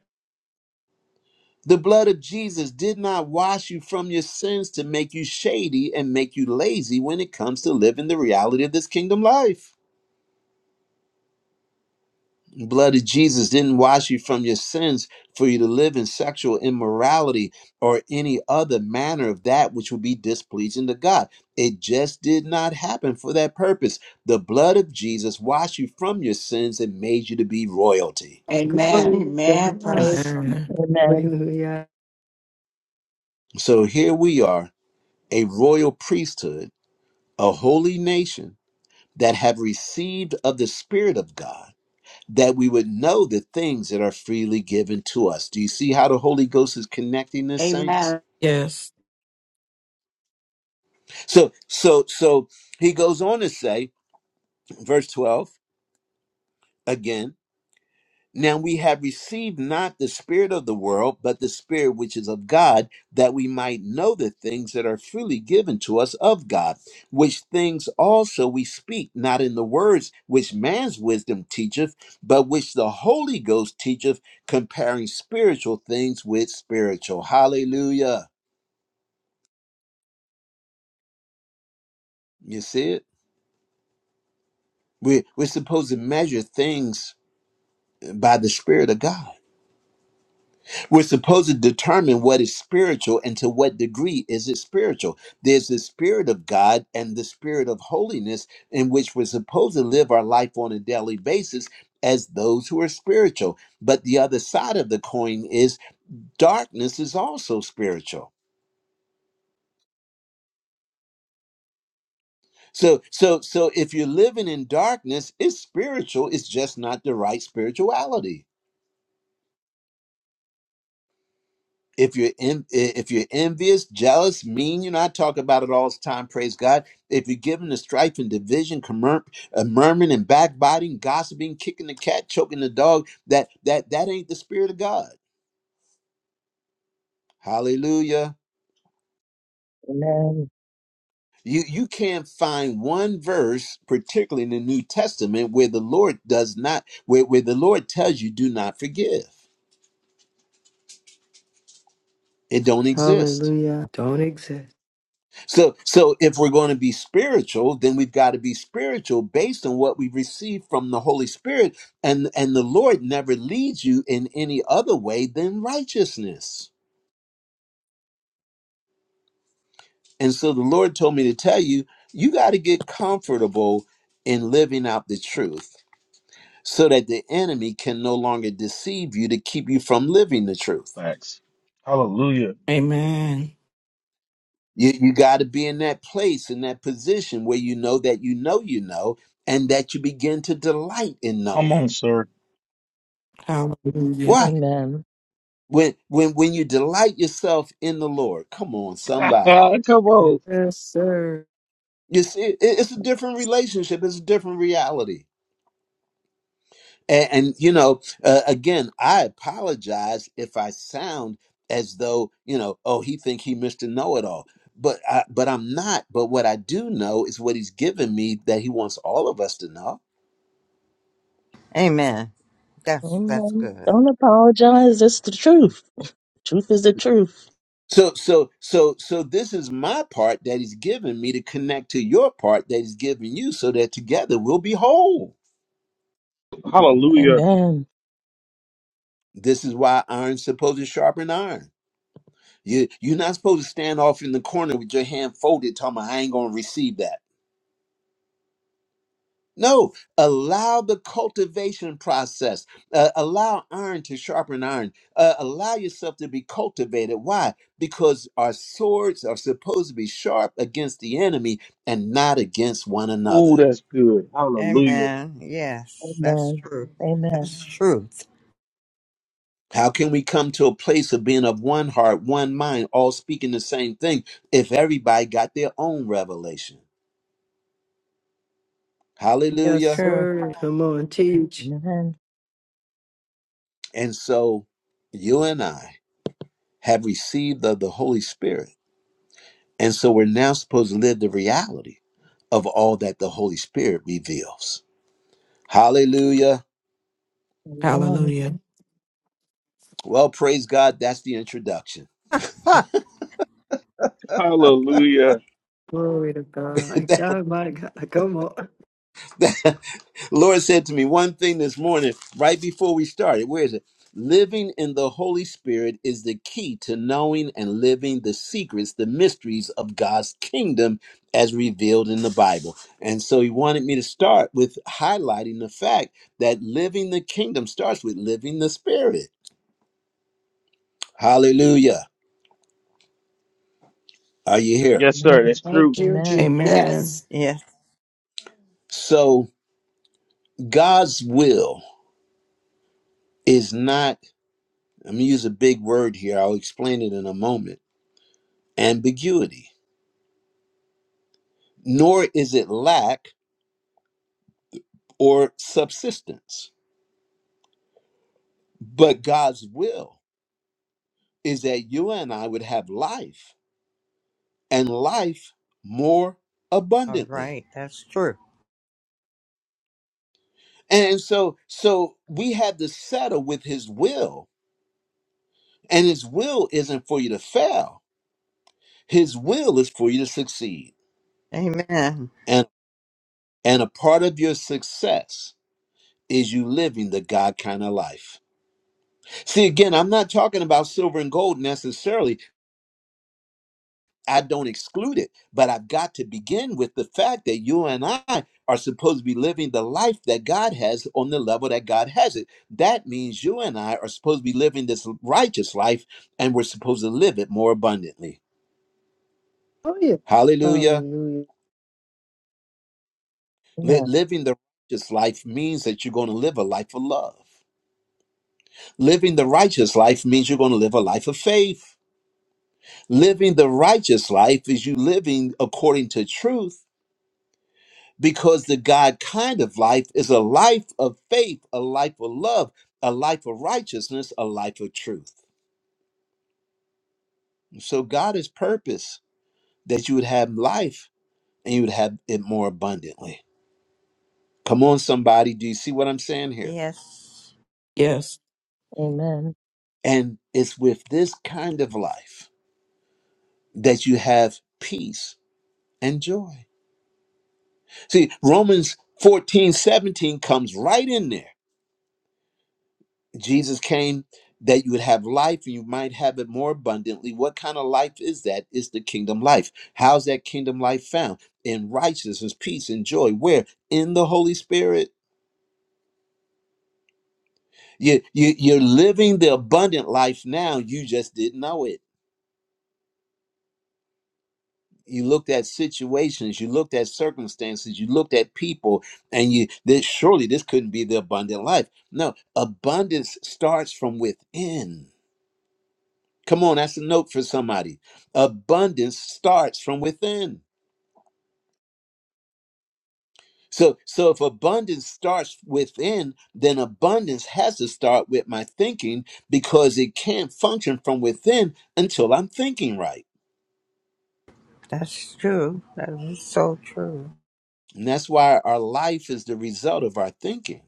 Speaker 1: The blood of Jesus did not wash you from your sins to make you shady and make you lazy when it comes to living the reality of this kingdom life. The blood of Jesus didn't wash you from your sins for you to live in sexual immorality or any other manner of that which would be displeasing to God. It just did not happen for that purpose. The blood of Jesus washed you from your sins and made you to be royalty.
Speaker 8: Amen.
Speaker 3: Glory to
Speaker 8: Amen.
Speaker 3: God.
Speaker 8: Praise.
Speaker 4: Amen.
Speaker 5: Amen.
Speaker 3: Hallelujah.
Speaker 1: So here we are, a royal priesthood, a holy nation that have received of the Spirit of God, that we would know the things that are freely given to us. Do you see how the Holy Ghost is connecting this, saints?
Speaker 8: Amen.
Speaker 4: Yes.
Speaker 1: So, so, so he goes on to say, verse 12 again. Now we have received not the spirit of the world, but the spirit which is of God, that we might know the things that are freely given to us of God, which things also we speak, not in the words which man's wisdom teacheth, but which the Holy Ghost teacheth, comparing spiritual things with spiritual. Hallelujah. You see it? We, we're supposed to measure things by the spirit of God. We're supposed to determine what is spiritual and to what degree is it spiritual. There's the spirit of God and the spirit of holiness in which we're supposed to live our life on a daily basis as those who are spiritual. But the other side of the coin is darkness is also spiritual. So so so if you're living in darkness, it's spiritual, it's just not the right spirituality. if you're en- if you're envious, jealous, mean, you know I talk about it all the time. Praise God! If you're given to strife and division, commur- uh, murmuring and backbiting, gossiping, kicking the cat, choking the dog, that that that ain't the spirit of God. Hallelujah!
Speaker 5: Amen.
Speaker 1: You you can't find one verse, particularly in the New Testament, where the Lord does not where where the Lord tells you do not forgive. It don't exist.
Speaker 3: Hallelujah. Don't exist.
Speaker 1: So, so if we're going to be spiritual, then we've got to be spiritual based on what we receive from the Holy Spirit, and and the Lord never leads you in any other way than righteousness. And so the Lord told me to tell you, you got to get comfortable in living out the truth, so that the enemy can no longer deceive you to keep you from living the truth.
Speaker 4: Amen.
Speaker 1: You you got to be in that place, in that position where you know that you know you know, and that you begin to delight in knowing.
Speaker 4: Hallelujah.
Speaker 1: Why?
Speaker 5: Amen.
Speaker 1: when when when you delight yourself in the lord come on somebody
Speaker 3: Yes, sir.
Speaker 1: you see it- it's a different relationship it's a different reality and, and you know uh, again i apologize if i sound as though you know oh he think he mr know-it-all but I, but i'm not but what i do know is what he's given me that he wants all of us to know
Speaker 9: Amen. That's that's
Speaker 5: Amen.
Speaker 9: good.
Speaker 5: Don't apologize. It's the truth. Truth is the truth.
Speaker 1: so so so so this is my part that he's given me to connect to your part that he's given you so that together we'll be whole
Speaker 2: Hallelujah.
Speaker 5: Amen.
Speaker 1: This is why iron's supposed to sharpen iron. You you're not supposed to stand off in the corner with your hand folded, talking about I ain't gonna receive that. No, allow the cultivation process. Uh, allow iron to sharpen iron. Uh, allow yourself to be cultivated. Why? Because our swords are supposed to be sharp against the enemy and not against one
Speaker 2: Ooh,
Speaker 1: another.
Speaker 2: that's good. Hallelujah.
Speaker 9: Amen. Yes, that's
Speaker 5: Amen.
Speaker 9: true.
Speaker 5: Amen.
Speaker 9: That's truth.
Speaker 1: How can we come to a place of being of one heart, one mind, all speaking the same thing if everybody got their own revelation?
Speaker 3: Yes,
Speaker 1: Hallelujah.
Speaker 9: True.
Speaker 3: sir. Come on, teach.
Speaker 5: Amen.
Speaker 1: And so you and I have received of the Holy Spirit. And so we're now supposed to live the reality of all that the Holy Spirit reveals. Hallelujah.
Speaker 5: Amen.
Speaker 4: Hallelujah.
Speaker 1: Well, praise God. That's the introduction.
Speaker 9: Huh.
Speaker 2: Hallelujah.
Speaker 3: Glory to God. My God, my God. Come on.
Speaker 1: Lord said to me one thing this morning, right before we started. Where is it? Living in the Holy Spirit is the key to knowing and living the secrets, the mysteries of God's kingdom as revealed in the Bible. And so he wanted me to start with highlighting the fact that living the kingdom starts with living the Spirit. Hallelujah. Are you here?
Speaker 2: Yes, sir.
Speaker 5: Amen.
Speaker 2: That's
Speaker 8: Thank
Speaker 2: true.
Speaker 8: you, Jesus.
Speaker 5: Amen.
Speaker 8: Yes.
Speaker 4: Amen.
Speaker 9: Yes.
Speaker 1: So God's will is not, I'm going to use a big word here. I'll explain it in a moment ambiguity. nor is it lack or subsistence. But God's will is that you and I would have life and life more
Speaker 9: All
Speaker 1: abundantly.
Speaker 9: right. That's true.
Speaker 1: And so so we have to settle with his will, and his will isn't for you to fail. His will is for you to succeed.
Speaker 9: Amen.
Speaker 1: And and a part of your success is you living the God kind of life. See, again, I'm not talking about silver and gold necessarily I don't exclude it, but I've got to begin with the fact that you and I are supposed to be living the life that God has on the level that God has it. That means you and I are supposed to be living this righteous life and we're supposed to live it more abundantly.
Speaker 3: Oh, yeah.
Speaker 1: Hallelujah.
Speaker 3: Hallelujah.
Speaker 1: Li-
Speaker 5: Yeah.
Speaker 1: Living the righteous life means that you're going to live a life of love. Living the righteous life means you're going to live a life of faith. Living the righteous life is you living according to truth because the God kind of life is a life of faith, a life of love, a life of righteousness, a life of truth. So God is purpose that you would have life and you would have it more abundantly. Come on, somebody, do you see what I'm saying here?
Speaker 9: Yes.
Speaker 4: Yes.
Speaker 5: Amen.
Speaker 1: And it's with this kind of life that you have peace and joy. See, Romans 14 17 comes right in there Jesus came that you would have life and you might have it more abundantly. What kind of life is that? It's the kingdom life. How's that kingdom life found? In righteousness, peace, and joy. Where? In the Holy Spirit. You, you, you're living the abundant life now. You just didn't know it. You looked at situations, you looked at circumstances, you looked at people, and you that surely this couldn't be the abundant life. No, abundance starts from within. Come on, that's a note for somebody. Abundance starts from within. So, so if abundance starts within, then abundance has to start with my thinking because it can't function from within until I'm thinking right.
Speaker 9: That's true. That is so true.
Speaker 1: And that's why our life is the result of our thinking.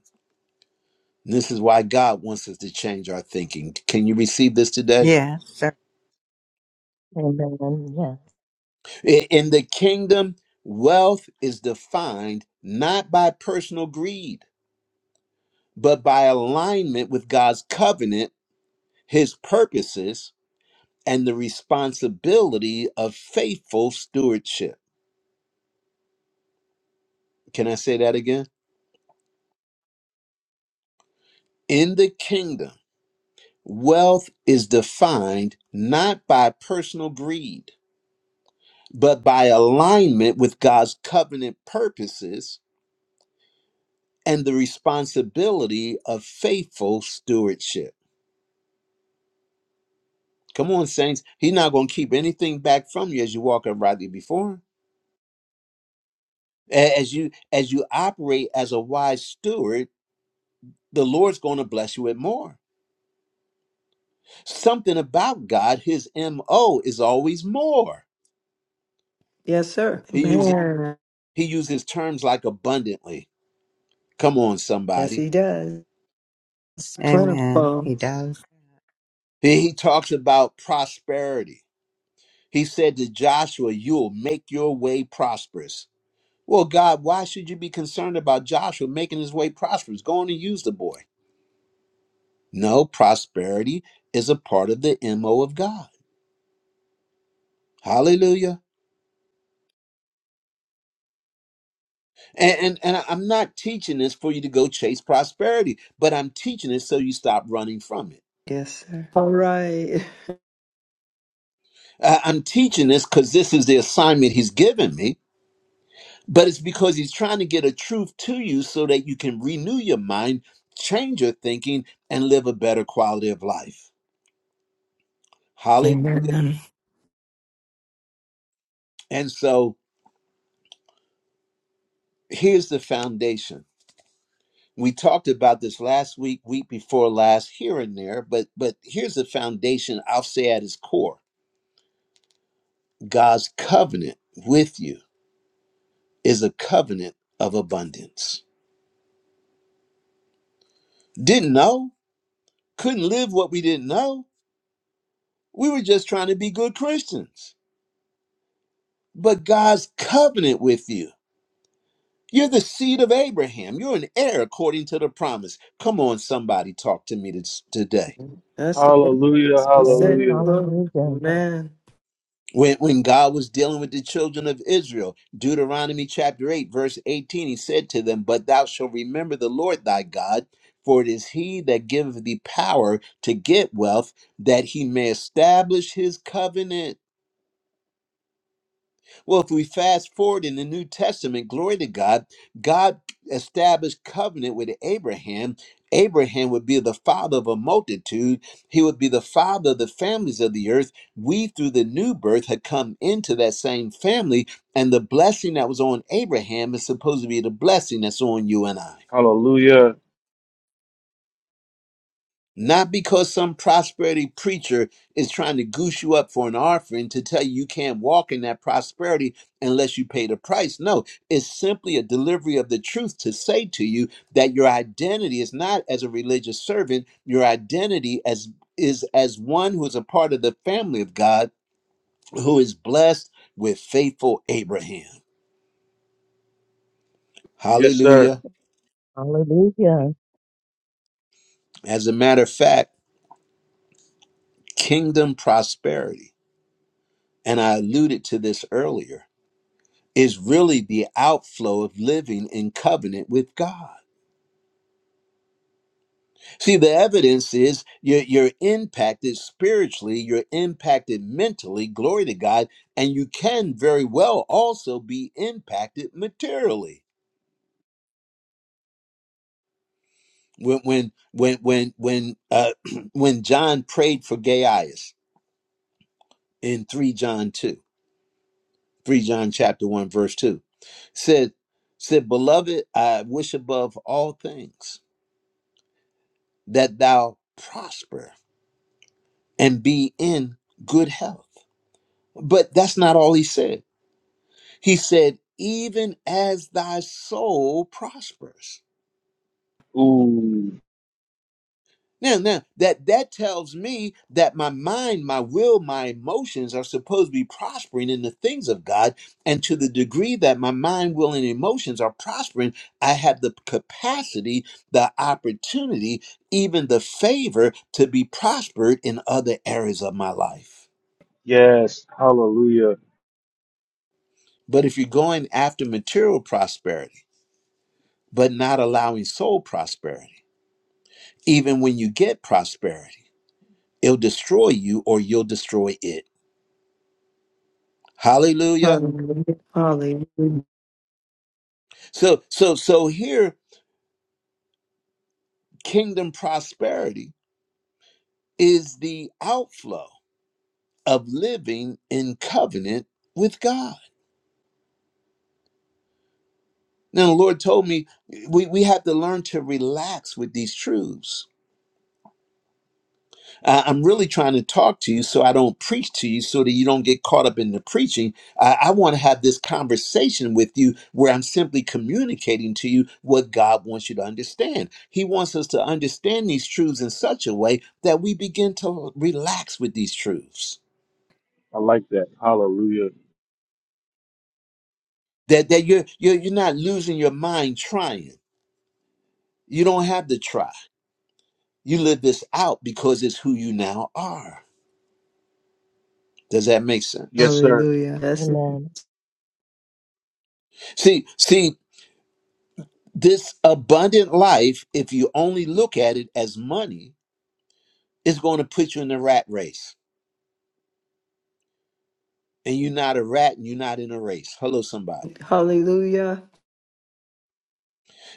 Speaker 1: And this is why God wants us to change our thinking. Can you receive this today?
Speaker 9: Yes, sir.
Speaker 5: Amen. Yeah.
Speaker 1: I- In the kingdom, wealth is defined not by personal greed but by alignment with God's covenant, his purposes, and the responsibility of faithful stewardship. Can I say that again? In the kingdom, wealth is defined not by personal greed, but by alignment with God's covenant purposes and the responsibility of faithful stewardship. Come on, saints. He's not going to keep anything back from you as you walk uprightly before. him. A- as you as you operate as a wise steward the lord's going to bless you with more something about god his mo is always more
Speaker 3: Yes, sir.
Speaker 1: he uses
Speaker 3: Man.
Speaker 1: he uses terms like abundantly come on
Speaker 3: Yes,
Speaker 1: somebody
Speaker 3: he does. It's
Speaker 9: Amen.
Speaker 3: plentiful.
Speaker 9: He does.
Speaker 1: he, he talks about prosperity he said to joshua you'll make your way prosperous well god why should you be concerned about joshua making his way prosperous go on and use the boy no prosperity is a part of the mo of god hallelujah And, and and I- am not teaching this for you to go chase prosperity, but I'm teaching it so you stop running from it.
Speaker 3: Yes, sir. All right.
Speaker 1: Uh, I'm teaching this because this is the assignment he's given me, but it's because he's trying to get a truth to you so that you can renew your mind, change your thinking, and live a better quality of life. Hallelujah.
Speaker 4: Amen.
Speaker 1: And so here's the foundation. We talked about this last week, week before last, here and there, but but here's the foundation I'll say at its core. God's covenant with you is a covenant of abundance. Didn't know, couldn't live what we didn't know. We were just trying to be good Christians. But God's covenant with you. You're the seed of Abraham. You're an heir according to the promise. Come on, somebody, talk to me this- today.
Speaker 3: That's the purpose.
Speaker 2: Hallelujah.
Speaker 3: So say
Speaker 5: Amen.
Speaker 3: the
Speaker 2: Hallelujah.
Speaker 3: Lord.
Speaker 5: Hallelujah.
Speaker 3: Amen.
Speaker 1: when, when God was dealing with the children of Israel, Deuteronomy chapter 8, verse 18, he said to them, But thou shalt remember the Lord thy God, for it is he that giveth thee power to get wealth, that he may establish his covenant. Well, if we fast forward in the New Testament, glory to God, God established covenant with Abraham. Abraham would be the father of a multitude. He would be the father of the families of the earth. We, through the new birth, had come into that same family, and the blessing that was on Abraham is supposed to be the blessing that's on you and I.
Speaker 2: Hallelujah.
Speaker 1: Not because some prosperity preacher is trying to goose you up for an offering to tell you you can't walk in that prosperity unless you pay the price. No, it's simply a delivery of the truth to say to you that your identity is not as a religious servant, your identity as is as one who is a part of the family of God who is blessed with faithful Abraham.
Speaker 2: Yes, sir.
Speaker 1: Hallelujah.
Speaker 5: Hallelujah.
Speaker 1: As a matter of fact, kingdom prosperity, and I alluded to this earlier is really the outflow of living in covenant with God. See, the evidence is you're, you're impacted spiritually, you're impacted mentally, glory to God, and you can very well also be impacted materially. When when when when when uh, when John prayed for Gaius in three John two, three John chapter one verse two, said said, "Beloved, I wish above all things that thou prosper." and be in good health. But that's not all he said. He said, even as thy soul prospers.
Speaker 2: Ooh.
Speaker 1: Now, now that that tells me that my mind, my will, my emotions are supposed to be prospering in the things of God, and to the degree that my mind, will, and emotions are prospering, I have the capacity, the opportunity, even the favor to be prospered in other areas of my life.
Speaker 2: Yes. Hallelujah.
Speaker 1: But if you're going after material prosperity, but not allowing soul prosperity. Even when you get prosperity, it'll destroy you or you'll destroy it. Hallelujah.
Speaker 3: Hallelujah. Hallelujah.
Speaker 1: So so so here kingdom prosperity is the outflow of living in covenant with God. Now the Lord told me we, we have to learn to relax with these truths I- I'm really trying to talk to you so I don't preach to you so that you don't get caught up in the preaching. I, I want to have this conversation with you where I'm simply communicating to you what God wants you to understand. He wants us to understand these truths in such a way that we begin to relax with these truths,
Speaker 2: I like that. Hallelujah.
Speaker 1: that, that you're, you're, you're not losing your mind trying. You don't have to try. You live this out because it's who you now are. Does that make sense?
Speaker 2: Yes, sir.
Speaker 3: Hallelujah. That's it.
Speaker 5: Amen.
Speaker 1: See, see, This abundant life, if you only look at it as money, is going to put you in the rat race. And you're not a rat and you're not in a race. Hello, somebody.
Speaker 3: Hallelujah.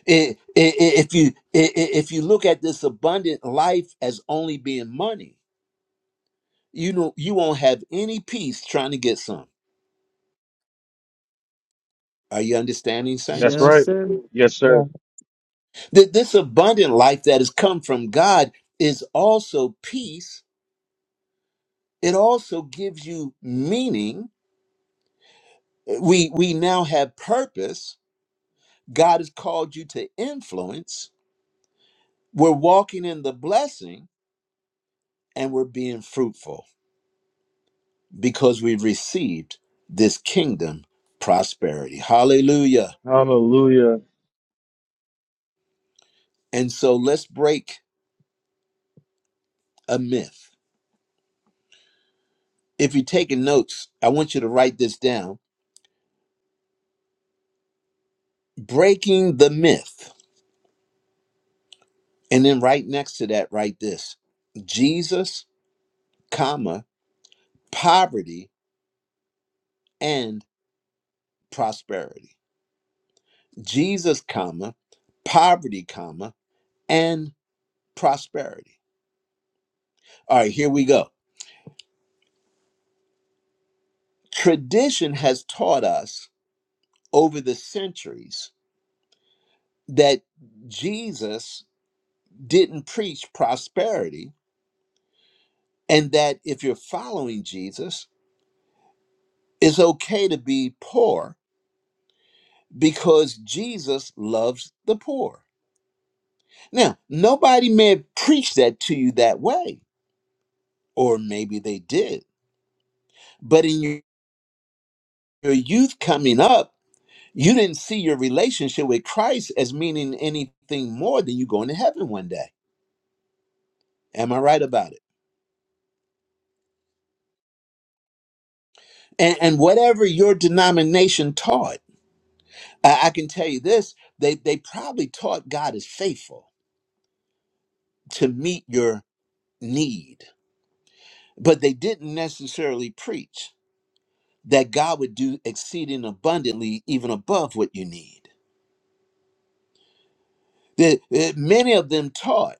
Speaker 1: I- i- i- If you i- i- if you look at this abundant life as only being money, you know you won't have any peace trying to get some. Are you understanding,
Speaker 2: That's
Speaker 1: saints?
Speaker 3: Yes,
Speaker 5: Amen.
Speaker 2: right.
Speaker 3: sir.
Speaker 2: Yes,
Speaker 5: Yeah,
Speaker 2: sir.
Speaker 1: That this abundant life that has come from God is also peace. It also gives you meaning. We we now have purpose God has called you to influence. We're walking in the blessing and we're being fruitful because we've received this kingdom prosperity. Hallelujah.
Speaker 2: Hallelujah.
Speaker 1: And so let's break a myth. If you're taking notes, I want you to write this down breaking the myth. And then right next to that, write this Jesus, comma, poverty and prosperity. Jesus, comma, poverty, comma, and prosperity. All right, here we go. Tradition has taught us over the centuries that Jesus didn't preach prosperity and that if you're following Jesus, it's okay to be poor because Jesus loves the poor. Now, nobody may have preached that to you that way, or maybe they did, but in your your youth coming up, You didn't see your relationship with Christ as meaning anything more than you going to heaven one day. Am I right about it? And, and whatever your denomination taught, I, I can tell you this: they they probably taught God is faithful to meet your need, but they didn't necessarily preach that God would do exceeding abundantly, even above what you need. The, uh, many of them taught.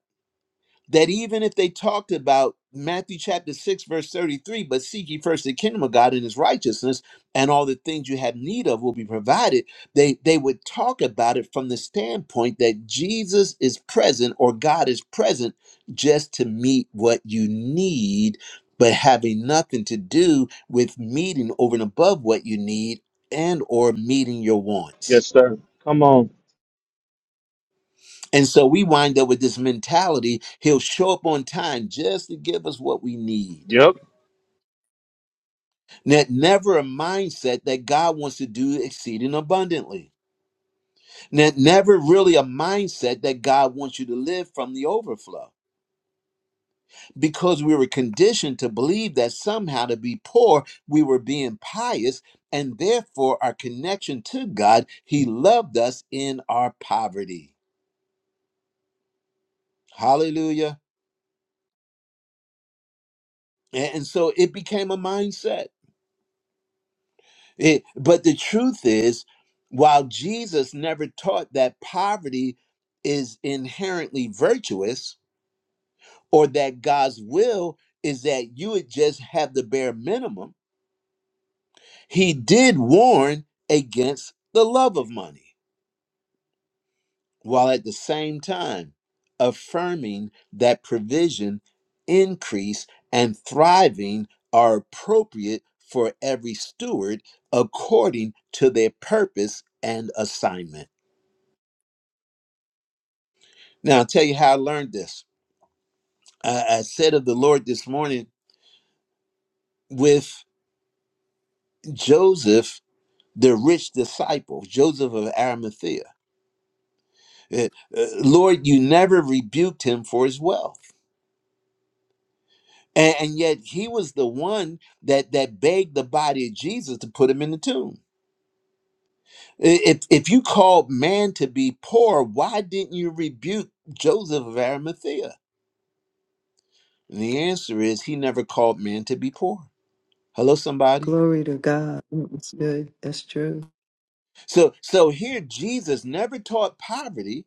Speaker 1: that even if they talked about Matthew chapter 6, verse 33, but seek ye first the kingdom of God and his righteousness, and all the things you have need of will be provided, they, they would talk about it from the standpoint that Jesus is present or God is present just to meet what you need, but having nothing to do with meeting over and above what you need and or meeting your wants.
Speaker 2: Yes, sir. Come on.
Speaker 1: And so we wind up with this mentality he'll show up on time just to give us what we need.
Speaker 2: Yep.
Speaker 1: That never a mindset that God wants to do exceeding abundantly. That never really a mindset that God wants you to live from the overflow. Because we were conditioned to believe that somehow to be poor, we were being pious, and therefore our connection to God, He loved us in our poverty. Hallelujah. And and so it became a mindset. It, but the truth is, while Jesus never taught that poverty is inherently virtuous or that God's will is that you would just have the bare minimum, he did warn against the love of money while at the same time affirming that provision, increase, and thriving are appropriate for every steward according to their purpose and assignment. Now, I'll tell you how I learned this. I, I said of the Lord this morning with Joseph, the rich disciple, Joseph of Arimathea. eh, eh, Lord, you never rebuked him for his wealth. And, and yet he was the one that, that begged the body of Jesus to put him in the tomb. I- If, if you called man to be poor, why didn't you rebuke Joseph of Arimathea? And the answer is he never called man to be poor. Hello, somebody.
Speaker 3: Glory to God. That's good. That's true.
Speaker 1: So so here Jesus never taught poverty,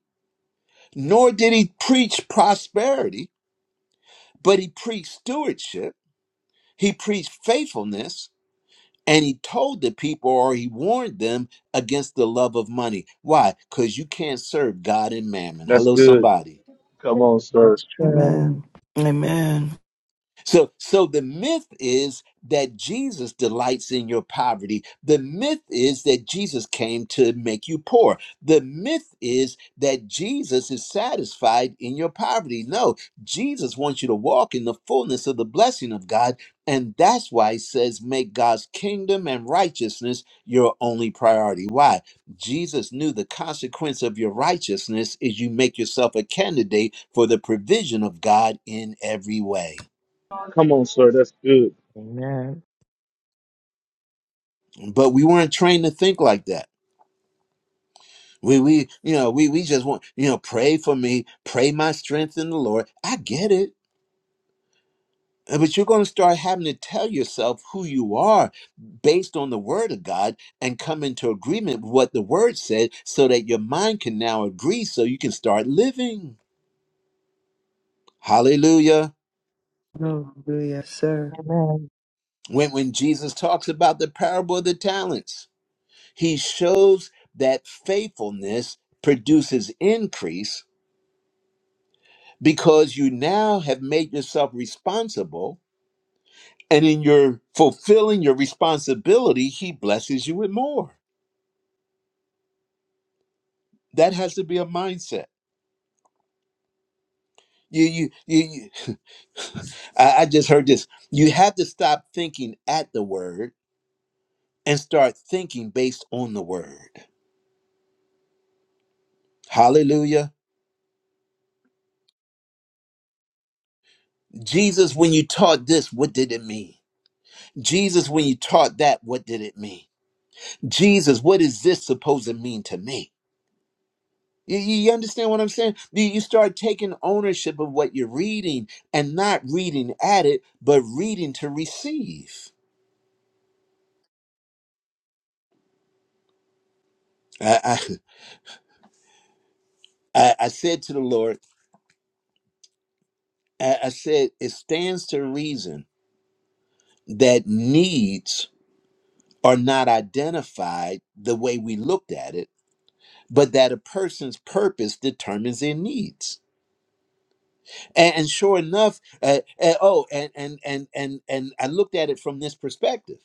Speaker 1: nor did he preach prosperity, but he preached stewardship, he preached faithfulness, and he told the people or he warned them against the love of money. Why? Cuz you can't serve God and mammon.
Speaker 2: That's
Speaker 1: Hello
Speaker 2: good.
Speaker 1: somebody.
Speaker 2: Come on, sir.
Speaker 5: that's true.
Speaker 4: Amen. Amen.
Speaker 1: So, so the myth is that Jesus delights in your poverty. The myth is that Jesus came to make you poor. The myth is that Jesus is satisfied in your poverty. No, Jesus wants you to walk in the fullness of the blessing of God. And that's why he says, make God's kingdom and righteousness your only priority. Why? Jesus knew the consequence of your righteousness is you make yourself a candidate for the provision of God in every way.
Speaker 2: Come on, sir. That's good.
Speaker 5: Amen.
Speaker 1: but we weren't trained to think like that we we you know we we just want you know pray for me pray my strength in the lord i get it Uh, but you're going to start having to tell yourself who you are based on the word of god and come into agreement with what the word said so that your mind can now agree so you can start living hallelujah
Speaker 3: Hallelujah. Yes, sir.
Speaker 5: Amen.
Speaker 1: when when jesus talks about the parable of the talents he shows that faithfulness produces increase because you now have made yourself responsible. And in your fulfilling your responsibility, he blesses you with more. That has to be a mindset. You, you, you, you I, I just heard this. You have to stop thinking at the word and start thinking based on the word. Hallelujah. Jesus, when you taught this, what did it mean? Jesus, when you taught that, what did it mean? Jesus, what is this supposed to mean to me? You, you understand what I'm saying? You, you start taking ownership of what you're reading and not reading at it, but reading to receive. I, I, I I said to the Lord, I, I said, it stands to reason that needs are not identified the way we looked at it, but that a person's purpose determines their needs. And, and sure enough, uh, uh, oh, and, and and and and I looked at it from this perspective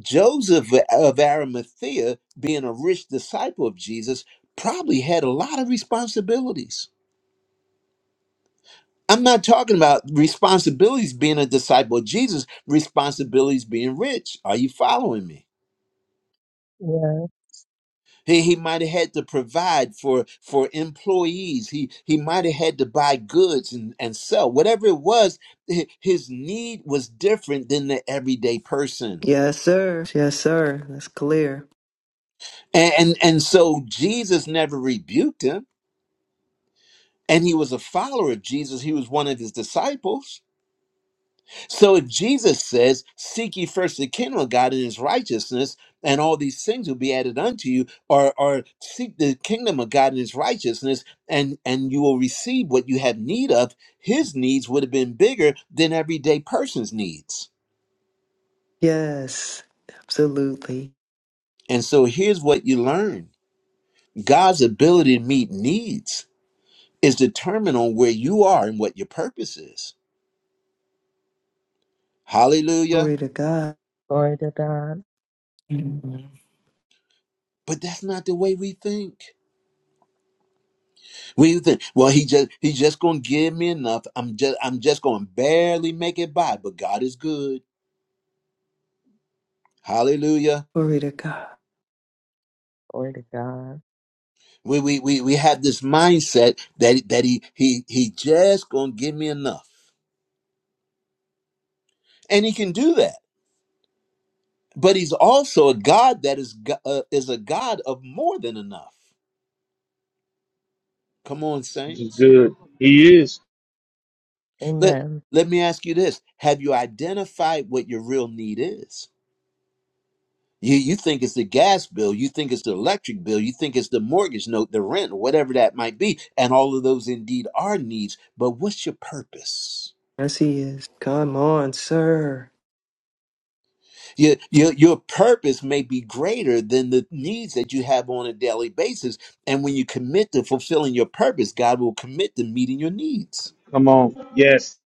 Speaker 1: Joseph of Arimathea, being a rich disciple of Jesus, probably had a lot of responsibilities. I'm not talking about responsibilities being a disciple of Jesus, responsibilities being rich. Are you following me?
Speaker 5: Yeah.
Speaker 1: He, he might have had to provide for, for employees. He, he might have had to buy goods and, and sell. Whatever it was, hi- his need was different than the everyday person.
Speaker 3: Yes, sir. Yes, sir. That's clear.
Speaker 1: And, and, and so Jesus never rebuked him And he was a follower of Jesus. He was one of his disciples. So if Jesus says, Seek ye first the kingdom of God and his righteousness, and all these things will be added unto you, or, or seek the kingdom of God and his righteousness, and, and you will receive what you have need of, his needs would have been bigger than everyday person's needs.
Speaker 3: Yes. Absolutely.
Speaker 1: And so here's what you learn God's ability to meet needs is determined on where you are and what your purpose is. Hallelujah.
Speaker 3: Glory to God.
Speaker 5: Glory to God.
Speaker 4: Amen.
Speaker 1: But that's not the way we think. What do you think? Well, he just he just gonna give me enough. I'm just I'm just gonna barely make it by, but God is good. Hallelujah.
Speaker 3: Glory to God.
Speaker 5: Glory to God.
Speaker 1: We we we we have this mindset that that he he he just gonna give me enough, and he can do that. But he's also a God that is go- uh, is a God of more than enough. Come on,
Speaker 2: This is
Speaker 1: saints.
Speaker 2: good. He is.
Speaker 1: Let
Speaker 5: Amen.
Speaker 1: let me ask you this: Have you identified what your real need is? You you think it's the gas bill, you think it's the electric bill, you think it's the mortgage note, the rent, whatever that might be, and all of those indeed are needs. But what's your purpose?
Speaker 3: Yes, he is. Come on, sir.
Speaker 1: Your, your your purpose may be greater than the needs that you have on a daily basis. And when you commit to fulfilling your purpose, God will commit to meeting your needs.
Speaker 2: Come on. Yes.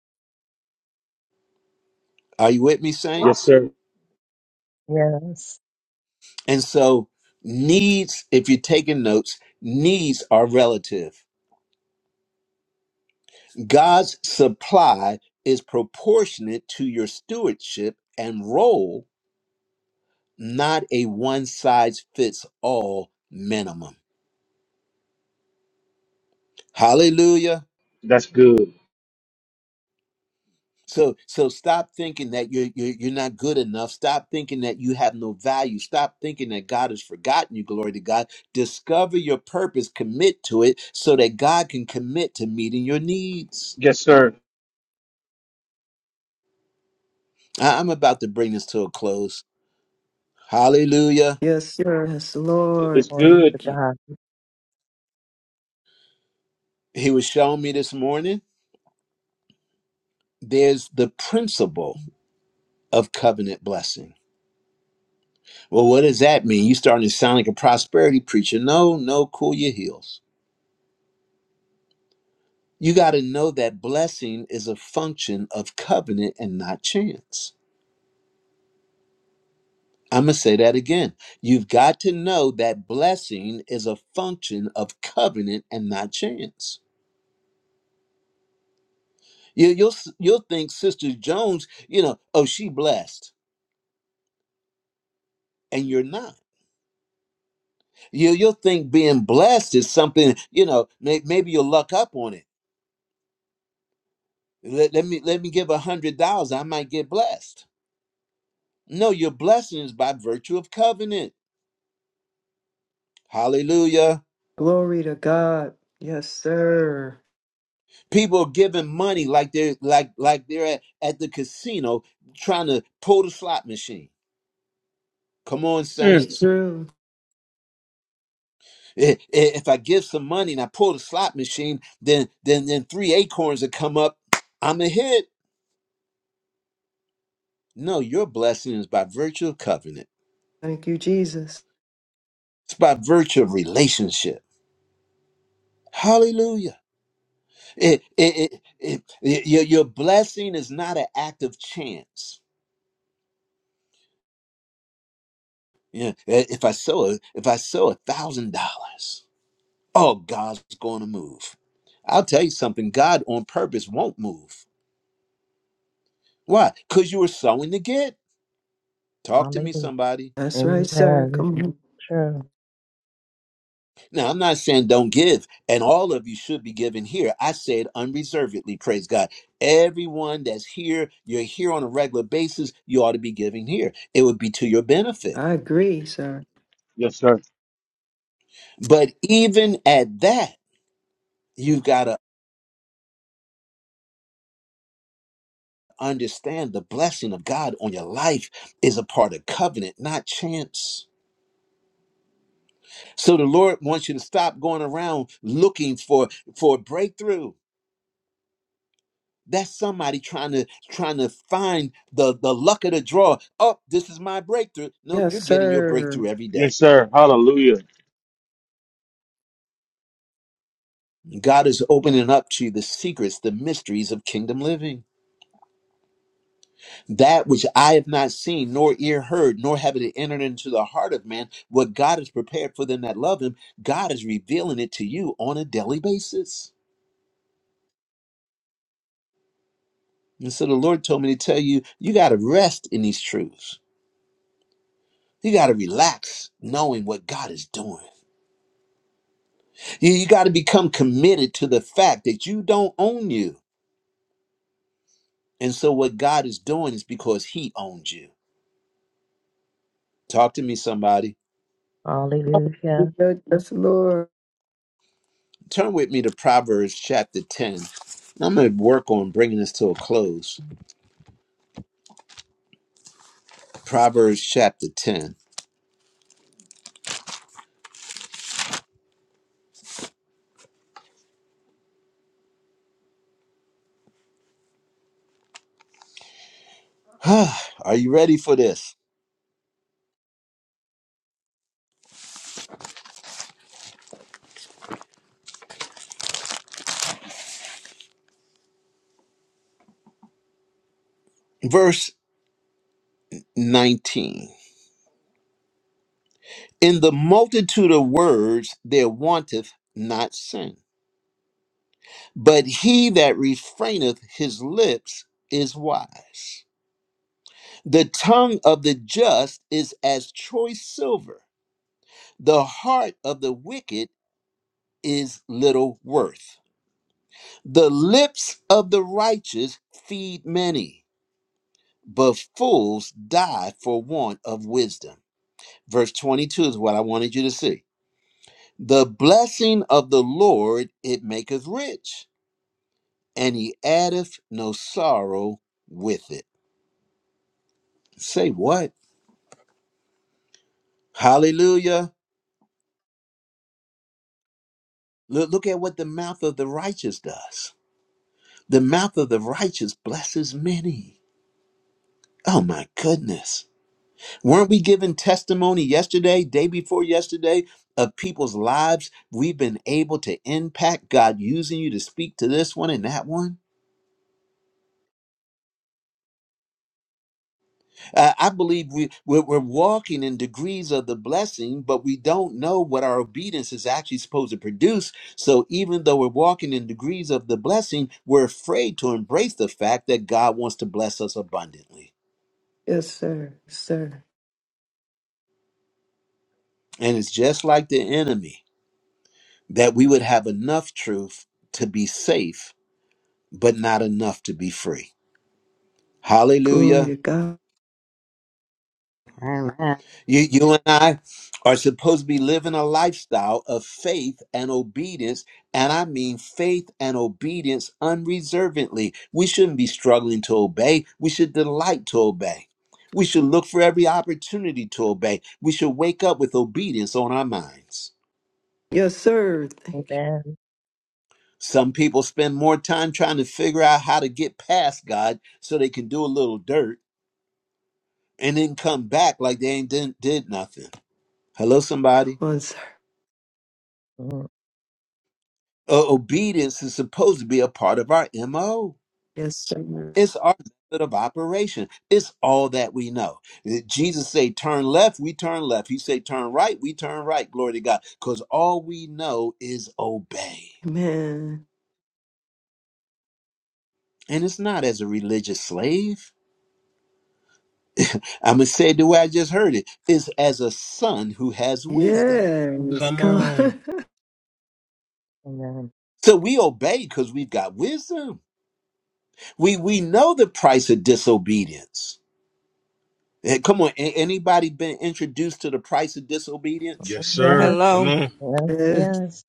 Speaker 1: Are you with me,
Speaker 2: Yes,
Speaker 1: saints?
Speaker 2: sir.
Speaker 5: Yes.
Speaker 1: And so needs, if you're taking notes, needs are relative. God's supply is proportionate to your stewardship and role, not a one size fits all minimum. Hallelujah.
Speaker 2: That's good.
Speaker 1: So so stop thinking that you're, you're you're not good enough. Stop thinking that you have no value. Stop thinking that God has forgotten you. Glory to God. Discover your purpose, commit to it so that God can commit to meeting your needs.
Speaker 2: Yes, sir.
Speaker 1: I- I'm about to bring this to a close. Hallelujah.
Speaker 3: Yes, sir. Yes,
Speaker 2: It's
Speaker 3: Lord.
Speaker 5: Glory
Speaker 2: good.
Speaker 5: to
Speaker 3: Thank you.
Speaker 5: God.
Speaker 1: He was showing me this morning there's the principle of covenant blessing. Well, what does that mean? You starting to sound like a prosperity preacher. No, no, cool your heels. You got to know that blessing is a function of covenant and not chance. I'm going to say that again. You've got to know that blessing is a function of covenant and not chance. You, you'll you'll think Sister Jones, you know, oh she blessed, and you're not. You you'll think being blessed is something, you know, may, maybe you'll luck up on it Let, let me let me give a hundred dollars. I might get blessed. No, your blessing is by virtue of covenant. Hallelujah.
Speaker 3: Glory to God. Yes, sir.
Speaker 1: People are giving money like they're like like they're at, at the casino trying to pull the slot machine. Come on,
Speaker 3: That's
Speaker 2: Mm.
Speaker 1: saints.
Speaker 3: true.
Speaker 1: I- i- If I give some money and I pull the slot machine, then then then three acorns will come up. I'm a hit. No, your blessing is by virtue of covenant.
Speaker 3: Thank you, Jesus.
Speaker 1: It's by virtue of relationship. Hallelujah. It, it, it, it, your, your blessing is not an act of chance. Yeah, eh, if I sow a- if I sow a thousand dollars, oh, God's going to move. I'll tell you something. God on purpose won't move. Why? Because you were sowing to get. Talk to me,
Speaker 5: Hallelujah.
Speaker 1: somebody.
Speaker 3: That's right, sir.
Speaker 5: Amen.
Speaker 3: Come on.
Speaker 5: True.
Speaker 1: Now, I'm not saying don't give, and all of you should be giving here. I said unreservedly, praise God. Everyone that's here, you're here on a regular basis, you ought to be giving here. It would be to your benefit
Speaker 3: I agree, sir.
Speaker 2: Yes, sir.
Speaker 1: But even at that, you've got to understand the blessing of God on your life is a part of covenant, not chance. So the Lord wants you to stop going around looking for for a breakthrough. That's somebody trying to trying to find the the luck of the draw. Oh, this is my breakthrough. Nope,
Speaker 3: Yes,
Speaker 1: you're getting your
Speaker 3: sir.
Speaker 1: breakthrough every day.
Speaker 2: Yes, sir. Hallelujah.
Speaker 1: God is opening up to you the secrets, the mysteries of kingdom living. That which I have not seen, nor ear heard, nor have it entered into the heart of man, what God has prepared for them that love him, God is revealing it to you on a daily basis. And so the Lord told me to tell you, you got to rest in these truths. You got to relax knowing what God is doing. You, you got to become committed to the fact that you don't own you. And so what God is doing is because he owns you. Talk to me, somebody.
Speaker 5: Hallelujah.
Speaker 3: Yes, Lord.
Speaker 1: Turn with me to Proverbs chapter 10. I'm going to work on bringing this to a close. Proverbs chapter 10. Are you ready for this? Verse 19. In the multitude of words there wanteth not sin, but he that refraineth his lips is wise. The tongue of the just is as choice silver, the heart of the wicked is little worth. The lips of the righteous feed many, but fools die for want of wisdom. Verse 22 is what I wanted you to see. The blessing of the Lord, it maketh rich, and he addeth no sorrow with it. Say what? Hallelujah. Look, look at what the mouth of the righteous does. The mouth of the righteous blesses many. Oh my goodness. Weren't we given testimony yesterday, day before yesterday, of people's lives? We've been able to impact God using you to speak to this one and that one. Uh, I believe we, we're, we're walking in degrees of the blessing, but we don't know what our obedience is actually supposed to produce. So even though we're walking in degrees of the blessing, we're afraid to embrace the fact that God wants to bless us abundantly.
Speaker 3: Yes, sir. Yes, Sir.
Speaker 1: And it's just like the enemy that we would have enough truth to be safe, but not enough to be free.
Speaker 3: Glory
Speaker 1: Hallelujah.
Speaker 3: to God.
Speaker 9: Amen.
Speaker 1: You, you and I are supposed to be living a lifestyle of faith and obedience. And I mean faith and obedience unreservedly. We shouldn't be struggling to obey. We should delight to obey. We should look for every opportunity to obey. We should wake up with obedience on our minds.
Speaker 3: Yes, sir. Thank you.
Speaker 5: Amen.
Speaker 1: Some people spend more time trying to figure out how to get past God so they can do a little dirt and then come back like they ain't did, did nothing. Hello, somebody.
Speaker 3: Come on, sir.
Speaker 5: Mm,
Speaker 1: Uh, obedience is supposed to be a part of our MO.
Speaker 3: Yes, sir.
Speaker 1: It's our method of operation. It's all that we know. Uh, Jesus say turn left, we turn left. He say turn right, we turn right. Glory to God. Because all we know is obey.
Speaker 3: Amen.
Speaker 1: And it's not as a religious slave. I'm going to say it the way I just heard it. It's as a son who has wisdom.
Speaker 3: Yes. Come on.
Speaker 5: Amen.
Speaker 1: So we obey because we've got wisdom. We, we know the price of disobedience Eh, Come on, a- anybody been introduced to the price of disobedience?
Speaker 5: Oh, Yes,
Speaker 9: Hello.
Speaker 5: yes,
Speaker 3: Yes.
Speaker 5: yes.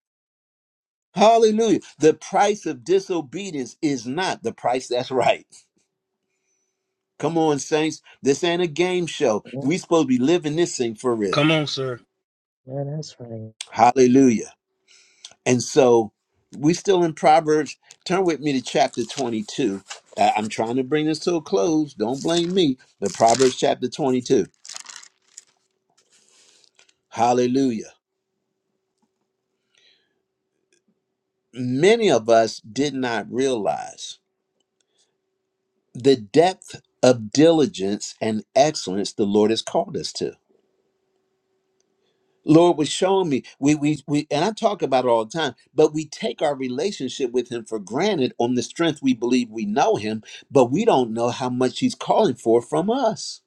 Speaker 1: Hallelujah. The price of disobedience is not the price that's right. Come on, saints. This ain't a game show.
Speaker 5: Mm,
Speaker 1: We supposed to be living this thing for real.
Speaker 5: yeah, That's right.
Speaker 1: Hallelujah. And so we still in Proverbs. Turn with me to chapter 22. I- I'm trying to bring this to a close. Don't blame me. The Proverbs chapter 22. Hallelujah. Many of us did not realize the depth of diligence and excellence the Lord has called us to. Lord was showing me we we we and I talk about it all the time, but we take our relationship with him for granted on the strength we believe we know him, but we don't know how much he's calling for from us.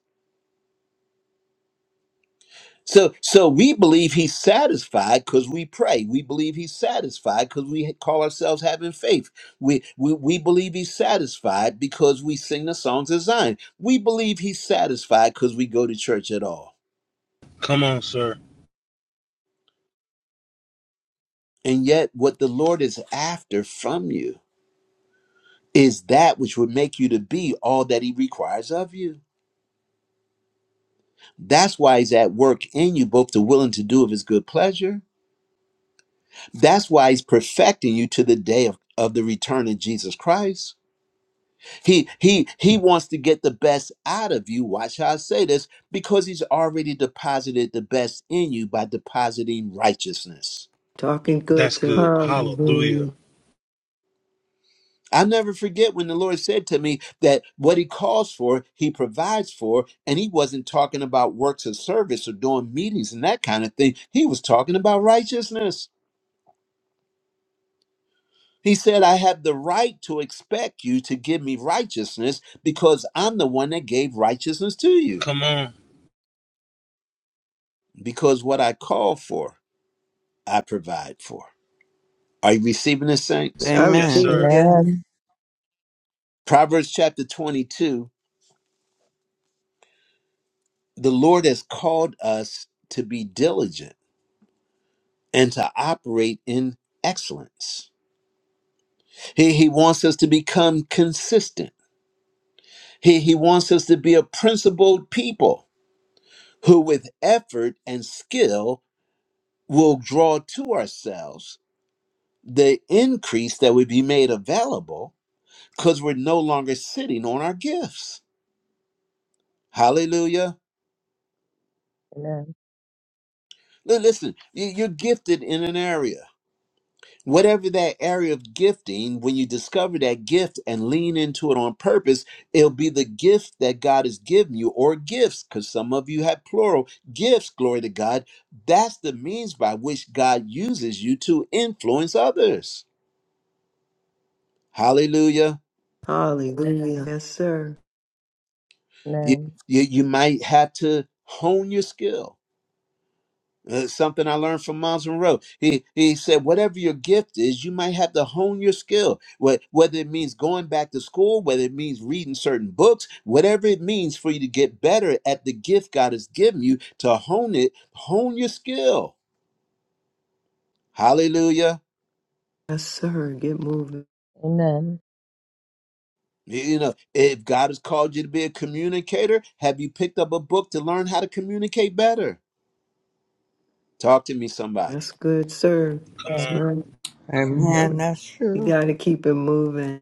Speaker 1: So so we believe he's satisfied because we pray. We believe he's satisfied because we call ourselves having faith. We, we we believe he's satisfied because we sing the songs of Zion. We believe he's satisfied because we go to church at all. And yet, what the Lord is after from you is that which would make you to be all that He requires of you. That's why He's at work in you, both to will and to do of His good pleasure. That's why He's perfecting you to the day of, of the return of Jesus Christ. He He He wants to get the best out of you. Watch how I say this, because He's already deposited the best in you by depositing righteousness.
Speaker 3: Talking good, sir. Hallelujah.
Speaker 1: I'll never forget when the Lord said to me that what He calls for, He provides for, and He wasn't talking about works of service or doing meetings and that kind of thing. He was talking about righteousness. He said, I have the right to expect you to give me righteousness because I'm the one that gave righteousness to you. Because what I call for, I provide for. Are you receiving this, saints?
Speaker 3: I
Speaker 9: Amen.
Speaker 3: receive it.
Speaker 9: Yes.
Speaker 5: Amen.
Speaker 1: Proverbs chapter 22 The Lord has called us to be diligent and to operate in excellence. He, he wants us to become consistent. He, he wants us to be a principled people who, with effort and skill, will draw to ourselves the increase that would be made available because we're no longer sitting on our gifts. Hallelujah.
Speaker 5: Amen.
Speaker 1: Li- Listen, you- you're gifted in an area whatever that area of gifting, when you discover that gift and lean into it on purpose, it'll be the gift that God has given you, or gifts, because some of you have plural gifts, glory to God. That's the means by which God uses you to influence others. Hallelujah.
Speaker 3: Hallelujah. Yes, sir.
Speaker 1: You,
Speaker 5: Amen.
Speaker 1: you, you might have to hone your skill Uh, something I learned from Miles Monroe. He he said, whatever your gift is, you might have to hone your skill. Wh- Whether it means going back to school, whether it means reading certain books, whatever it means for you to get better at the gift God has given you, to hone it, hone your skill. Hallelujah.
Speaker 3: Yes, sir. Get moving.
Speaker 1: Y- You know, if God has called you to be a communicator, have you picked up a book to learn how to communicate better? Talk to me, somebody.
Speaker 3: That's good, sir. That's
Speaker 5: Amen.
Speaker 3: right.
Speaker 9: Amen. That's
Speaker 3: You
Speaker 9: true.
Speaker 3: got to keep it moving.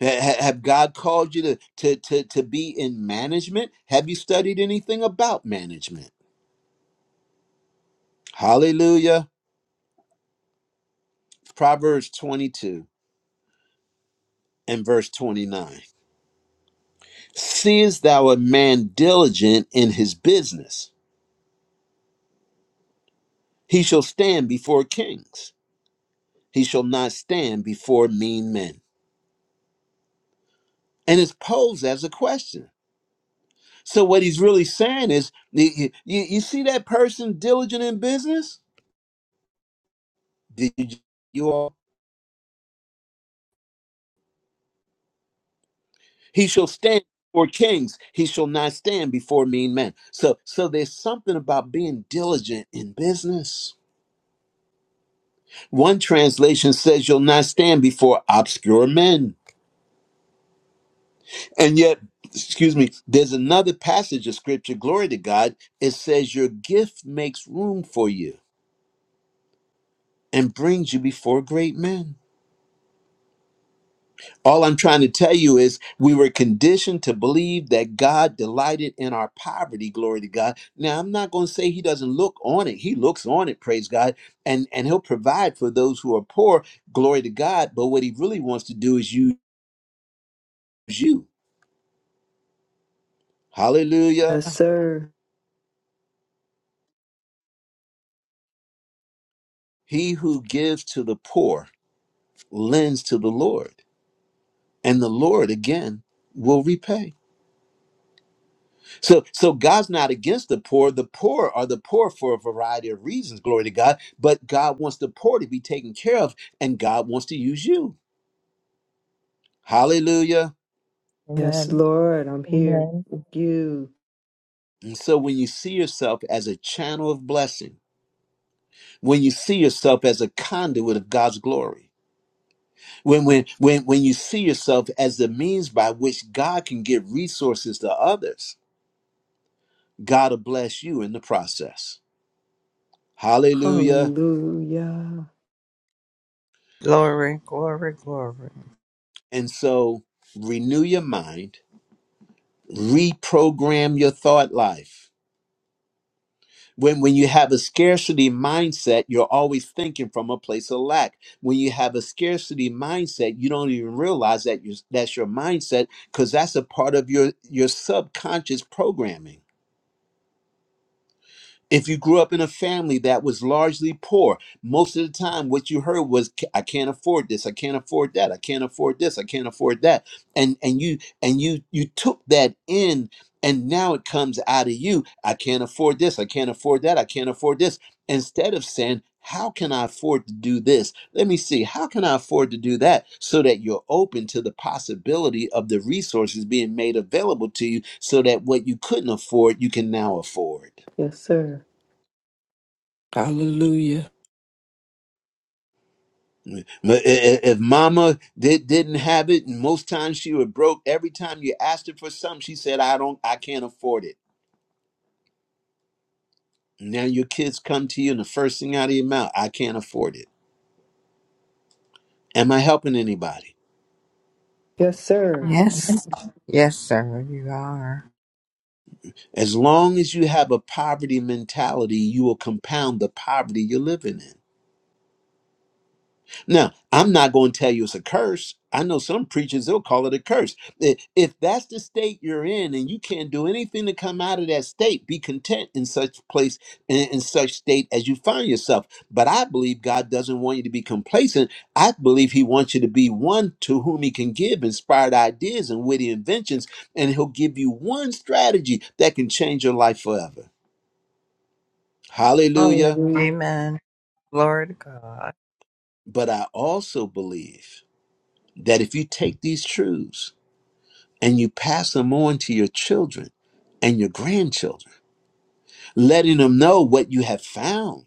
Speaker 1: Ha- Have God called you to, to, to, to be in management? Have you studied anything about management? Hallelujah. Proverbs 22 and verse 29. Seest thou a man diligent in his business? He shall stand before kings. He shall not stand before mean men. And it's posed as a question. So what he's really saying is, you, you you see that person diligent in business? Did you all? He shall stand before kings. He shall not stand before mean men. So, so there's something about being diligent in business. One translation says you'll not stand before obscure men. And yet, excuse me, there's another passage of scripture, glory to God, it says your gift makes room for you and brings you before great men. All I'm trying to tell you is we were conditioned to believe that God delighted in our poverty, glory to God. Now I'm not going to say he doesn't look on it. He looks on it, praise God, and and he'll provide for those who are poor, glory to God, but what he really wants to do is use you. Hallelujah.
Speaker 3: Yes, sir.
Speaker 1: He who gives to the poor lends to the Lord, and the Lord again will repay. So, so God's not against the poor. The poor are the poor for a variety of reasons. Glory to God. But God wants the poor to be taken care of, and God wants to use you. Hallelujah.
Speaker 3: Yes,
Speaker 5: Amen.
Speaker 3: Lord, I'm here
Speaker 5: Amen.
Speaker 3: with you.
Speaker 1: And so, when you see yourself as a channel of blessing, when you see yourself as a conduit of God's glory, when when when when you see yourself as the means by which God can give resources to others, God will bless you in the process. Hallelujah.
Speaker 3: Hallelujah.
Speaker 9: Glory, glory, glory.
Speaker 1: And so, renew your mind reprogram your thought life. When, when you have a scarcity mindset, you're always thinking from a place of lack. When you have a scarcity mindset, you don't even realize that you, that's your mindset because that's a part of your, your subconscious programming. If you grew up in a family that was largely poor, most of the time what you heard was "Ca- I can't afford this, I can't afford that, I can't afford this, I can't afford that. And and you and you you took that in and now it comes out of you. I can't afford this, I can't afford that, I can't afford this. Instead of saying, how can I afford to do this? Let me see. How can I afford to do that? So that you're open to the possibility of the resources being made available to you so that what you couldn't afford, you can now afford.
Speaker 3: Yes, sir.
Speaker 4: Hallelujah.
Speaker 1: Ma- i- i- If mama did, didn't have it, and most times she was broke, every time you asked her for something, she said, I don't, I can't afford it. Now your kids come to you, and the first thing out of your mouth, I can't afford it. Am I helping anybody?
Speaker 3: Yes, sir.
Speaker 9: Yes. Yes, sir, you are.
Speaker 1: As long as you have a poverty mentality, you will compound the poverty you're living in. Now, I'm not going to tell you it's a curse. I know some preachers, they'll call it a curse. I- If that's the state you're in and you can't do anything to come out of that state, be content in such place, in, in such state as you find yourself. But I believe God doesn't want you to be complacent. I believe He wants you to be one to whom He can give inspired ideas and witty inventions, and He'll give you one strategy that can change your life forever. Hallelujah.
Speaker 3: Hallelujah.
Speaker 9: Amen. Glory to God.
Speaker 1: But I also believe that if you take these truths, and you pass them on to your children and your grandchildren, letting them know what you have found.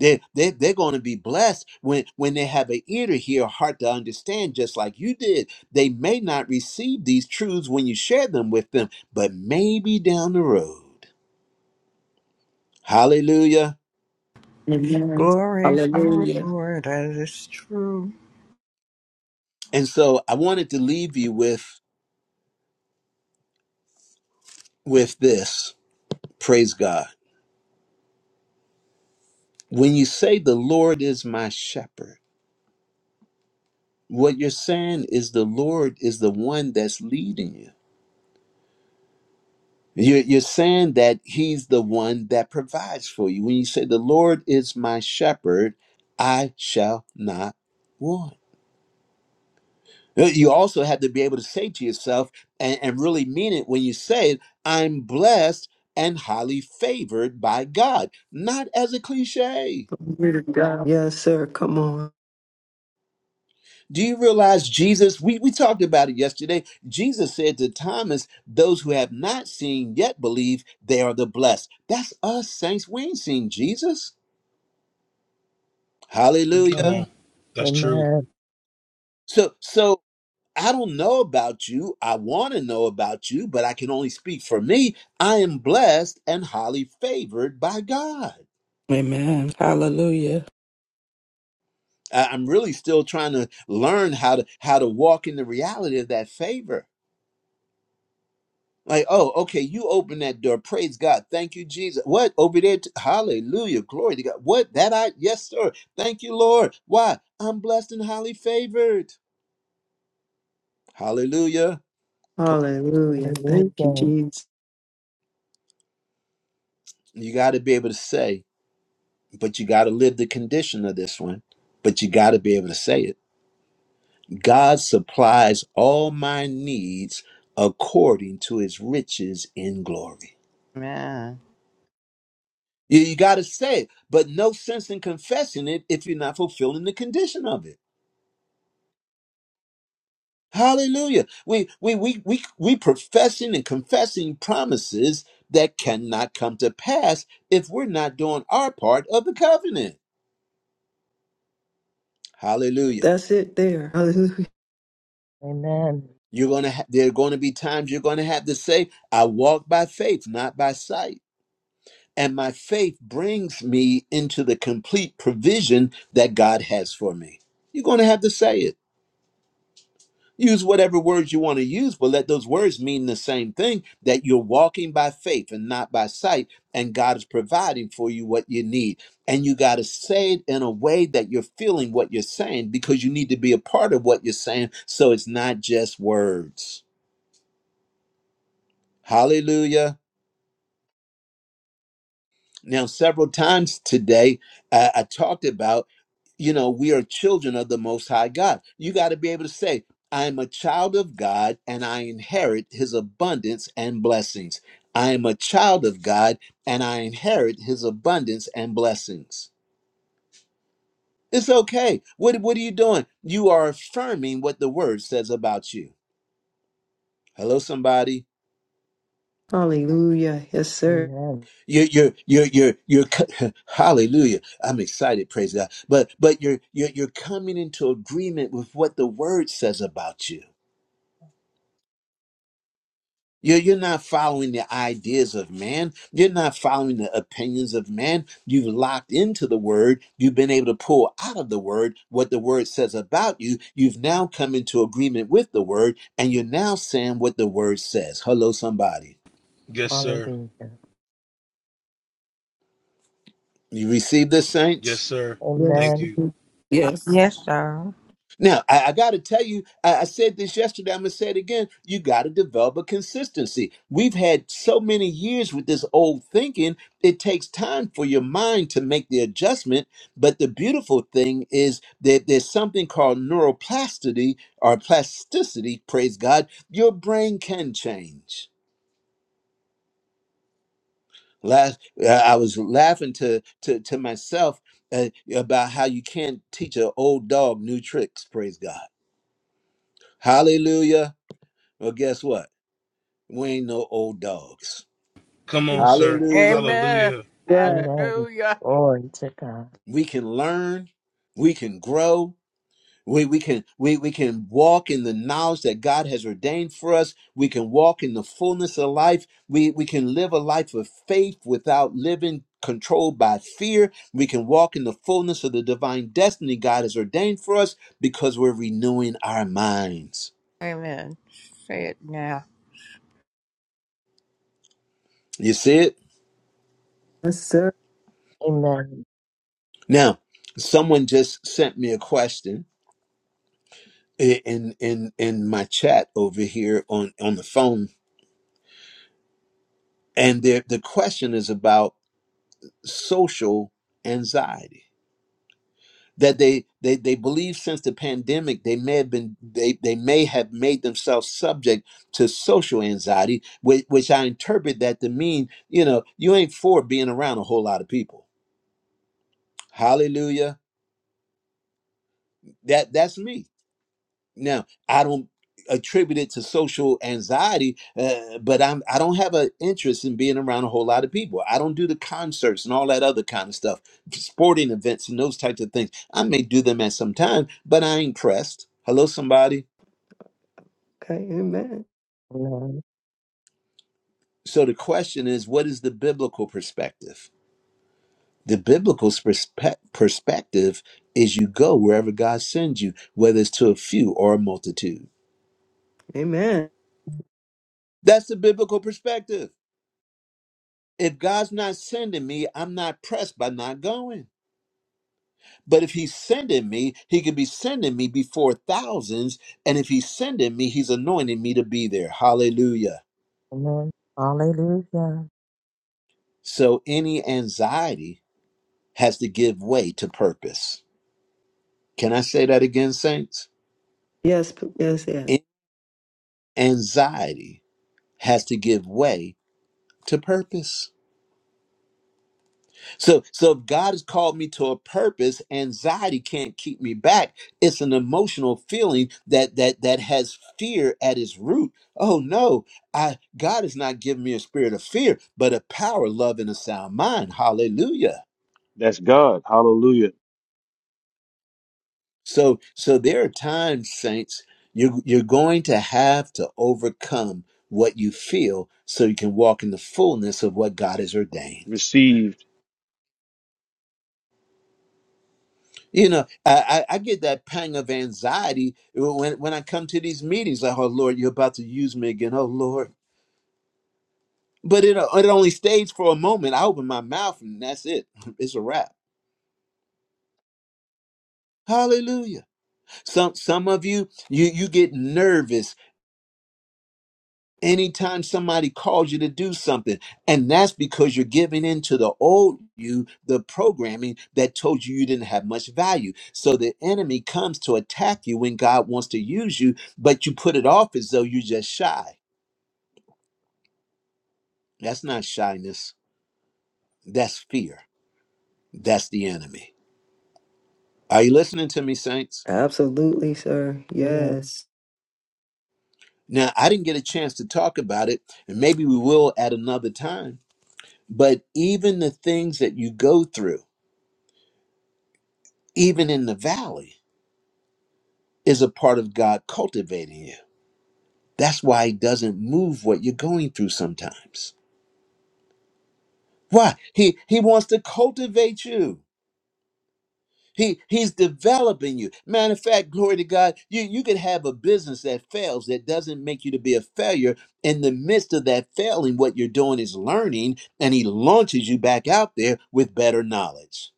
Speaker 1: They, they, they're going to be blessed when, when they have an ear to hear, a heart to understand, just like you did. They may not receive these truths when you share them with them, but maybe down the road. Hallelujah.
Speaker 4: Amen.
Speaker 9: Glory, glory,
Speaker 4: Hallelujah.
Speaker 9: glory. That is true.
Speaker 1: And so I wanted to leave you with, with this. Praise God. When you say, The Lord is my shepherd, what you're saying is the Lord is the one that's leading you. You're, you're saying that He's the one that provides for you. When you say, The Lord is my shepherd, I shall not want. Uh, You also have to be able to say to yourself and, and really mean it when you say it, I'm blessed and highly favored by God, not as a cliche.
Speaker 3: Glory to God. Yes, sir. Come on.
Speaker 1: Do you realize Jesus? We, we talked about it yesterday. Jesus said to Thomas, Those who have not seen yet believe they are the blessed. That's us, saints. We ain't seen Jesus. Hallelujah.
Speaker 5: Amen. Amen. Amen.
Speaker 1: So, so I don't know about you. I want to know about you, but I can only speak for me. I am blessed and highly favored by God.
Speaker 4: Amen. Hallelujah.
Speaker 1: I- I'm really still trying to learn how to how to walk in the reality of that favor. Like, oh, okay, you open that door. Praise God. Thank you, Jesus. What? Over there? t- Hallelujah. Glory to God. What? That I? Yes, sir. Thank you, Lord. Why? I'm blessed and highly favored. Hallelujah. Come-
Speaker 3: Hallelujah. Thank you,
Speaker 5: Hallelujah.
Speaker 3: Jesus.
Speaker 1: You got to be able to say, but you got to live the condition of this one. But you got to be able to say it. God supplies all my needs according to his riches in glory.
Speaker 9: Amen.
Speaker 1: You, you got to say it, but no sense in confessing it if you're not fulfilling the condition of it. Hallelujah. We we we we we professing and confessing promises that cannot come to pass if we're not doing our part of the covenant. Hallelujah.
Speaker 3: That's it there. Hallelujah.
Speaker 5: Amen.
Speaker 1: You're gonna ha- there are gonna be times you're gonna have to say, I walk by faith, not by sight. And my faith brings me into the complete provision that God has for me. You're gonna have to say it. Use whatever words you want to use, but let those words mean the same thing that you're walking by faith and not by sight, and God is providing for you what you need. And you got to say it in a way that you're feeling what you're saying because you need to be a part of what you're saying. So it's not just words. Hallelujah. Now, several times today, I, I talked about, you know, we are children of the Most High God. You got to be able to say, I am a child of God and I inherit his abundance and blessings. I am a child of God and I inherit his abundance and blessings. It's okay. What, what are you doing? You are affirming what the word says about you. Hello, somebody.
Speaker 3: Hallelujah. Yes, sir.
Speaker 5: Amen.
Speaker 1: You're, you're, you're, you're, you're, co- hallelujah. I'm excited, praise God. But, but you're, you're, you're coming into agreement with what the word says about you. You're, you're not following the ideas of man. You're not following the opinions of man. You've locked into the word. You've been able to pull out of the word what the word says about you. You've now come into agreement with the word and you're now saying what the word says. Hello, somebody.
Speaker 5: Hallelujah.
Speaker 1: You receive this, saints?
Speaker 3: Yes.
Speaker 5: Amen.
Speaker 4: Yes.
Speaker 9: Yes, sir.
Speaker 1: Now, I, I got to tell you, I, I said this yesterday. I'm going to say it again. You got to develop a consistency. We've had so many years with this old thinking, it takes time for your mind to make the adjustment. But the beautiful thing is that there's something called neuroplasticity or plasticity, praise God. Your brain can change. Last, uh, I was laughing to, to, to myself uh, about how you can't teach an old dog new tricks, praise God. Hallelujah. Well, guess what? We ain't no old dogs. Hallelujah.
Speaker 9: Amen.
Speaker 3: Right.
Speaker 5: Amen.
Speaker 9: Hallelujah.
Speaker 5: Glory to God.
Speaker 1: We can learn, we can grow, we, we can we, we can walk in the knowledge that God has ordained for us. We can walk in the fullness of life. We we can live a life of faith without living controlled by fear. We can walk in the fullness of the divine destiny God has ordained for us because we're renewing our minds.
Speaker 9: Amen. Say it now.
Speaker 1: You see it?
Speaker 3: Yes, sir.
Speaker 5: Amen.
Speaker 1: Now, someone just sent me a question i- in in in my chat over here on on the phone and the the question is about social anxiety that they they they believe since the pandemic they may have been they they may have made themselves subject to social anxiety which, which I interpret that to mean you know you ain't for being around a whole lot of people hallelujah that that's me Now, I don't attribute it to social anxiety, uh, but I'm I don't have an interest in being around a whole lot of people. I don't do the concerts and all that other kind of stuff, sporting events and those types of things. I may do them at some time, but I ain't pressed. Hello, somebody.
Speaker 3: Okay. Amen.
Speaker 5: Amen.
Speaker 1: So the question is, what is the biblical perspective? The biblical perspe- perspective is you go wherever God sends you, whether it's to a few or a multitude.
Speaker 3: Amen.
Speaker 1: That's the biblical perspective. If God's not sending me, I'm not pressed by not going. But if He's sending me, He could be sending me before thousands. And if He's sending me, He's anointing me to be there. Hallelujah.
Speaker 5: Amen. Hallelujah.
Speaker 1: So any anxiety has to give way to purpose. Can I say that again, saints?
Speaker 3: Yes. p- Yes. Yes.
Speaker 1: Any anxiety has to give way to purpose. So, so if God has called me to a purpose, anxiety can't keep me back. It's an emotional feeling that that that has fear at its root. Oh no, I God has not given me a spirit of fear, but a power, love, and a sound mind. Hallelujah.
Speaker 2: That's God. Hallelujah.
Speaker 1: So, so there are times, saints, you you're going to have to overcome what you feel so you can walk in the fullness of what God has ordained.
Speaker 2: Received.
Speaker 1: You know, I, I, I get that pang of anxiety when, when I come to these meetings. Like, oh Lord, you're about to use me again. Oh Lord. But it, it only stays for a moment. I open my mouth and that's it. It's a wrap. Hallelujah. Some some of you, you you get nervous anytime somebody calls you to do something and that's because you're giving in to the old you the programming that told you you didn't have much value so the enemy comes to attack you when god wants to use you but you put it off as though you're just shy that's not shyness that's fear that's the enemy are you listening to me saints
Speaker 3: Absolutely, sir.
Speaker 5: Amen.
Speaker 3: Yes.
Speaker 1: now i didn't get a chance to talk about it and maybe we will at another time but even the things that you go through even in the valley is a part of God cultivating you. That's why he doesn't move what you're going through sometimes. Why? He he wants to cultivate you. He he's developing you. Matter of fact, glory to God, you, you could have a business that fails that doesn't make you to be a failure. In the midst of that failing, what you're doing is learning, and he launches you back out there with better knowledge.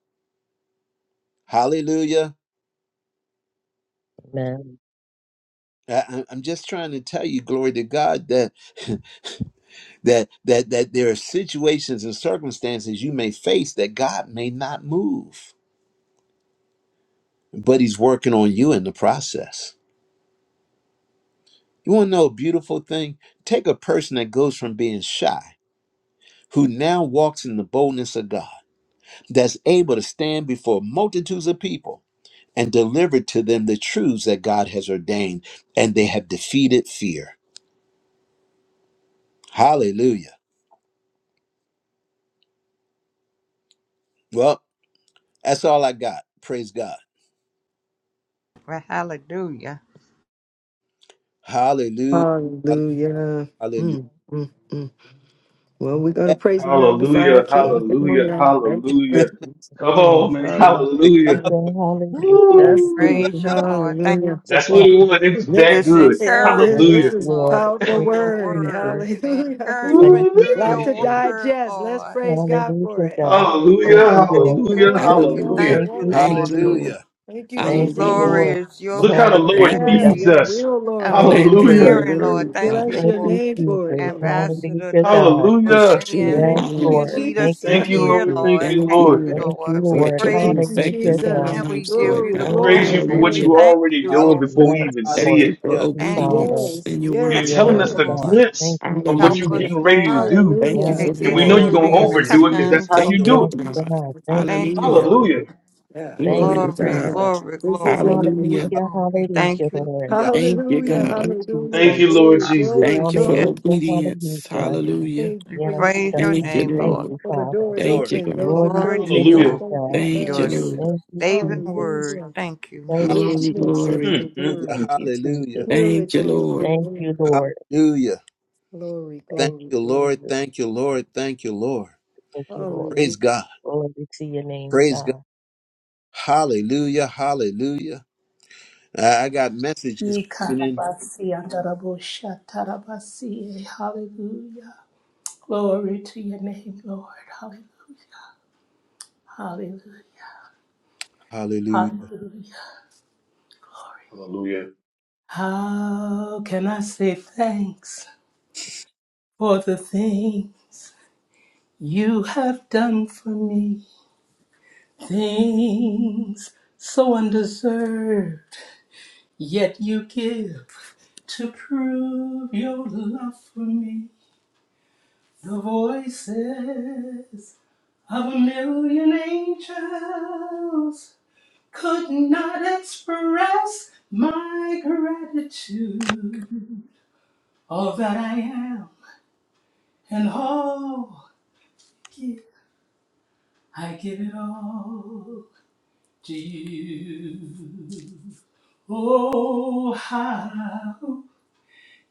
Speaker 1: Hallelujah.
Speaker 5: Amen.
Speaker 1: I, I- I'm just trying to tell you, glory to God, that that that that there are situations and circumstances you may face that God may not move, but he's working on you in the process. You want to know a beautiful thing? Take a person that goes from being shy, who now walks in the boldness of God, that's able to stand before multitudes of people and deliver to them the truths that God has ordained, and they have defeated fear. Hallelujah. Well, that's all I got. Praise God.
Speaker 9: Well, hallelujah.
Speaker 1: Hallelujah.
Speaker 3: Hallelujah.
Speaker 1: Hallelujah.
Speaker 3: Mm, mm, mm. Well, we're going to praise and magnify our
Speaker 2: Hallelujah.
Speaker 3: King.
Speaker 2: Hallelujah.
Speaker 3: Hallelujah. Thank you,
Speaker 2: Hallelujah.
Speaker 3: Lord.
Speaker 5: to
Speaker 2: Come
Speaker 3: right.
Speaker 5: God.
Speaker 2: on, man.
Speaker 1: They, they
Speaker 5: Hallelujah.
Speaker 2: Hallelujah.
Speaker 1: come up
Speaker 3: Hallelujah.
Speaker 1: with
Speaker 9: We
Speaker 5: Hallelujah.
Speaker 3: Yes,
Speaker 2: Woo.
Speaker 3: Lord.
Speaker 9: praise you, Lord. Thank
Speaker 5: Glory
Speaker 3: Hallelujah.
Speaker 9: you
Speaker 5: to
Speaker 2: That's what
Speaker 5: God.
Speaker 9: for,
Speaker 2: it was. It was
Speaker 9: for
Speaker 3: This-
Speaker 2: that
Speaker 9: this
Speaker 2: good.
Speaker 3: Yeah, this
Speaker 5: Praise
Speaker 2: Hallelujah.
Speaker 3: this
Speaker 9: encouragement,
Speaker 5: the
Speaker 3: is a
Speaker 5: Lord.
Speaker 9: Lord,
Speaker 3: powerful
Speaker 9: for
Speaker 5: Thank you,
Speaker 9: your
Speaker 3: word.
Speaker 9: word.
Speaker 5: Jesus.
Speaker 9: The
Speaker 3: Hallelujah. It's a
Speaker 5: Thank
Speaker 9: encouragement
Speaker 5: you,
Speaker 9: through
Speaker 3: lot to
Speaker 2: Woo-wee.
Speaker 9: your
Speaker 5: Jesus.
Speaker 9: word,
Speaker 3: digest. Let's
Speaker 9: Lord.
Speaker 3: praise God for
Speaker 5: Hallelujah,
Speaker 3: it.
Speaker 9: Yes,
Speaker 5: God. Thank
Speaker 2: Hallelujah.
Speaker 9: Lord.
Speaker 3: Hallelujah.
Speaker 5: you,
Speaker 9: Thank
Speaker 5: Lord.
Speaker 9: you.
Speaker 2: Hallelujah.
Speaker 9: Thank
Speaker 3: Glory,
Speaker 9: you.
Speaker 3: glory,
Speaker 2: Hallelujah.
Speaker 9: Thank
Speaker 4: Hallelujah.
Speaker 5: Thank
Speaker 9: you,
Speaker 5: you,
Speaker 3: glory.
Speaker 9: Lord.
Speaker 4: Thank you,
Speaker 5: Jesus.
Speaker 4: Lord.
Speaker 1: hallelujah,
Speaker 3: Thank you,
Speaker 9: Oh,
Speaker 5: Thank you,
Speaker 3: Jesus.
Speaker 4: Hallelujah.
Speaker 9: glory
Speaker 5: Lord.
Speaker 9: is your
Speaker 2: Look how the
Speaker 9: word
Speaker 2: Lord
Speaker 9: that
Speaker 4: Thank
Speaker 5: Hallelujah,
Speaker 4: you,
Speaker 3: Yeah,
Speaker 5: God.
Speaker 2: feeds
Speaker 4: Father.
Speaker 3: your
Speaker 9: we
Speaker 2: us.
Speaker 3: will, Lord
Speaker 9: have
Speaker 5: Thank
Speaker 3: God.
Speaker 5: you,
Speaker 9: been
Speaker 4: Thank you
Speaker 3: We
Speaker 4: for
Speaker 2: Hallelujah.
Speaker 4: your
Speaker 5: Lord.
Speaker 9: hearing, Lord.
Speaker 4: word,
Speaker 9: Thank
Speaker 4: God.
Speaker 3: bless
Speaker 9: you
Speaker 5: Thank
Speaker 3: your
Speaker 9: for
Speaker 5: you,
Speaker 3: name for it,
Speaker 5: Jesus.
Speaker 3: Lord God.
Speaker 9: Ambassador
Speaker 5: Hallelujah,
Speaker 9: Leonard
Speaker 5: God.
Speaker 9: for
Speaker 4: It's
Speaker 2: Hallelujah.
Speaker 4: true.
Speaker 9: saying
Speaker 5: Yes,
Speaker 9: what
Speaker 3: Thank you,
Speaker 9: you
Speaker 5: Lord.
Speaker 4: Hallelujah.
Speaker 9: need
Speaker 5: Thank
Speaker 9: us
Speaker 3: Jesus.
Speaker 9: to
Speaker 5: you,
Speaker 2: Thank you,
Speaker 9: hear,
Speaker 2: Lord.
Speaker 5: Jesus.
Speaker 2: Thank
Speaker 9: Lord.
Speaker 2: you,
Speaker 4: Thank you,
Speaker 9: Thank
Speaker 2: Lord.
Speaker 9: you,
Speaker 4: Lord,
Speaker 5: Thank you,
Speaker 9: Lord.
Speaker 4: for
Speaker 9: We
Speaker 4: it
Speaker 5: Lord.
Speaker 9: praise
Speaker 4: taking
Speaker 3: Thank
Speaker 9: you
Speaker 3: you,
Speaker 4: effect
Speaker 5: Hallelujah,
Speaker 4: in our
Speaker 5: God.
Speaker 3: Jesus.
Speaker 9: and we
Speaker 4: lives,
Speaker 9: give
Speaker 4: Lord
Speaker 9: you
Speaker 3: Glory,
Speaker 2: We
Speaker 9: the
Speaker 4: God.
Speaker 5: Thank you,
Speaker 2: praise
Speaker 3: glory,
Speaker 2: you for
Speaker 9: glory.
Speaker 2: what
Speaker 9: We
Speaker 4: Hallelujah.
Speaker 5: Jesus.
Speaker 2: you're
Speaker 3: glory.
Speaker 9: thank
Speaker 2: already
Speaker 9: you,
Speaker 1: hallelujah,
Speaker 2: doing
Speaker 9: Lord.
Speaker 2: before we
Speaker 5: Yes,
Speaker 2: even see
Speaker 4: Thank
Speaker 5: Lord.
Speaker 2: it.
Speaker 4: you
Speaker 5: Thank
Speaker 4: for
Speaker 1: hallelujah,
Speaker 5: you,
Speaker 9: Thank you,
Speaker 5: Father.
Speaker 9: Lord.
Speaker 4: obedience
Speaker 3: Yes,
Speaker 4: in your
Speaker 2: You're
Speaker 9: Thank
Speaker 4: word,
Speaker 3: yes,
Speaker 5: Yes,
Speaker 2: telling us
Speaker 9: you,
Speaker 4: God.
Speaker 2: the
Speaker 5: God.
Speaker 3: yes.
Speaker 9: Lord.
Speaker 2: glimpse
Speaker 5: Thank you,
Speaker 2: of what
Speaker 9: Help
Speaker 2: you're
Speaker 5: Jesus.
Speaker 4: Hallelujah.
Speaker 9: us,
Speaker 2: getting ready to
Speaker 9: Lord,
Speaker 2: do,
Speaker 4: Thank you
Speaker 3: Hallelujah.
Speaker 5: Yes,
Speaker 9: to
Speaker 4: for
Speaker 2: and
Speaker 9: get
Speaker 2: we know
Speaker 5: Lord.
Speaker 4: renewed
Speaker 2: you're
Speaker 1: Lord,
Speaker 9: through
Speaker 2: going to
Speaker 5: Thank
Speaker 9: these
Speaker 4: minds,
Speaker 5: you.
Speaker 2: overdo it because
Speaker 4: renewed
Speaker 2: that's
Speaker 9: times,
Speaker 2: how
Speaker 9: Lord.
Speaker 2: you
Speaker 1: dear Lord,
Speaker 2: do
Speaker 4: thinking,
Speaker 5: Yes,
Speaker 2: it.
Speaker 3: Thank you,
Speaker 4: God.
Speaker 5: God.
Speaker 3: Jesus.
Speaker 5: Thank you,
Speaker 9: Thank you,
Speaker 4: Hallelujah.
Speaker 5: Jesus.
Speaker 2: Hallelujah.
Speaker 3: Yeah,
Speaker 5: Thank
Speaker 3: this
Speaker 4: Glory
Speaker 9: Lord.
Speaker 5: you,
Speaker 4: to
Speaker 3: has
Speaker 9: Glory,
Speaker 4: God.
Speaker 3: been,
Speaker 5: Father.
Speaker 9: glory,
Speaker 3: this is
Speaker 9: glory.
Speaker 3: it.
Speaker 4: Hallelujah.
Speaker 5: Hallelujah,
Speaker 9: Oh, we
Speaker 5: hallelujah,
Speaker 9: thank you,
Speaker 5: Lord.
Speaker 1: hallelujah,
Speaker 4: Thank you,
Speaker 3: Hallelujah,
Speaker 1: hallelujah,
Speaker 5: Thank
Speaker 4: God.
Speaker 5: you,
Speaker 3: hallelujah.
Speaker 2: Thank
Speaker 9: Lord.
Speaker 2: you,
Speaker 5: Jesus.
Speaker 2: Lord
Speaker 3: Glory,
Speaker 2: Jesus.
Speaker 3: glory,
Speaker 4: Thank you for
Speaker 9: Yes,
Speaker 3: glory.
Speaker 5: Hallelujah,
Speaker 4: obedience.
Speaker 5: hallelujah.
Speaker 4: Hallelujah.
Speaker 3: Thank you
Speaker 9: we
Speaker 3: for your
Speaker 5: Yes,
Speaker 9: praise
Speaker 3: doing.
Speaker 5: God.
Speaker 9: your
Speaker 4: Thank you,
Speaker 9: name,
Speaker 5: Thank
Speaker 3: Thank
Speaker 9: Lord.
Speaker 4: Lord.
Speaker 5: you,
Speaker 3: you for the
Speaker 5: Father.
Speaker 3: doors
Speaker 4: Thank
Speaker 1: Lord,
Speaker 4: you,
Speaker 3: open.
Speaker 4: God.
Speaker 3: Those are
Speaker 5: Glory
Speaker 9: Glory
Speaker 5: to
Speaker 9: to
Speaker 5: your
Speaker 3: closing. We
Speaker 2: Hallelujah.
Speaker 5: name,
Speaker 9: your
Speaker 3: thank
Speaker 5: God.
Speaker 3: you,
Speaker 4: Thank you,
Speaker 9: your
Speaker 3: God.
Speaker 4: Lord.
Speaker 5: Thank you,
Speaker 9: saving
Speaker 5: Jesus.
Speaker 9: word.
Speaker 3: Hallelujah.
Speaker 9: Thank you.
Speaker 3: The
Speaker 5: Thank
Speaker 4: Glory,
Speaker 5: you,
Speaker 3: richness
Speaker 5: Jesus.
Speaker 3: of
Speaker 4: glory.
Speaker 3: your
Speaker 2: Mm, mm,
Speaker 1: hallelujah,
Speaker 3: word,
Speaker 5: Thank
Speaker 2: mm.
Speaker 5: you,
Speaker 1: hallelujah,
Speaker 5: Jesus.
Speaker 4: Thank you,
Speaker 3: purity of your
Speaker 4: Lord.
Speaker 5: Thank you,
Speaker 3: word.
Speaker 5: Lord.
Speaker 1: hallelujah.
Speaker 3: Glory,
Speaker 1: Thank
Speaker 5: Thank
Speaker 3: glory,
Speaker 5: you,
Speaker 1: you,
Speaker 3: glory.
Speaker 1: Lord,
Speaker 5: Jesus.
Speaker 1: thank you, Lord, thank you, Lord.
Speaker 5: Thank you, Lord.
Speaker 1: Praise
Speaker 3: Hallelujah.
Speaker 1: God,
Speaker 5: Glory to your name,
Speaker 1: praise
Speaker 5: God.
Speaker 1: God, hallelujah, hallelujah. I, I got messages coming in,
Speaker 10: Yikarabasi andarabosha tarabasi. eh, Hallelujah. Glory to your name, Lord. Hallelujah. Hallelujah.
Speaker 1: hallelujah.
Speaker 10: Hallelujah.
Speaker 2: Hallelujah.
Speaker 10: How can I say thanks for the things you have done for me? Things so undeserved, yet you give to prove your love for me. The voices of a million angels could not express my gratitude. All that I am and all give, I give it all to you. Oh, how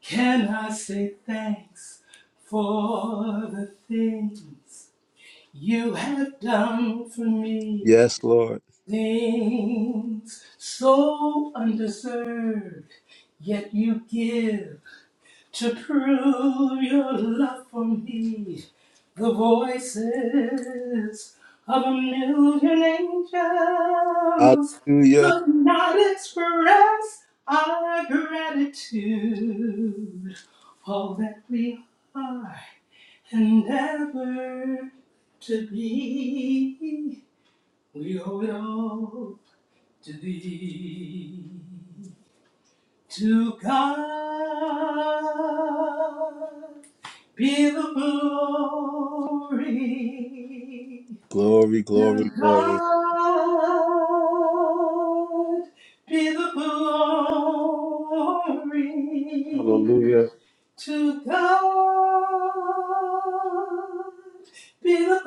Speaker 10: can I say thanks for the things you have done for me?
Speaker 1: Yes, Lord,
Speaker 10: things so undeserved, yet you give to prove your love for me. The voices of a million angels
Speaker 1: hallelujah,
Speaker 10: could not express our gratitude, all that we are and ever to be. We owe it all to thee, to God be the glory,
Speaker 1: glory,
Speaker 10: to
Speaker 1: glory, glory.
Speaker 10: God be the glory,
Speaker 2: Hallelujah.
Speaker 10: to God be the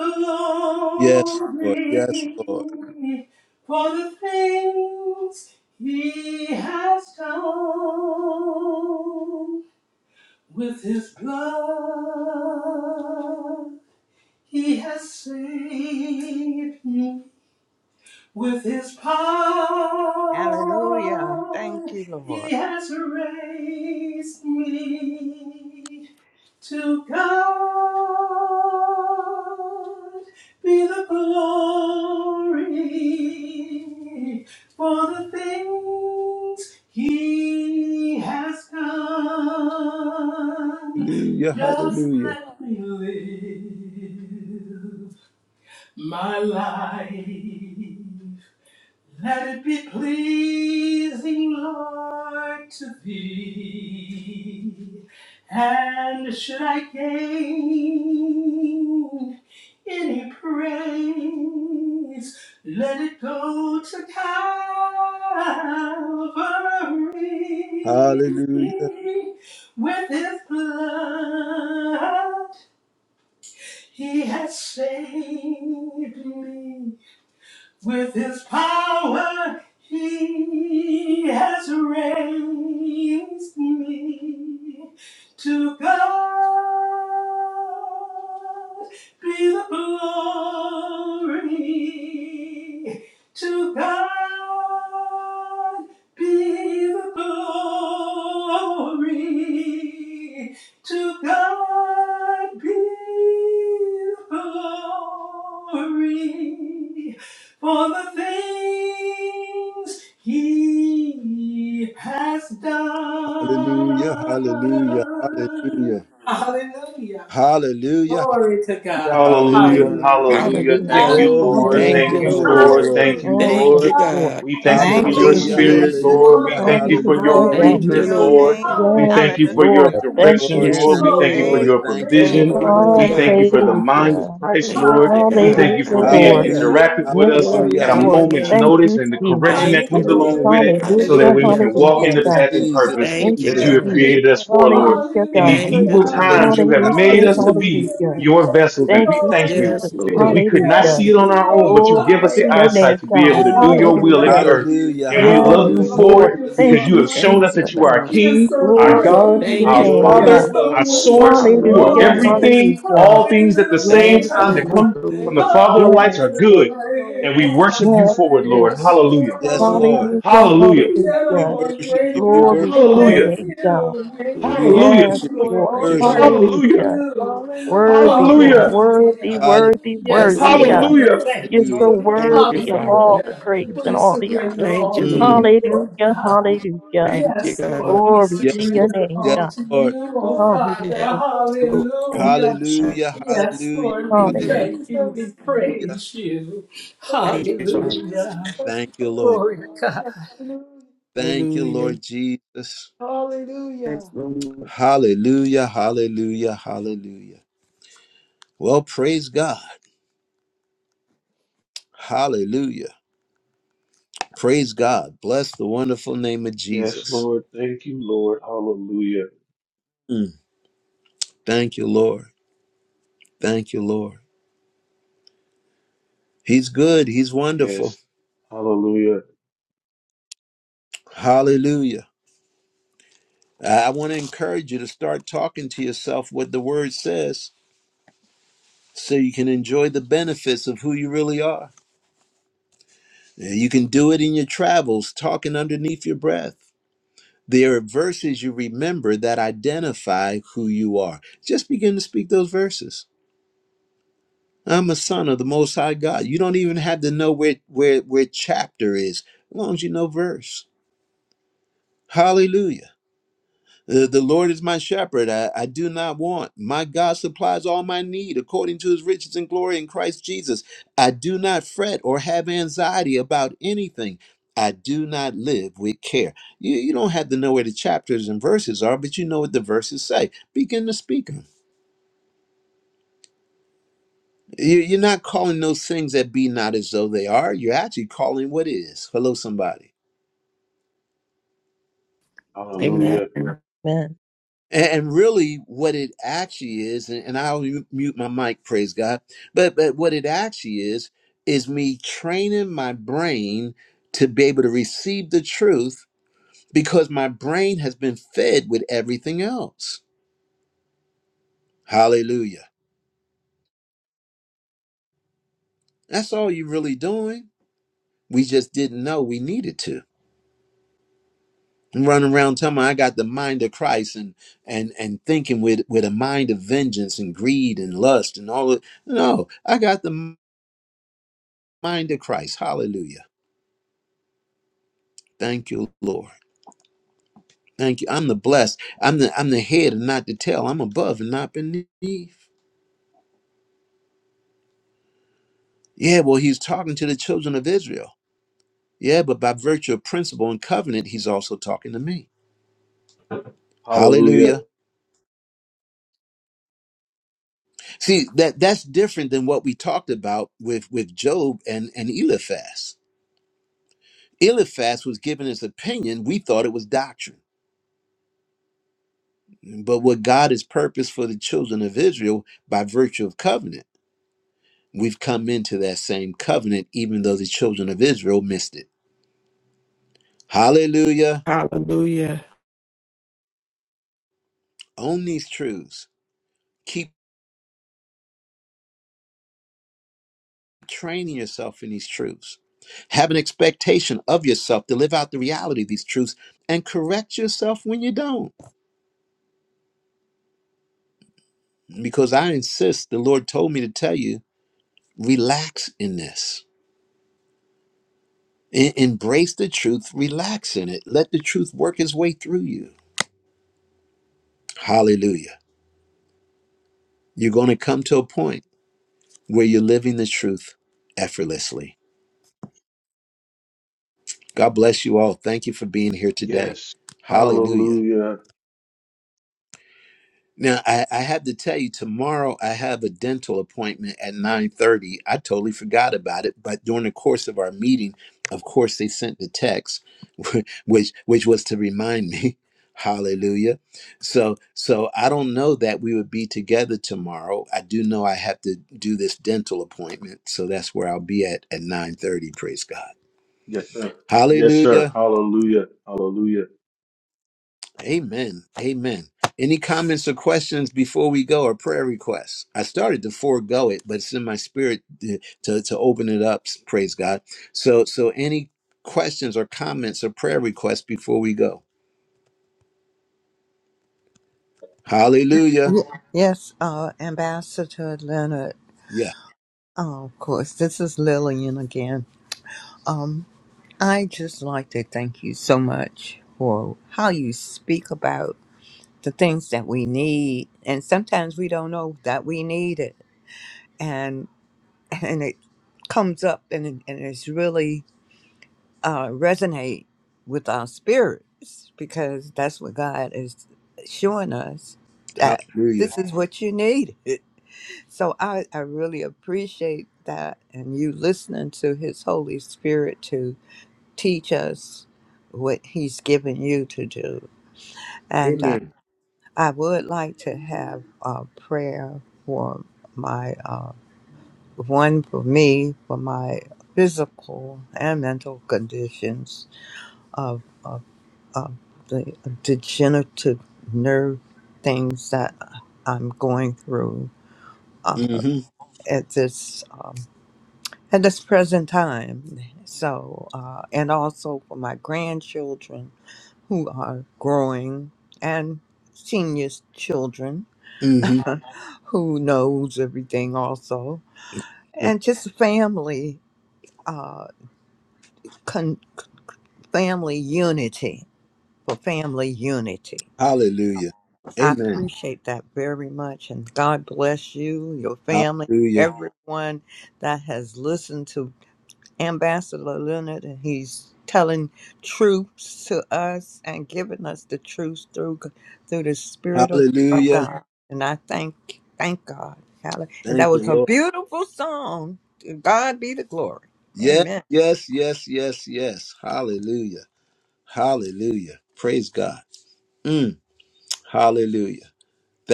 Speaker 1: Yes, Lord, yes, Lord.
Speaker 10: glory for the things He has done with His blood. He has saved me with His power.
Speaker 9: Hallelujah. Thank you,
Speaker 10: He
Speaker 9: Lord.
Speaker 10: has raised me. To God be the glory for the things He has done.
Speaker 1: Hallelujah,
Speaker 10: Just
Speaker 1: hallelujah.
Speaker 10: let me live my life let it be pleasing, Lord, to thee. And should I gain any praise, let it go to Calvary.
Speaker 1: Hallelujah,
Speaker 10: With his blood, he has saved me. With his power, he has raised me to God. Be the glory to God. Be the glory to God. Be the glory for the things he has done.
Speaker 1: hallelujah, hallelujah, hallelujah,
Speaker 10: Hallelujah.
Speaker 1: hallelujah,
Speaker 10: Glory to
Speaker 1: hallelujah,
Speaker 10: God.
Speaker 2: Hallelujah,
Speaker 1: hallelujah.
Speaker 10: Hallelujah.
Speaker 2: hallelujah.
Speaker 5: Hallelujah.
Speaker 2: Thank
Speaker 4: Hallelujah.
Speaker 10: God
Speaker 2: you,
Speaker 1: Glory,
Speaker 10: bless
Speaker 2: Lord.
Speaker 10: you
Speaker 4: Thank
Speaker 2: Thank
Speaker 1: glory,
Speaker 4: you,
Speaker 10: all.
Speaker 5: Hallelujah.
Speaker 2: you,
Speaker 4: Lord.
Speaker 1: glory,
Speaker 2: Lord. Thank
Speaker 1: glory.
Speaker 10: Hallelujah.
Speaker 2: you,
Speaker 5: Oh,
Speaker 10: To
Speaker 4: Thank
Speaker 5: yes,
Speaker 4: you,
Speaker 2: Lord.
Speaker 10: God
Speaker 5: Lord.
Speaker 4: God.
Speaker 10: be
Speaker 2: We
Speaker 10: all
Speaker 5: Thank
Speaker 10: the
Speaker 2: thank
Speaker 3: We
Speaker 2: you
Speaker 5: you,
Speaker 2: for
Speaker 10: glory,
Speaker 9: Thank
Speaker 3: Thank
Speaker 2: your
Speaker 5: Jesus.
Speaker 9: you,
Speaker 3: you,
Speaker 1: Hallelujah,
Speaker 4: Hallelujah.
Speaker 3: Lord.
Speaker 2: spirit,
Speaker 9: Jesus.
Speaker 2: Lord. We
Speaker 3: Hallelujah.
Speaker 1: hallelujah,
Speaker 10: honor,
Speaker 9: Oh,
Speaker 2: thank
Speaker 10: and
Speaker 2: you for your
Speaker 5: Hallelujah,
Speaker 1: hallelujah,
Speaker 3: Thank
Speaker 9: glory
Speaker 5: God.
Speaker 3: you,
Speaker 9: to
Speaker 4: Thank you,
Speaker 2: movement,
Speaker 10: praise.
Speaker 9: your
Speaker 1: hallelujah.
Speaker 4: Lord.
Speaker 2: Lord.
Speaker 3: Lord.
Speaker 9: name.
Speaker 2: We
Speaker 3: Thank
Speaker 5: Yes,
Speaker 2: thank you for
Speaker 10: Hallelujah.
Speaker 2: your
Speaker 5: Lord.
Speaker 9: Hallelujah.
Speaker 1: Thank
Speaker 3: you,
Speaker 1: you,
Speaker 5: Thank
Speaker 3: Lord.
Speaker 5: you,
Speaker 2: direction,
Speaker 1: Lord.
Speaker 2: Lord.
Speaker 4: Yes,
Speaker 1: Thank
Speaker 2: We
Speaker 5: Jesus.
Speaker 2: thank
Speaker 10: Glory
Speaker 1: you,
Speaker 10: to
Speaker 2: you for
Speaker 4: Lord.
Speaker 1: Lord.
Speaker 9: Praise
Speaker 2: your
Speaker 10: your
Speaker 9: your
Speaker 1: Thank you,
Speaker 10: great
Speaker 3: Thank
Speaker 4: Thank
Speaker 3: you,
Speaker 9: name,
Speaker 2: provision.
Speaker 4: you,
Speaker 1: Lord.
Speaker 3: Lord.
Speaker 9: Lord.
Speaker 10: name,
Speaker 4: Lord
Speaker 2: We
Speaker 5: Oh,
Speaker 9: Thank
Speaker 2: thank
Speaker 10: Lord
Speaker 9: you,
Speaker 4: God.
Speaker 2: you for the
Speaker 9: Lord.
Speaker 10: God.
Speaker 2: mind of
Speaker 5: Hallelujah.
Speaker 2: Christ, Lord.
Speaker 4: Thank
Speaker 10: Hi,
Speaker 4: you,
Speaker 5: Oh,
Speaker 2: We
Speaker 3: Thank
Speaker 2: thank
Speaker 4: God.
Speaker 2: you
Speaker 10: God.
Speaker 3: you,
Speaker 2: for
Speaker 5: Hallelujah,
Speaker 3: Lord.
Speaker 2: being
Speaker 5: Lord.
Speaker 3: We
Speaker 4: Hallelujah.
Speaker 1: Hallelujah,
Speaker 2: interactive
Speaker 3: Thank
Speaker 2: with
Speaker 3: you,
Speaker 5: Yes,
Speaker 10: Thank you,
Speaker 2: us
Speaker 3: God.
Speaker 4: Glory
Speaker 2: at
Speaker 1: hallelujah,
Speaker 2: a
Speaker 4: to your
Speaker 5: Lord.
Speaker 3: Hallelujah.
Speaker 2: moment's
Speaker 10: Jesus.
Speaker 5: Thank
Speaker 1: hallelujah.
Speaker 4: name.
Speaker 5: you,
Speaker 2: notice and the
Speaker 3: Hallelujah.
Speaker 5: Jesus.
Speaker 2: correction
Speaker 4: Thank
Speaker 2: that
Speaker 4: you,
Speaker 2: comes
Speaker 10: Hallelujah.
Speaker 2: along
Speaker 4: Lord.
Speaker 2: with
Speaker 3: Hallelujah.
Speaker 2: it so that
Speaker 5: Hallelujah.
Speaker 2: way we
Speaker 4: Hallelujah.
Speaker 2: can walk in
Speaker 5: Hallelujah,
Speaker 3: Lord.
Speaker 2: the
Speaker 1: Jesus,
Speaker 5: God.
Speaker 2: path and
Speaker 1: Jesus,
Speaker 3: Lord,
Speaker 2: purpose
Speaker 3: I
Speaker 5: Thank
Speaker 3: worship
Speaker 4: Thank you,
Speaker 5: you,
Speaker 2: that
Speaker 1: Jesus,
Speaker 2: you
Speaker 3: you,
Speaker 2: have
Speaker 4: God.
Speaker 1: Jesus.
Speaker 5: Jesus.
Speaker 2: created us
Speaker 3: Lord.
Speaker 2: for, Lord.
Speaker 5: Hallelujah,
Speaker 2: In
Speaker 3: I
Speaker 2: these
Speaker 5: God.
Speaker 4: Thank
Speaker 3: pray
Speaker 4: you,
Speaker 2: evil
Speaker 3: to
Speaker 10: Hallelujah.
Speaker 4: Lord.
Speaker 2: times,
Speaker 3: you,
Speaker 2: you have
Speaker 3: Lord
Speaker 1: Hallelujah,
Speaker 2: made
Speaker 3: Jesus.
Speaker 5: Hallelujah.
Speaker 2: us
Speaker 1: hallelujah,
Speaker 2: to
Speaker 10: Hallelujah.
Speaker 3: Praise
Speaker 2: be
Speaker 5: Hallelujah.
Speaker 10: We
Speaker 2: your
Speaker 10: thank
Speaker 2: vessels,
Speaker 10: you,
Speaker 2: and
Speaker 3: You
Speaker 5: Thank
Speaker 2: we
Speaker 5: you,
Speaker 3: Lord
Speaker 10: Lord.
Speaker 2: thank you
Speaker 3: God,
Speaker 4: Yes,
Speaker 5: Jesus.
Speaker 3: in
Speaker 2: because
Speaker 10: We
Speaker 2: we
Speaker 4: Lord.
Speaker 2: could
Speaker 3: Jesus'
Speaker 2: not
Speaker 5: Hallelujah.
Speaker 2: see
Speaker 10: thank
Speaker 2: it on
Speaker 3: name.
Speaker 10: you,
Speaker 2: our own,
Speaker 10: Lord
Speaker 2: but you
Speaker 5: Glory
Speaker 2: give us the
Speaker 5: to
Speaker 3: Hallelujah.
Speaker 5: your
Speaker 10: Father.
Speaker 5: name,
Speaker 2: eyesight to be
Speaker 5: God.
Speaker 3: We
Speaker 2: able to do
Speaker 4: Thank you,
Speaker 3: bless
Speaker 2: your
Speaker 10: Oh,
Speaker 3: you,
Speaker 2: will in
Speaker 5: Hallelujah.
Speaker 3: God.
Speaker 4: Lord.
Speaker 2: the
Speaker 10: God,
Speaker 2: earth.
Speaker 10: we
Speaker 1: hallelujah,
Speaker 2: And we
Speaker 10: thank
Speaker 5: Yes,
Speaker 2: love
Speaker 10: you,
Speaker 2: you
Speaker 1: hallelujah,
Speaker 4: Hallelujah.
Speaker 2: for
Speaker 3: Hallelujah.
Speaker 10: Lord.
Speaker 5: Lord.
Speaker 2: it
Speaker 10: You're
Speaker 5: Thank
Speaker 10: so
Speaker 2: because you
Speaker 5: you,
Speaker 1: hallelujah.
Speaker 2: have
Speaker 3: Hallelujah.
Speaker 2: shown
Speaker 10: mighty.
Speaker 4: Thank
Speaker 2: us
Speaker 5: Jesus.
Speaker 4: you,
Speaker 2: that you are our
Speaker 4: God.
Speaker 10: You're
Speaker 2: King,
Speaker 3: We
Speaker 10: so
Speaker 2: our
Speaker 3: thank
Speaker 5: Glory
Speaker 2: God,
Speaker 3: you,
Speaker 10: great.
Speaker 5: to your
Speaker 4: Thank
Speaker 2: our
Speaker 3: Lord.
Speaker 4: you,
Speaker 5: name,
Speaker 3: Yes,
Speaker 10: You're
Speaker 1: Glory,
Speaker 5: God.
Speaker 4: Father.
Speaker 2: Father,
Speaker 3: we
Speaker 10: so
Speaker 1: glory,
Speaker 2: our
Speaker 3: thank you.
Speaker 10: wonderful,
Speaker 2: source.
Speaker 1: glory,
Speaker 2: You are
Speaker 5: Hallelujah,
Speaker 10: Lord.
Speaker 4: Hallelujah.
Speaker 1: Glory.
Speaker 3: Hallelujah.
Speaker 2: everything,
Speaker 5: hallelujah.
Speaker 2: all things at the same
Speaker 3: Thank
Speaker 5: Yes,
Speaker 4: Thank
Speaker 3: you,
Speaker 2: time that
Speaker 3: Lord.
Speaker 5: Lord.
Speaker 4: you,
Speaker 10: Hallelujah.
Speaker 2: come from the
Speaker 3: Thank
Speaker 4: Lord.
Speaker 3: you.
Speaker 2: Father
Speaker 5: Yes,
Speaker 2: of
Speaker 10: Oh, you
Speaker 2: lights
Speaker 3: Praise
Speaker 2: are
Speaker 3: your
Speaker 5: Lord.
Speaker 2: good,
Speaker 3: name,
Speaker 10: are
Speaker 3: Lord
Speaker 2: and
Speaker 10: a
Speaker 2: we
Speaker 3: God.
Speaker 2: worship you
Speaker 5: Yes,
Speaker 10: God.
Speaker 2: forward,
Speaker 3: We
Speaker 5: Lord.
Speaker 2: Lord.
Speaker 3: give the
Speaker 10: Yes, you
Speaker 2: Hallelujah.
Speaker 3: glory.
Speaker 1: Yes,
Speaker 4: Lord,
Speaker 3: We
Speaker 1: Lord.
Speaker 10: are.
Speaker 3: give the
Speaker 5: Hallelujah,
Speaker 3: honor. We
Speaker 2: Hallelujah.
Speaker 4: Lord,
Speaker 10: Dear
Speaker 1: We
Speaker 5: hallelujah.
Speaker 3: give the
Speaker 10: Lord,
Speaker 1: worship
Speaker 10: dear
Speaker 1: you.
Speaker 4: Thank
Speaker 3: praise,
Speaker 1: We
Speaker 10: God,
Speaker 3: Lord
Speaker 1: worship.
Speaker 5: Glory
Speaker 10: we
Speaker 3: God.
Speaker 5: to your
Speaker 2: Hallelujah.
Speaker 10: thank
Speaker 5: name, God.
Speaker 10: you. We
Speaker 3: Thank you
Speaker 1: We
Speaker 10: praise
Speaker 2: Hallelujah.
Speaker 5: Yes,
Speaker 10: you,
Speaker 1: worship
Speaker 3: God,
Speaker 1: you. We
Speaker 3: for
Speaker 10: Lord.
Speaker 5: Lord.
Speaker 10: We
Speaker 3: all
Speaker 4: you,
Speaker 3: you've
Speaker 1: worship.
Speaker 4: Lord.
Speaker 3: done.
Speaker 10: worship
Speaker 2: Hallelujah.
Speaker 5: Hallelujah.
Speaker 10: you.
Speaker 3: Hallelujah.
Speaker 4: Thank
Speaker 5: Worthy,
Speaker 4: you,
Speaker 5: God.
Speaker 2: Hallelujah.
Speaker 4: God.
Speaker 5: Worthy,
Speaker 10: Hallelujah.
Speaker 5: worthy,
Speaker 1: Hallelujah.
Speaker 10: Yes,
Speaker 5: worthy,
Speaker 4: Hallelujah.
Speaker 10: Lord,
Speaker 5: God.
Speaker 10: we
Speaker 1: Hallelujah.
Speaker 2: Hallelujah.
Speaker 10: thank
Speaker 5: You're so
Speaker 10: you.
Speaker 1: Hallelujah.
Speaker 3: Hallelujah.
Speaker 4: Thank
Speaker 3: Glory.
Speaker 4: you,
Speaker 5: worthy of
Speaker 4: Father.
Speaker 5: all the
Speaker 10: Hallelujah.
Speaker 5: praise and
Speaker 10: We
Speaker 5: all the honor.
Speaker 3: Glory.
Speaker 10: surrender
Speaker 4: Thank
Speaker 10: all
Speaker 4: you,
Speaker 10: to
Speaker 1: Mm.
Speaker 4: Lord.
Speaker 10: you, Lord
Speaker 5: Hallelujah,
Speaker 10: God.
Speaker 5: hallelujah.
Speaker 4: Thank you,
Speaker 10: Yes,
Speaker 4: God.
Speaker 10: Lord, we
Speaker 5: Glory
Speaker 3: Glory.
Speaker 5: to
Speaker 1: Yes,
Speaker 5: your
Speaker 1: Lord.
Speaker 10: surrender
Speaker 5: name,
Speaker 1: Yes,
Speaker 10: all
Speaker 5: God.
Speaker 10: to
Speaker 1: Lord.
Speaker 3: Thank
Speaker 10: you,
Speaker 3: you,
Speaker 10: oh
Speaker 3: Lord.
Speaker 10: Father.
Speaker 4: Yes,
Speaker 5: Hallelujah.
Speaker 3: Thank
Speaker 4: Lord.
Speaker 5: Thank you,
Speaker 10: Hallelujah.
Speaker 1: Hallelujah.
Speaker 5: Jesus.
Speaker 10: Yes,
Speaker 1: Hallelujah.
Speaker 10: Lord,
Speaker 3: you,
Speaker 10: we
Speaker 5: Hallelujah.
Speaker 4: Hallelujah.
Speaker 1: Hallelujah.
Speaker 10: thank you. We
Speaker 3: Jesus.
Speaker 10: praise you.
Speaker 3: Thank
Speaker 4: Thank
Speaker 3: you,
Speaker 4: you, Father.
Speaker 10: Hallelujah.
Speaker 3: Jesus.
Speaker 1: Thank you, Lord.
Speaker 10: Glory to God.
Speaker 3: Hallelujah.
Speaker 1: Thank you,
Speaker 4: Hallelujah.
Speaker 1: Lord Jesus.
Speaker 3: Hallelujah.
Speaker 4: Yes, Lord.
Speaker 1: Hallelujah. Hallelujah. Hallelujah. Well, praise God. Hallelujah. Praise God. Bless the wonderful name of
Speaker 2: Yes,
Speaker 1: Jesus.
Speaker 2: Lord. Thank you, Lord. Hallelujah.
Speaker 1: Mm. Thank you, Lord. Thank you, Lord. He's good. He's wonderful.
Speaker 2: Yes. Hallelujah.
Speaker 1: Hallelujah. I want to encourage you to start talking to yourself what the word says so you can enjoy the benefits of who you really are. You can do it in your travels, talking underneath your breath. There are verses you remember that identify who you are. Just begin to speak those verses. I'm a son of the Most High God. You don't even have to know where, where, where chapter is, as long as you know verse. Hallelujah. Uh, the Lord is my shepherd. I, I do not want. My God supplies all my need according to his riches and glory in Christ Jesus. I do not fret or have anxiety about anything. I do not live with care. You, you don't have to know where the chapters and verses are, but you know what the verses say. Begin to speak them. You, you're not calling those things that be not as though they are. You're actually calling what is. Hello, somebody.
Speaker 4: Amen.
Speaker 2: Hallelujah.
Speaker 5: Amen.
Speaker 1: And, and really, what it actually is, and, and I'll mu- mute my mic, praise God. But but what it actually is is me training my brain to be able to receive the truth because my brain has been fed with everything else. Hallelujah. That's all you're really doing. We just didn't know we needed to. I'm running around telling me I got the mind of Christ and and and thinking with with a mind of vengeance and greed and lust and all of no, I got the mind of Christ. Hallelujah. Thank you, Lord. Thank you. I'm the blessed. I'm the I'm the head and not the tail. I'm above and not beneath. Yeah, well, he's talking to the children of Israel. Yeah, but by virtue of principle and covenant, he's also talking to me.
Speaker 2: Hallelujah.
Speaker 1: Hallelujah. See, that that's different than what we talked about with with Job and and Eliphaz. Eliphaz was giving his opinion. We thought it was doctrine. But what God has purposed for the children of Israel by virtue of covenant We've come into that same covenant, even though the children of Israel missed it. Hallelujah.
Speaker 4: Hallelujah.
Speaker 1: Own these truths. Keep training yourself in these truths. Have an expectation of yourself to live out the reality of these truths and correct yourself when you don't. Because I insist, the Lord told me to tell you, relax in this. E- embrace the truth, relax in it. Let the truth work its way through you. Hallelujah. You're going to come to a point where you're living the truth effortlessly. God bless you all. Thank you for being here today.
Speaker 2: Yes.
Speaker 1: Hallelujah.
Speaker 2: Hallelujah.
Speaker 1: Now I, I have to tell you, tomorrow I have a dental appointment at 9:30. I totally forgot about it, but during the course of our meeting, of course, they sent the text, which which was to remind me. Hallelujah. So so I don't know that we would be together tomorrow. I do know I have to do this dental appointment, so that's where I'll be at at 9:30. Praise God.
Speaker 2: Yes, sir. Yes, sir.
Speaker 1: Hallelujah.
Speaker 2: Hallelujah. Hallelujah.
Speaker 1: Amen. Amen. Any comments or questions before we go or prayer requests? I started to forego it, but it's in my spirit to, to, to open it up. Praise God. So, so any questions or comments or prayer requests before we go? Hallelujah.
Speaker 9: Ye- Yes, uh, Ambassador Leonard.
Speaker 1: Yeah.
Speaker 9: Uh, of course, this is Lillian again. I just like to thank you so much for how you speak about the things that we need, and sometimes we don't know that we need it, and and it comes up and it- and it's really uh, resonate with our spirits because that's what God is showing us that
Speaker 1: Hallelujah.
Speaker 9: this is what you need. So I I really appreciate that, and you listening to His Holy Spirit too teach us what He's given you to do. And uh,
Speaker 1: Amen.
Speaker 9: I would like to have a prayer for my uh, one for me for my physical and mental conditions of of, of the degenerative nerve things that I'm going through uh,
Speaker 1: hmm
Speaker 9: at this um, at this present time. So uh, and also for my grandchildren who are growing and seniors children
Speaker 1: hmm
Speaker 9: who knows everything also and just family uh con- family unity for family unity
Speaker 1: Hallelujah.
Speaker 9: i
Speaker 1: Amen.
Speaker 9: appreciate that very much and god bless you your family
Speaker 1: Hallelujah.
Speaker 9: everyone that has listened to Ambassador Leonard, and he's telling truths to us and giving us the truth through through the Spirit of, of
Speaker 1: Hallelujah.
Speaker 9: God. And I thank thank God. Hallelujah. And
Speaker 1: Thank
Speaker 9: that was
Speaker 1: you,
Speaker 9: a
Speaker 1: Lord.
Speaker 9: beautiful song. To God be the glory.
Speaker 1: Yes,
Speaker 9: Amen.
Speaker 1: yes, yes, yes, yes. Hallelujah. Hallelujah. Praise God. Mm, hallelujah.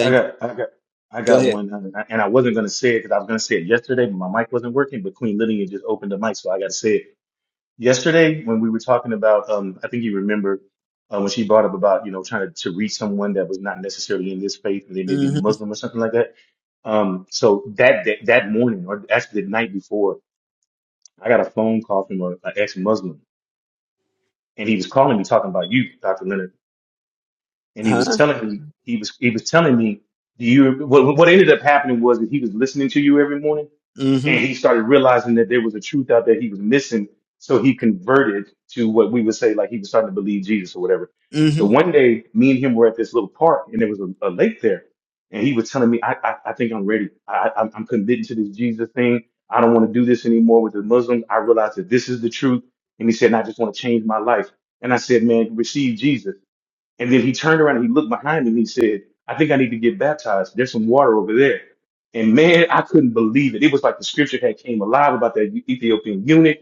Speaker 2: I
Speaker 1: you.
Speaker 2: got, I got, I
Speaker 1: Go
Speaker 2: got
Speaker 1: ahead.
Speaker 2: one, um, and I wasn't gonna say it because I was gonna say it yesterday, but my mic wasn't working. But Queen Lydia just opened the mic, so I got to say it. Yesterday, when we were talking about, um, I think you remember uh, when she brought up about you know trying to, to reach someone that was not necessarily in this faith, and they may be
Speaker 1: hmm
Speaker 2: Muslim or something like that. Um, so that, that that morning, or actually the night before, I got a phone call from a, an ex-Muslim, and he was calling me talking about you, Dr. Leonard. and he was
Speaker 1: Huh?
Speaker 2: telling me he was he was telling me do you what what ended up happening was that he was listening to you every morning
Speaker 1: hmm
Speaker 2: and he started realizing that there was a truth out there he was missing so he converted to what we would say like he was starting to believe jesus or whatever so
Speaker 1: hmm
Speaker 2: one day me and him were at this little park and there was a, a lake there and he was telling me i i, I think i'm ready I, I i'm committed to this jesus thing i don't want to do this anymore with the muslims i realized that this is the truth and he said and i just want to change my life and i said man receive jesus and then he turned around and he looked behind him and he said, I think I need to get baptized. There's some water over there. And man, I couldn't believe it. It was like the scripture had came alive about that Ethiopian eunuch.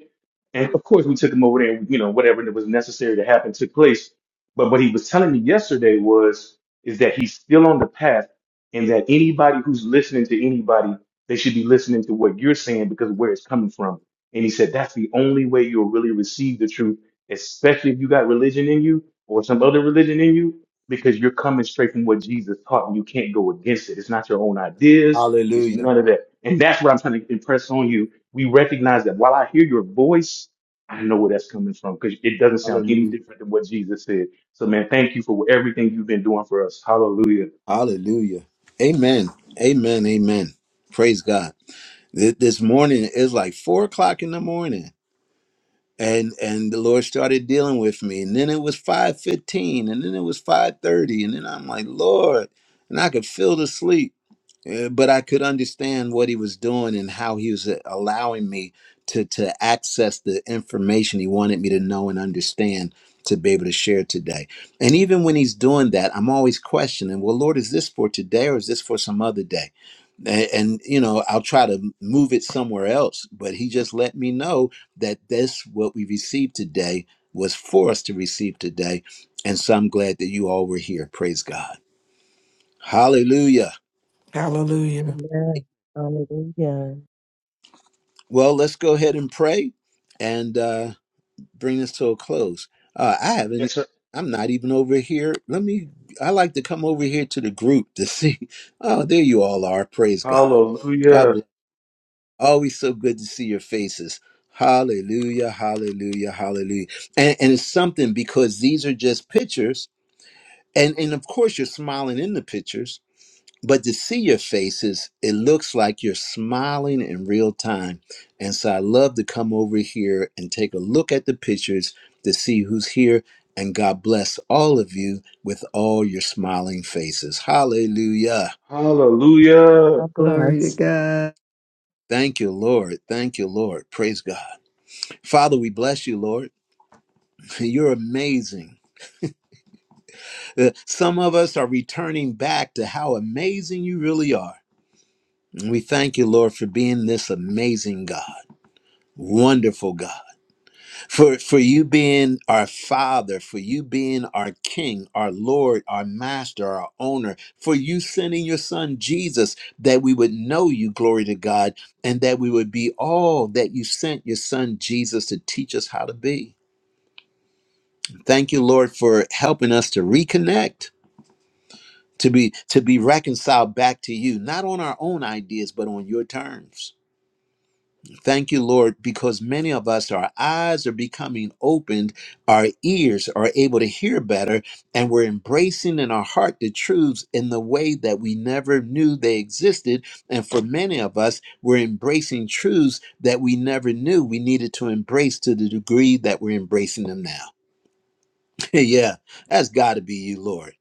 Speaker 2: And of course, we took him over there and, you know, whatever that was necessary to happen took place. But what he was telling me yesterday was, is that he's still on the path and that anybody who's listening to anybody, they should be listening to what you're saying because of where it's coming from. And he said, that's the only way you'll really receive the truth especially if you got religion in you or some other religion in you, because you're coming straight from what Jesus taught and you can't go against it. It's not your own ideas, it's
Speaker 1: Hallelujah.
Speaker 2: none of that. And that's what I'm trying to impress on you. We recognize that while I hear your voice, I know where that's coming from because it doesn't sound any
Speaker 1: Hallelujah.
Speaker 2: different than what Jesus said. So, man, thank you for everything you've been doing for us. Hallelujah.
Speaker 1: Hallelujah. Amen. Amen. Amen. Praise God. Th- This morning is like four o'clock in the morning. And and the Lord started dealing with me. And then it was 5.15. And then it was 5.30. And then I'm like, Lord. And I could feel the sleep. Uh, but I could understand what he was doing and how he was uh, allowing me to to access the information he wanted me to know and understand to be able to share today. And even when he's doing that, I'm always questioning, well, Lord, is this for today or is this for some other day? And, and you know, I'll try to move it somewhere else, but he just let me know that this what we received today was for us to receive today. And so I'm glad that you all were here. Praise God. Hallelujah.
Speaker 4: Hallelujah.
Speaker 5: Amen. Hallelujah.
Speaker 1: Well, let's go ahead and pray and uh, bring this to a close. Uh, I haven't.
Speaker 2: Yes, sir.
Speaker 1: I'm not even over here. Let me. I like to come over here to the group to see. Oh, there you all are. Praise God. God
Speaker 2: Hallelujah.
Speaker 1: bless. Always so good to see your faces. Hallelujah. Hallelujah. Hallelujah. And, and it's something because these are just pictures, and and of course you're smiling in the pictures but to see your faces, it looks like you're smiling in real time. And so I love to come over here and take a look at the pictures to see who's here. And God bless all of you with all your smiling faces. Hallelujah.
Speaker 2: Hallelujah.
Speaker 5: God
Speaker 3: Glory to
Speaker 5: bless.
Speaker 3: God.
Speaker 1: Thank you, Lord. Thank you, Lord. Praise God. Father, we bless you, Lord. You're amazing. Uh, Some of us are returning back to how amazing you really are. And we thank you, Lord, for being this amazing God, wonderful God. for for you being our father for you being our king our lord our master our owner for you sending your son jesus that we would know you glory to god and that we would be all that you sent your son jesus to teach us how to be thank you lord for helping us to reconnect to be to be reconciled back to you not on our own ideas but on your terms Thank you, Lord, because many of us, our eyes are becoming opened, our ears are able to hear better, and we're embracing in our heart the truths in the way that we never knew they existed. And for many of us, we're embracing truths that we never knew we needed to embrace to the degree that we're embracing them now. yeah, that's got to be you, Lord,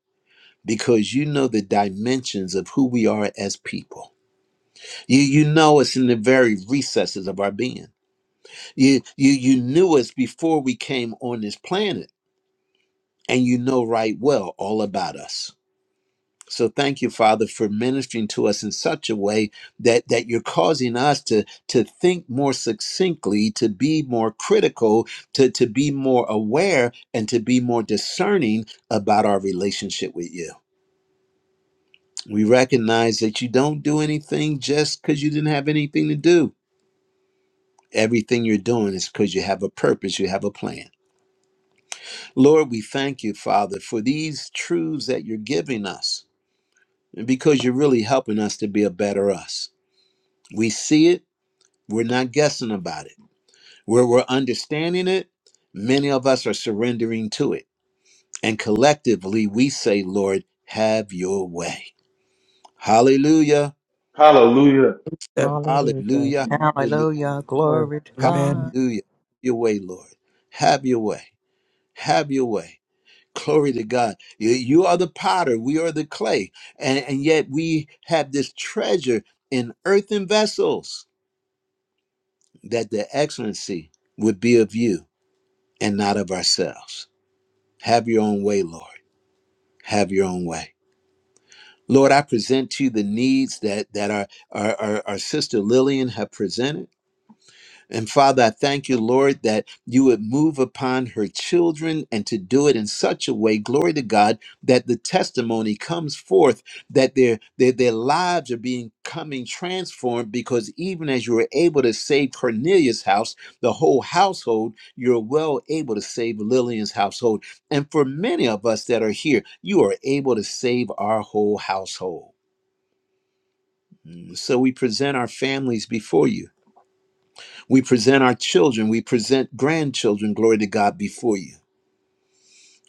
Speaker 1: because you know the dimensions of who we are as people. You, you know us in the very recesses of our being you you you knew us before we came on this planet, and you know right well all about us. So thank you, Father, for ministering to us in such a way that that you're causing us to to think more succinctly, to be more critical, to to be more aware, and to be more discerning about our relationship with you. We recognize that you don't do anything just because you didn't have anything to do. Everything you're doing is because you have a purpose, you have a plan. Lord, we thank you, Father, for these truths that you're giving us and because you're really helping us to be a better us. We see it, we're not guessing about it. Where we're understanding it, many of us are surrendering to it. And collectively, we say, Lord, have your way. Hallelujah,
Speaker 2: Hallelujah.
Speaker 5: Hallelujah.
Speaker 1: hallelujah, hallelujah,
Speaker 9: Hallelujah.
Speaker 5: Word.
Speaker 9: Glory to
Speaker 4: Amen.
Speaker 9: God.
Speaker 1: hallelujah. Your way, Lord. Have your way. Have your way. Glory to God. You, you are the potter, we are the clay. And, and yet we have this treasure in earthen vessels that the excellency would be of you and not of ourselves. Have your own way, Lord. Have your own way. Lord, I present to you the needs that, that our, our, our, our sister Lillian have presented. And Father, I thank you, Lord, that you would move upon her children and to do it in such a way, glory to God, that the testimony comes forth, that their, their, their lives are being coming transformed because even as you were able to save Cornelius' house, the whole household, you're well able to save Lillian's household. And for many of us that are here, you are able to save our whole household. So we present our families before you we present our children, we present grandchildren, glory to God, before you.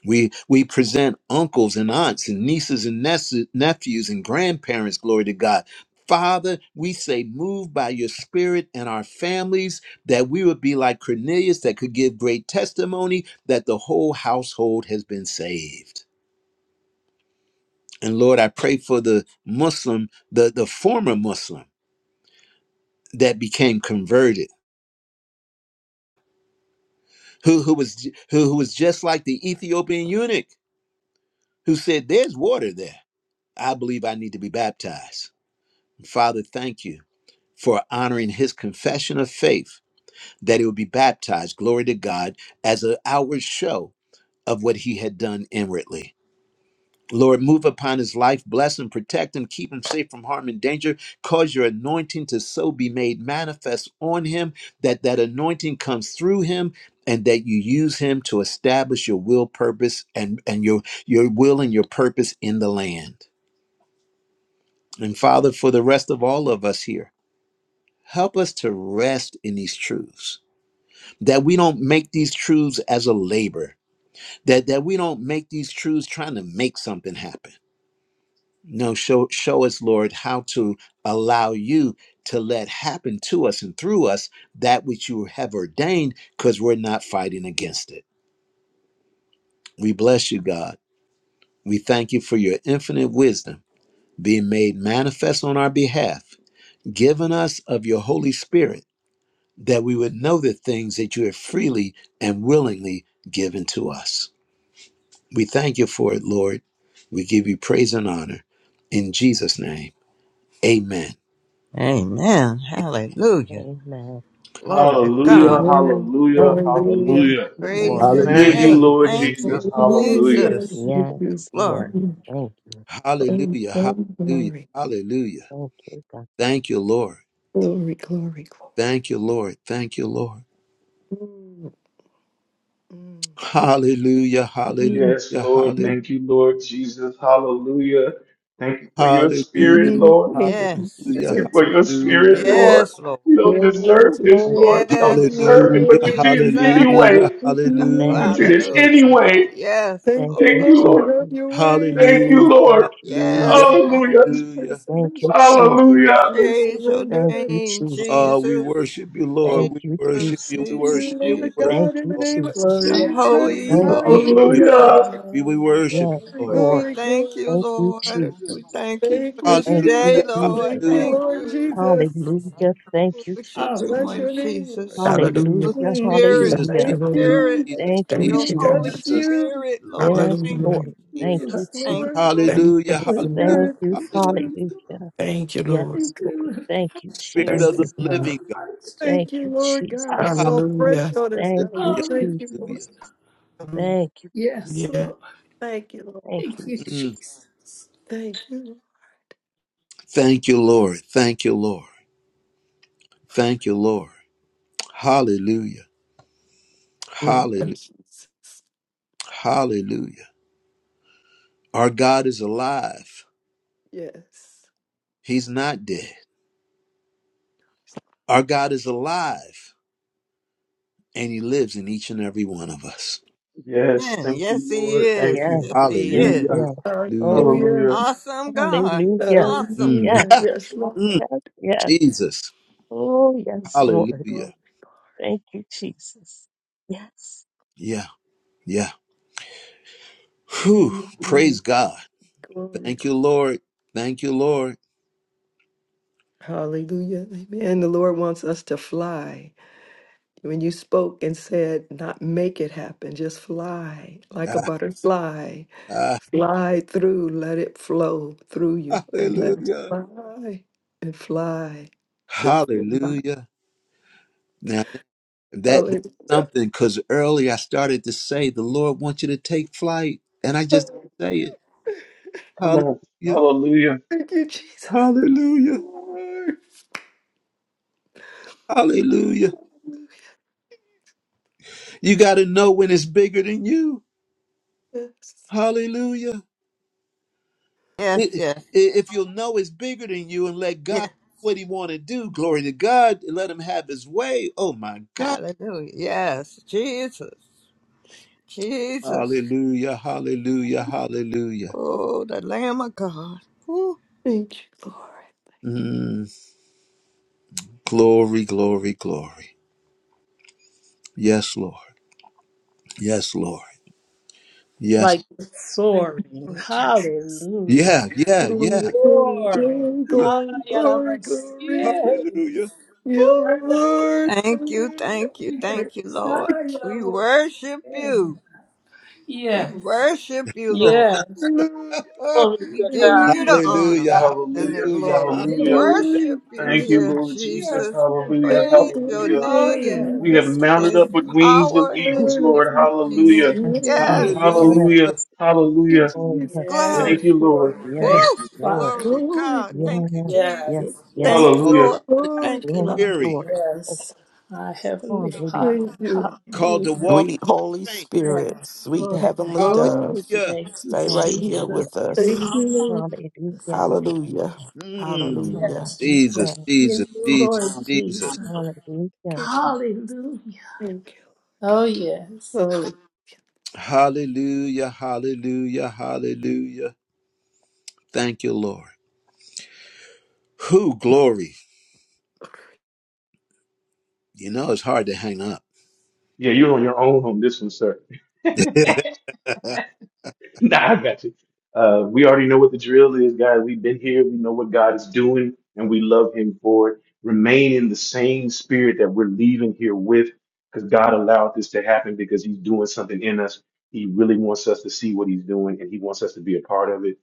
Speaker 1: We, we present uncles and aunts and nieces and nes- nephews and grandparents, glory to God. Father, we say, move by your spirit and our families that we would be like Cornelius that could give great testimony that the whole household has been saved. And Lord, I pray for the Muslim, the, the former Muslim that became converted, who, who, was, who, who was just like the Ethiopian eunuch who said, There's water there. I believe I need to be baptized. Father, thank you for honoring his confession of faith that he would be baptized, glory to God, as an outward show of what he had done inwardly. Lord, move upon his life, bless him, protect him, keep him safe from harm and danger. Cause your anointing to so be made manifest on him that that anointing comes through him and that you use him to establish your will, purpose, and, and your, your will and your purpose in the land. And Father, for the rest of all of us here, help us to rest in these truths. That we don't make these truths as a labor. That that we don't make these truths trying to make something happen. No, show show us, Lord, how to allow you to let happen to us and through us that which you have ordained, because we're not fighting against it. We bless you, God. We thank you for your infinite wisdom being made manifest on our behalf, given us of your Holy Spirit that we would know the things that you have freely and willingly given to us. We thank you for it, Lord. We give you praise and honor. In Jesus' name, amen.
Speaker 9: Amen. Hallelujah.
Speaker 5: Amen.
Speaker 9: Glory to
Speaker 2: Hallelujah.
Speaker 5: Hallelujah.
Speaker 9: God.
Speaker 3: Amen.
Speaker 2: Hallelujah.
Speaker 5: Yes,
Speaker 3: Hallelujah.
Speaker 2: Hallelujah.
Speaker 9: Praise
Speaker 5: Lord.
Speaker 9: the
Speaker 3: Amen.
Speaker 2: Thank
Speaker 5: Thank
Speaker 2: you,
Speaker 1: Hallelujah.
Speaker 5: you,
Speaker 9: name.
Speaker 2: Lord
Speaker 9: Thank
Speaker 5: Jesus.
Speaker 9: you,
Speaker 2: Jesus. Hallelujah.
Speaker 3: Hallelujah.
Speaker 9: Jesus.
Speaker 3: Thank
Speaker 5: Yes,
Speaker 3: you.
Speaker 5: Lord.
Speaker 9: Glory.
Speaker 5: Thank you.
Speaker 3: Oh,
Speaker 1: Hallelujah. Hallelujah.
Speaker 3: glory.
Speaker 1: Hallelujah.
Speaker 5: Thank you, God.
Speaker 1: Thank you, Lord.
Speaker 3: Glory, glory, glory.
Speaker 1: Thank you, Lord. Thank you, Lord.
Speaker 3: Mm, mm.
Speaker 1: Hallelujah. Hallelujah.
Speaker 3: Mm.
Speaker 2: Yes, Lord.
Speaker 1: Hallelujah.
Speaker 2: Thank
Speaker 3: mm.
Speaker 2: you, Lord Jesus. Hallelujah. Thank you for your spirit,
Speaker 1: Hallelujah.
Speaker 3: Amen.
Speaker 2: Lord.
Speaker 3: Thank you,
Speaker 9: Yes.
Speaker 2: Thank you
Speaker 3: Jesus.
Speaker 2: for your spirit,
Speaker 1: Hallelujah.
Speaker 2: Lord.
Speaker 9: Yes, Lord.
Speaker 2: We don't
Speaker 3: Yes,
Speaker 2: deserve this,
Speaker 5: Thank you,
Speaker 2: Lord.
Speaker 3: Lord.
Speaker 2: We
Speaker 1: Hallelujah.
Speaker 2: don't
Speaker 3: Thank
Speaker 9: Yes,
Speaker 3: you,
Speaker 5: Jesus.
Speaker 9: Lord.
Speaker 3: Holy
Speaker 2: deserve it,
Speaker 5: Thank
Speaker 1: Hallelujah.
Speaker 2: but
Speaker 5: you,
Speaker 2: you
Speaker 3: Ghost.
Speaker 9: Jesus.
Speaker 2: did it
Speaker 5: Jesus.
Speaker 1: Hallelujah.
Speaker 9: Oh,
Speaker 2: anyway.
Speaker 3: Thank you,
Speaker 1: Hallelujah.
Speaker 5: Thank
Speaker 2: You
Speaker 5: you,
Speaker 2: did
Speaker 3: Lord.
Speaker 2: it
Speaker 9: hallelujah.
Speaker 5: Jesus.
Speaker 3: Hallelujah.
Speaker 2: anyway.
Speaker 9: Yes,
Speaker 3: Thank
Speaker 5: Thank
Speaker 3: you,
Speaker 5: you,
Speaker 2: Thank
Speaker 9: Lord.
Speaker 2: you,
Speaker 3: Lord.
Speaker 2: Lord.
Speaker 5: Jesus.
Speaker 3: Have your way.
Speaker 2: Thank you,
Speaker 1: Hallelujah,
Speaker 5: Thank
Speaker 2: Lord.
Speaker 5: you,
Speaker 1: hallelujah,
Speaker 9: Yes,
Speaker 5: Jesus.
Speaker 9: Lord.
Speaker 2: Hallelujah.
Speaker 3: Thank you for the
Speaker 1: hallelujah.
Speaker 5: Thank you,
Speaker 3: solution.
Speaker 5: Jesus.
Speaker 2: Hallelujah.
Speaker 3: We
Speaker 9: Praise your
Speaker 5: Thank
Speaker 3: surrender
Speaker 5: you,
Speaker 9: name,
Speaker 5: Jesus.
Speaker 1: Uh, we
Speaker 9: Jesus.
Speaker 1: worship you,
Speaker 3: to
Speaker 1: Lord.
Speaker 5: Thank
Speaker 1: We
Speaker 5: you,
Speaker 1: worship
Speaker 9: Jesus,
Speaker 1: you. We
Speaker 5: Jesus.
Speaker 3: you,
Speaker 9: Jesus,
Speaker 1: worship you.
Speaker 3: Lord
Speaker 1: We
Speaker 9: Jesus.
Speaker 1: worship
Speaker 5: Thank
Speaker 3: God, in
Speaker 1: you,
Speaker 5: you,
Speaker 3: the
Speaker 1: Lord.
Speaker 3: name of
Speaker 5: Jesus.
Speaker 9: The
Speaker 10: Glory and
Speaker 3: Jesus.
Speaker 9: holy,
Speaker 1: We
Speaker 5: Thank
Speaker 10: hallelujah.
Speaker 1: worship
Speaker 5: you,
Speaker 9: holy,
Speaker 10: Glory
Speaker 1: you. We worship
Speaker 3: Hallelujah.
Speaker 10: to
Speaker 9: holy.
Speaker 5: Jesus.
Speaker 2: Hallelujah.
Speaker 10: your
Speaker 1: you, we
Speaker 10: name, Lord.
Speaker 1: worship you
Speaker 5: Yes,
Speaker 10: You're
Speaker 3: Glory,
Speaker 1: Lord.
Speaker 10: worthy.
Speaker 9: We
Speaker 5: Lord.
Speaker 3: glory,
Speaker 9: thank
Speaker 3: glory.
Speaker 9: you,
Speaker 5: Thank you,
Speaker 9: Lord. We
Speaker 5: Jesus.
Speaker 9: thank you for
Speaker 3: Thank you,
Speaker 9: this
Speaker 5: Thank you,
Speaker 3: Jesus.
Speaker 9: day,
Speaker 1: Hallelujah,
Speaker 9: Lord.
Speaker 3: Thank
Speaker 5: Jesus.
Speaker 1: hallelujah.
Speaker 3: you,
Speaker 9: Thank
Speaker 10: Oh,
Speaker 3: Lord
Speaker 9: you
Speaker 3: Jesus.
Speaker 5: Hallelujah. Thank
Speaker 9: for
Speaker 5: you,
Speaker 9: what you're
Speaker 5: Jesus.
Speaker 3: Bless
Speaker 10: hallelujah.
Speaker 9: doing,
Speaker 3: your name,
Speaker 9: Jesus,
Speaker 3: Lord.
Speaker 9: for your
Speaker 4: Hallelujah.
Speaker 5: Hallelujah.
Speaker 10: Thank you.
Speaker 3: We
Speaker 10: Jesus.
Speaker 9: spirit,
Speaker 1: Jesus,
Speaker 4: Thank
Speaker 9: the
Speaker 5: Hallelujah.
Speaker 4: you,
Speaker 3: thank
Speaker 1: Jesus,
Speaker 4: Lord.
Speaker 9: spirit.
Speaker 3: you.
Speaker 1: Jesus,
Speaker 10: Praise
Speaker 5: Thank
Speaker 10: your
Speaker 5: you,
Speaker 1: Jesus,
Speaker 4: Thank
Speaker 3: We
Speaker 9: your
Speaker 4: you,
Speaker 10: name,
Speaker 5: Jesus.
Speaker 10: Lord.
Speaker 9: Holy
Speaker 4: God.
Speaker 3: bless
Speaker 1: Jesus.
Speaker 3: you.
Speaker 9: Spirit,
Speaker 10: We,
Speaker 9: Lord.
Speaker 5: Yes,
Speaker 9: Thank
Speaker 4: Hallelujah.
Speaker 5: Lord.
Speaker 9: you,
Speaker 10: we
Speaker 5: Thank
Speaker 9: Jesus.
Speaker 5: you,
Speaker 3: Yes,
Speaker 10: lift
Speaker 9: Thank you,
Speaker 5: Jesus.
Speaker 3: Lord.
Speaker 9: Lord.
Speaker 4: Thank
Speaker 1: Hallelujah,
Speaker 4: you,
Speaker 10: we
Speaker 4: Lord.
Speaker 1: hallelujah,
Speaker 10: bow
Speaker 5: Thank
Speaker 3: Spirit,
Speaker 5: you.
Speaker 1: hallelujah.
Speaker 10: before you.
Speaker 5: Hallelujah.
Speaker 4: Thank you, Lord.
Speaker 5: Yes,
Speaker 3: thank
Speaker 10: We
Speaker 5: Lord.
Speaker 10: lift
Speaker 5: Thank
Speaker 10: our
Speaker 5: you,
Speaker 1: Spirit
Speaker 4: Thank
Speaker 1: of
Speaker 10: hands
Speaker 1: the
Speaker 4: you,
Speaker 5: Jesus.
Speaker 10: and our
Speaker 4: God.
Speaker 1: living
Speaker 10: hearts.
Speaker 5: Thank
Speaker 3: thank you,
Speaker 5: you,
Speaker 3: Lord God.
Speaker 1: God.
Speaker 5: Jesus.
Speaker 3: Fall fresh
Speaker 4: Hallelujah.
Speaker 3: on us, God.
Speaker 5: Thank
Speaker 3: We
Speaker 5: you,
Speaker 1: Hallelujah,
Speaker 10: Hallelujah.
Speaker 3: thank you, Lord.
Speaker 1: hallelujah.
Speaker 5: Jesus. Thank you, Jesus.
Speaker 10: Yes, Lord.
Speaker 4: Hallelujah.
Speaker 3: Thank you, Lord.
Speaker 5: Thank
Speaker 10: Thank
Speaker 5: you,
Speaker 10: you,
Speaker 5: Jesus.
Speaker 1: Mm.
Speaker 10: Jesus.
Speaker 3: Thank you.
Speaker 1: Thank you, Lord. Thank you, Lord. Thank you, Lord. Hallelujah.
Speaker 3: Thank you,
Speaker 1: Hallelujah.
Speaker 3: Jesus.
Speaker 1: Hallelujah. Our God is alive.
Speaker 3: Yes.
Speaker 1: He's not dead. Our God is alive and he lives in each and every one of us.
Speaker 2: Yes,
Speaker 9: Amen.
Speaker 2: thank you,
Speaker 9: Yes, He
Speaker 2: Lord.
Speaker 9: is.
Speaker 2: Thank
Speaker 5: Yeah,
Speaker 2: you.
Speaker 9: Yes,
Speaker 2: Thank
Speaker 9: He
Speaker 2: you.
Speaker 5: yeah,
Speaker 2: Thank
Speaker 9: is.
Speaker 1: Hallelujah.
Speaker 2: you.
Speaker 5: yeah.
Speaker 1: Hallelujah.
Speaker 5: Oh, yeah.
Speaker 3: Hallelujah.
Speaker 2: Hallelujah.
Speaker 9: Awesome God.
Speaker 5: Hallelujah.
Speaker 9: Awesome.
Speaker 1: Mm.
Speaker 5: Yes,
Speaker 3: Hallelujah. Yes,
Speaker 1: Mm.
Speaker 3: Lord.
Speaker 5: yes, yes.
Speaker 1: Jesus.
Speaker 5: Oh, yes, Lord.
Speaker 3: Glory,
Speaker 1: Hallelujah.
Speaker 5: Thank you, Jesus. Yes.
Speaker 1: Yeah. Yeah. Whew.
Speaker 3: Mm,
Speaker 1: Praise
Speaker 3: mm,
Speaker 1: God.
Speaker 3: glory.
Speaker 1: Thank you, Lord. Thank you, Lord.
Speaker 3: Hallelujah. Amen. The Lord wants us to fly. When you spoke and said, not make it happen, just fly like a
Speaker 1: Ah,
Speaker 3: butterfly,
Speaker 1: ah.
Speaker 3: fly through, let it flow through you, and let it
Speaker 1: Hallelujah.
Speaker 3: fly and fly. Just fly.
Speaker 1: Hallelujah. Now that that's
Speaker 3: Hallelujah.
Speaker 1: something because earlier I started to say the Lord wants you to take flight. And I just
Speaker 3: Thank
Speaker 1: didn't say it.
Speaker 2: Come on.
Speaker 1: Hallelujah.
Speaker 2: Hallelujah.
Speaker 3: you, Jesus.
Speaker 1: Hallelujah.
Speaker 3: Lord.
Speaker 1: Hallelujah. You got to know when it's bigger than you.
Speaker 3: Yes.
Speaker 1: Hallelujah.
Speaker 9: Yes,
Speaker 1: I- i-
Speaker 9: yes,
Speaker 1: If you'll know it's bigger than you and let God
Speaker 9: yes.
Speaker 1: do what he want to do, glory to God, and let him have his way. Oh my God.
Speaker 9: Hallelujah. Yes, Jesus. Jesus.
Speaker 1: Hallelujah. Hallelujah. Hallelujah.
Speaker 9: Oh, the Lamb of God. Woo.
Speaker 3: Thank you, Lord.
Speaker 1: Mm, glory, glory, glory. Yes, Lord. Yes, Lord. Yes.
Speaker 10: Like the
Speaker 3: Thank you,
Speaker 10: soaring.
Speaker 3: Lord Jesus.
Speaker 10: Hallelujah.
Speaker 1: Yeah, yeah, yeah.
Speaker 3: Glory, glory,
Speaker 10: Soaring.
Speaker 3: glory,
Speaker 10: Ah,
Speaker 3: glory,
Speaker 10: yeah, that
Speaker 3: glory, glory.
Speaker 10: yeah.
Speaker 1: Hallelujah. Hallelujah.
Speaker 10: Woo.
Speaker 3: Yeah, Lord.
Speaker 9: Thank you, thank
Speaker 3: Hallelujah.
Speaker 9: you,
Speaker 10: Yes.
Speaker 9: thank you, Lord. We worship you. We worship you, Lord.
Speaker 10: Yes.
Speaker 3: Hallelujah.
Speaker 10: Glory
Speaker 9: We
Speaker 10: to
Speaker 9: give
Speaker 10: God.
Speaker 9: you
Speaker 3: Hallelujah.
Speaker 9: the honor
Speaker 1: hallelujah.
Speaker 9: and the
Speaker 2: Hallelujah.
Speaker 1: Hallelujah.
Speaker 9: glory. We
Speaker 1: Hallelujah.
Speaker 2: Hallelujah.
Speaker 3: Glory,
Speaker 9: worship you,
Speaker 2: Thank you,
Speaker 9: dear
Speaker 2: Lord
Speaker 10: Yes.
Speaker 2: Jesus.
Speaker 9: Jesus.
Speaker 2: Hallelujah.
Speaker 3: glory,
Speaker 9: Praise your
Speaker 3: glory,
Speaker 2: Hallelujah.
Speaker 10: Oh,
Speaker 9: name.
Speaker 3: glory.
Speaker 2: We have
Speaker 10: yes.
Speaker 3: Yes,
Speaker 10: Yes.
Speaker 2: mounted
Speaker 9: There's
Speaker 2: up with wings of
Speaker 9: power in the name
Speaker 2: eagles,
Speaker 3: Lord.
Speaker 9: of
Speaker 2: Lord. Hallelujah.
Speaker 9: Jesus.
Speaker 10: Mm.
Speaker 5: Yes, God.
Speaker 9: Yes.
Speaker 3: Yes.
Speaker 1: Hallelujah.
Speaker 5: Yes.
Speaker 2: Hallelujah.
Speaker 3: Thank you,
Speaker 2: Hallelujah.
Speaker 5: Oh,
Speaker 3: Jesus.
Speaker 5: yes,
Speaker 10: Yes,
Speaker 5: Lord.
Speaker 2: Thank
Speaker 9: Glory.
Speaker 2: you,
Speaker 10: Lord.
Speaker 2: Lord.
Speaker 10: Thank
Speaker 5: Yes,
Speaker 9: Woo!
Speaker 10: you, Father.
Speaker 5: Lord.
Speaker 9: Glory to
Speaker 3: Glory,
Speaker 9: God.
Speaker 3: glory,
Speaker 5: Yes,
Speaker 9: Thank you,
Speaker 5: yes,
Speaker 10: Yes.
Speaker 9: Jesus.
Speaker 5: yes,
Speaker 10: Yes.
Speaker 9: Thank you,
Speaker 1: Called
Speaker 2: Hallelujah.
Speaker 9: Lord.
Speaker 1: to run and
Speaker 3: glory,
Speaker 9: Thank you,
Speaker 5: yes,
Speaker 9: Lord.
Speaker 3: glory.
Speaker 1: weary.
Speaker 5: Lord. Oh,
Speaker 10: Yes. Our Heavenly
Speaker 5: hallelujah.
Speaker 10: Father.
Speaker 3: Thank you.
Speaker 1: Called to
Speaker 10: Hallelujah.
Speaker 5: Yes,
Speaker 1: walk
Speaker 4: Sweet Holy
Speaker 1: in faint.
Speaker 4: Spirit,
Speaker 10: Yes.
Speaker 4: sweet
Speaker 10: Glory to you.
Speaker 4: Heavenly Dove,
Speaker 3: Glory.
Speaker 1: Hallelujah.
Speaker 10: Thank you,
Speaker 4: stay right here
Speaker 10: Jesus.
Speaker 5: hallelujah.
Speaker 4: with
Speaker 3: Thank
Speaker 4: us.
Speaker 3: you,
Speaker 10: Jesus.
Speaker 3: Lord.
Speaker 5: Hallelujah.
Speaker 4: Hallelujah.
Speaker 1: Mm.
Speaker 4: Hallelujah.
Speaker 10: Yes. Just rest
Speaker 1: Jesus,
Speaker 5: Hallelujah.
Speaker 10: in
Speaker 1: Jesus,
Speaker 10: you,
Speaker 1: Jesus,
Speaker 10: Lord
Speaker 1: Jesus.
Speaker 10: Jesus.
Speaker 5: Hallelujah.
Speaker 3: Thank you,
Speaker 10: Hallelujah.
Speaker 3: Thank you, Lord
Speaker 10: Oh,
Speaker 3: God.
Speaker 10: yes.
Speaker 3: Holy.
Speaker 1: Hallelujah, hallelujah, hallelujah. Thank you, Lord. Who glory. You know, it's hard to hang up.
Speaker 2: Yeah, you're on your own on this one, sir. nah, I got you. Uh, we already know what the drill is, guys. We've been here. We know what God is doing, and we love Him for it. Remain in the same spirit that we're leaving here with, because God allowed this to happen because He's doing something in us. He really wants us to see what He's doing, and He wants us to be a part of it.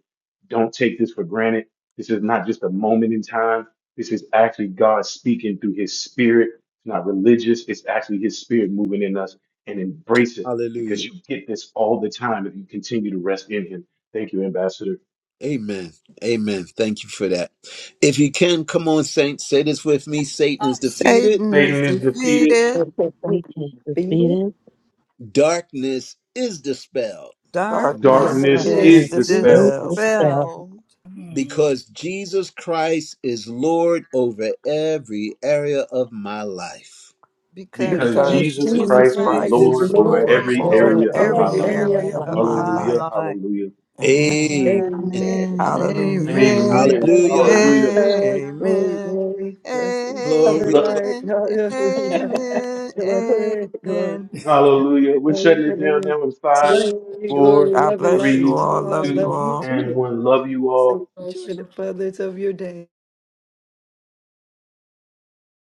Speaker 2: Don't take this for granted. This is not just a moment in time. This is actually God speaking through His Spirit. It's not religious. It's actually His Spirit moving in us, and embrace it because
Speaker 1: hallelujah.
Speaker 2: you get this all the time if you continue to rest in him. Thank you, Ambassador.
Speaker 1: Amen. Amen. Thank you for that. If you can, come on, saints, say this with me Satan is defeated,
Speaker 9: Satan is
Speaker 2: Satan is defeated,
Speaker 9: defeated.
Speaker 5: Satan is
Speaker 3: Beat it.
Speaker 5: defeated.
Speaker 1: darkness is dispelled
Speaker 4: Darkness
Speaker 9: Darkness
Speaker 2: darkness
Speaker 9: is
Speaker 4: is
Speaker 5: Darkness
Speaker 2: is
Speaker 3: Darkness.
Speaker 5: is
Speaker 3: Peace.
Speaker 2: dispelled
Speaker 4: dispelled
Speaker 5: dispelled.
Speaker 9: dispelled
Speaker 1: because Jesus Christ is Lord over every area of my life.
Speaker 9: because
Speaker 2: because
Speaker 3: because
Speaker 5: Because
Speaker 4: because
Speaker 2: Jesus
Speaker 9: Jesus
Speaker 3: Jesus
Speaker 4: Jesus
Speaker 2: Christ
Speaker 5: Jesus
Speaker 2: is
Speaker 9: Christ
Speaker 4: Christ
Speaker 3: Christ
Speaker 9: is
Speaker 5: is
Speaker 3: is
Speaker 2: Lord
Speaker 4: is
Speaker 5: the
Speaker 2: over
Speaker 3: Lord
Speaker 4: Lord
Speaker 9: Lord
Speaker 2: every
Speaker 5: Lord
Speaker 4: over
Speaker 9: over
Speaker 3: over
Speaker 2: area
Speaker 5: over
Speaker 2: of my
Speaker 3: every
Speaker 9: every
Speaker 4: every
Speaker 5: every
Speaker 10: Amen.
Speaker 2: life.
Speaker 3: area
Speaker 9: area
Speaker 4: area of
Speaker 3: of
Speaker 5: life.
Speaker 9: of
Speaker 3: my
Speaker 4: my
Speaker 3: life.
Speaker 9: my
Speaker 4: life.
Speaker 2: Hallelujah,
Speaker 9: life.
Speaker 2: hallelujah.
Speaker 4: Amen.
Speaker 1: Amen.
Speaker 3: Amen.
Speaker 10: I
Speaker 9: Amen.
Speaker 4: Hallelujah.
Speaker 9: Amen.
Speaker 2: Amen,
Speaker 3: Glory,
Speaker 1: Hallelujah.
Speaker 2: hallelujah.
Speaker 3: God, glory,
Speaker 9: Amen.
Speaker 3: glory, blessing,
Speaker 9: Amen.
Speaker 3: cover
Speaker 1: Glory,
Speaker 2: Look,
Speaker 3: light, hallelujah,
Speaker 9: Amen.
Speaker 3: glory, glory,
Speaker 9: Amen.
Speaker 2: hallelujah. We're
Speaker 3: glory,
Speaker 2: shutting it down
Speaker 3: amen.
Speaker 2: now in five,
Speaker 10: you, the
Speaker 3: Glory,
Speaker 10: joy of
Speaker 3: glory,
Speaker 2: four,
Speaker 4: God
Speaker 3: love and
Speaker 4: bless
Speaker 3: light
Speaker 4: you
Speaker 3: to
Speaker 2: three,
Speaker 4: all.
Speaker 3: you all,
Speaker 4: Love you
Speaker 2: two,
Speaker 3: love you
Speaker 4: all.
Speaker 2: and
Speaker 3: too.
Speaker 2: one. Love you all.
Speaker 3: So enjoy the furthers of your day.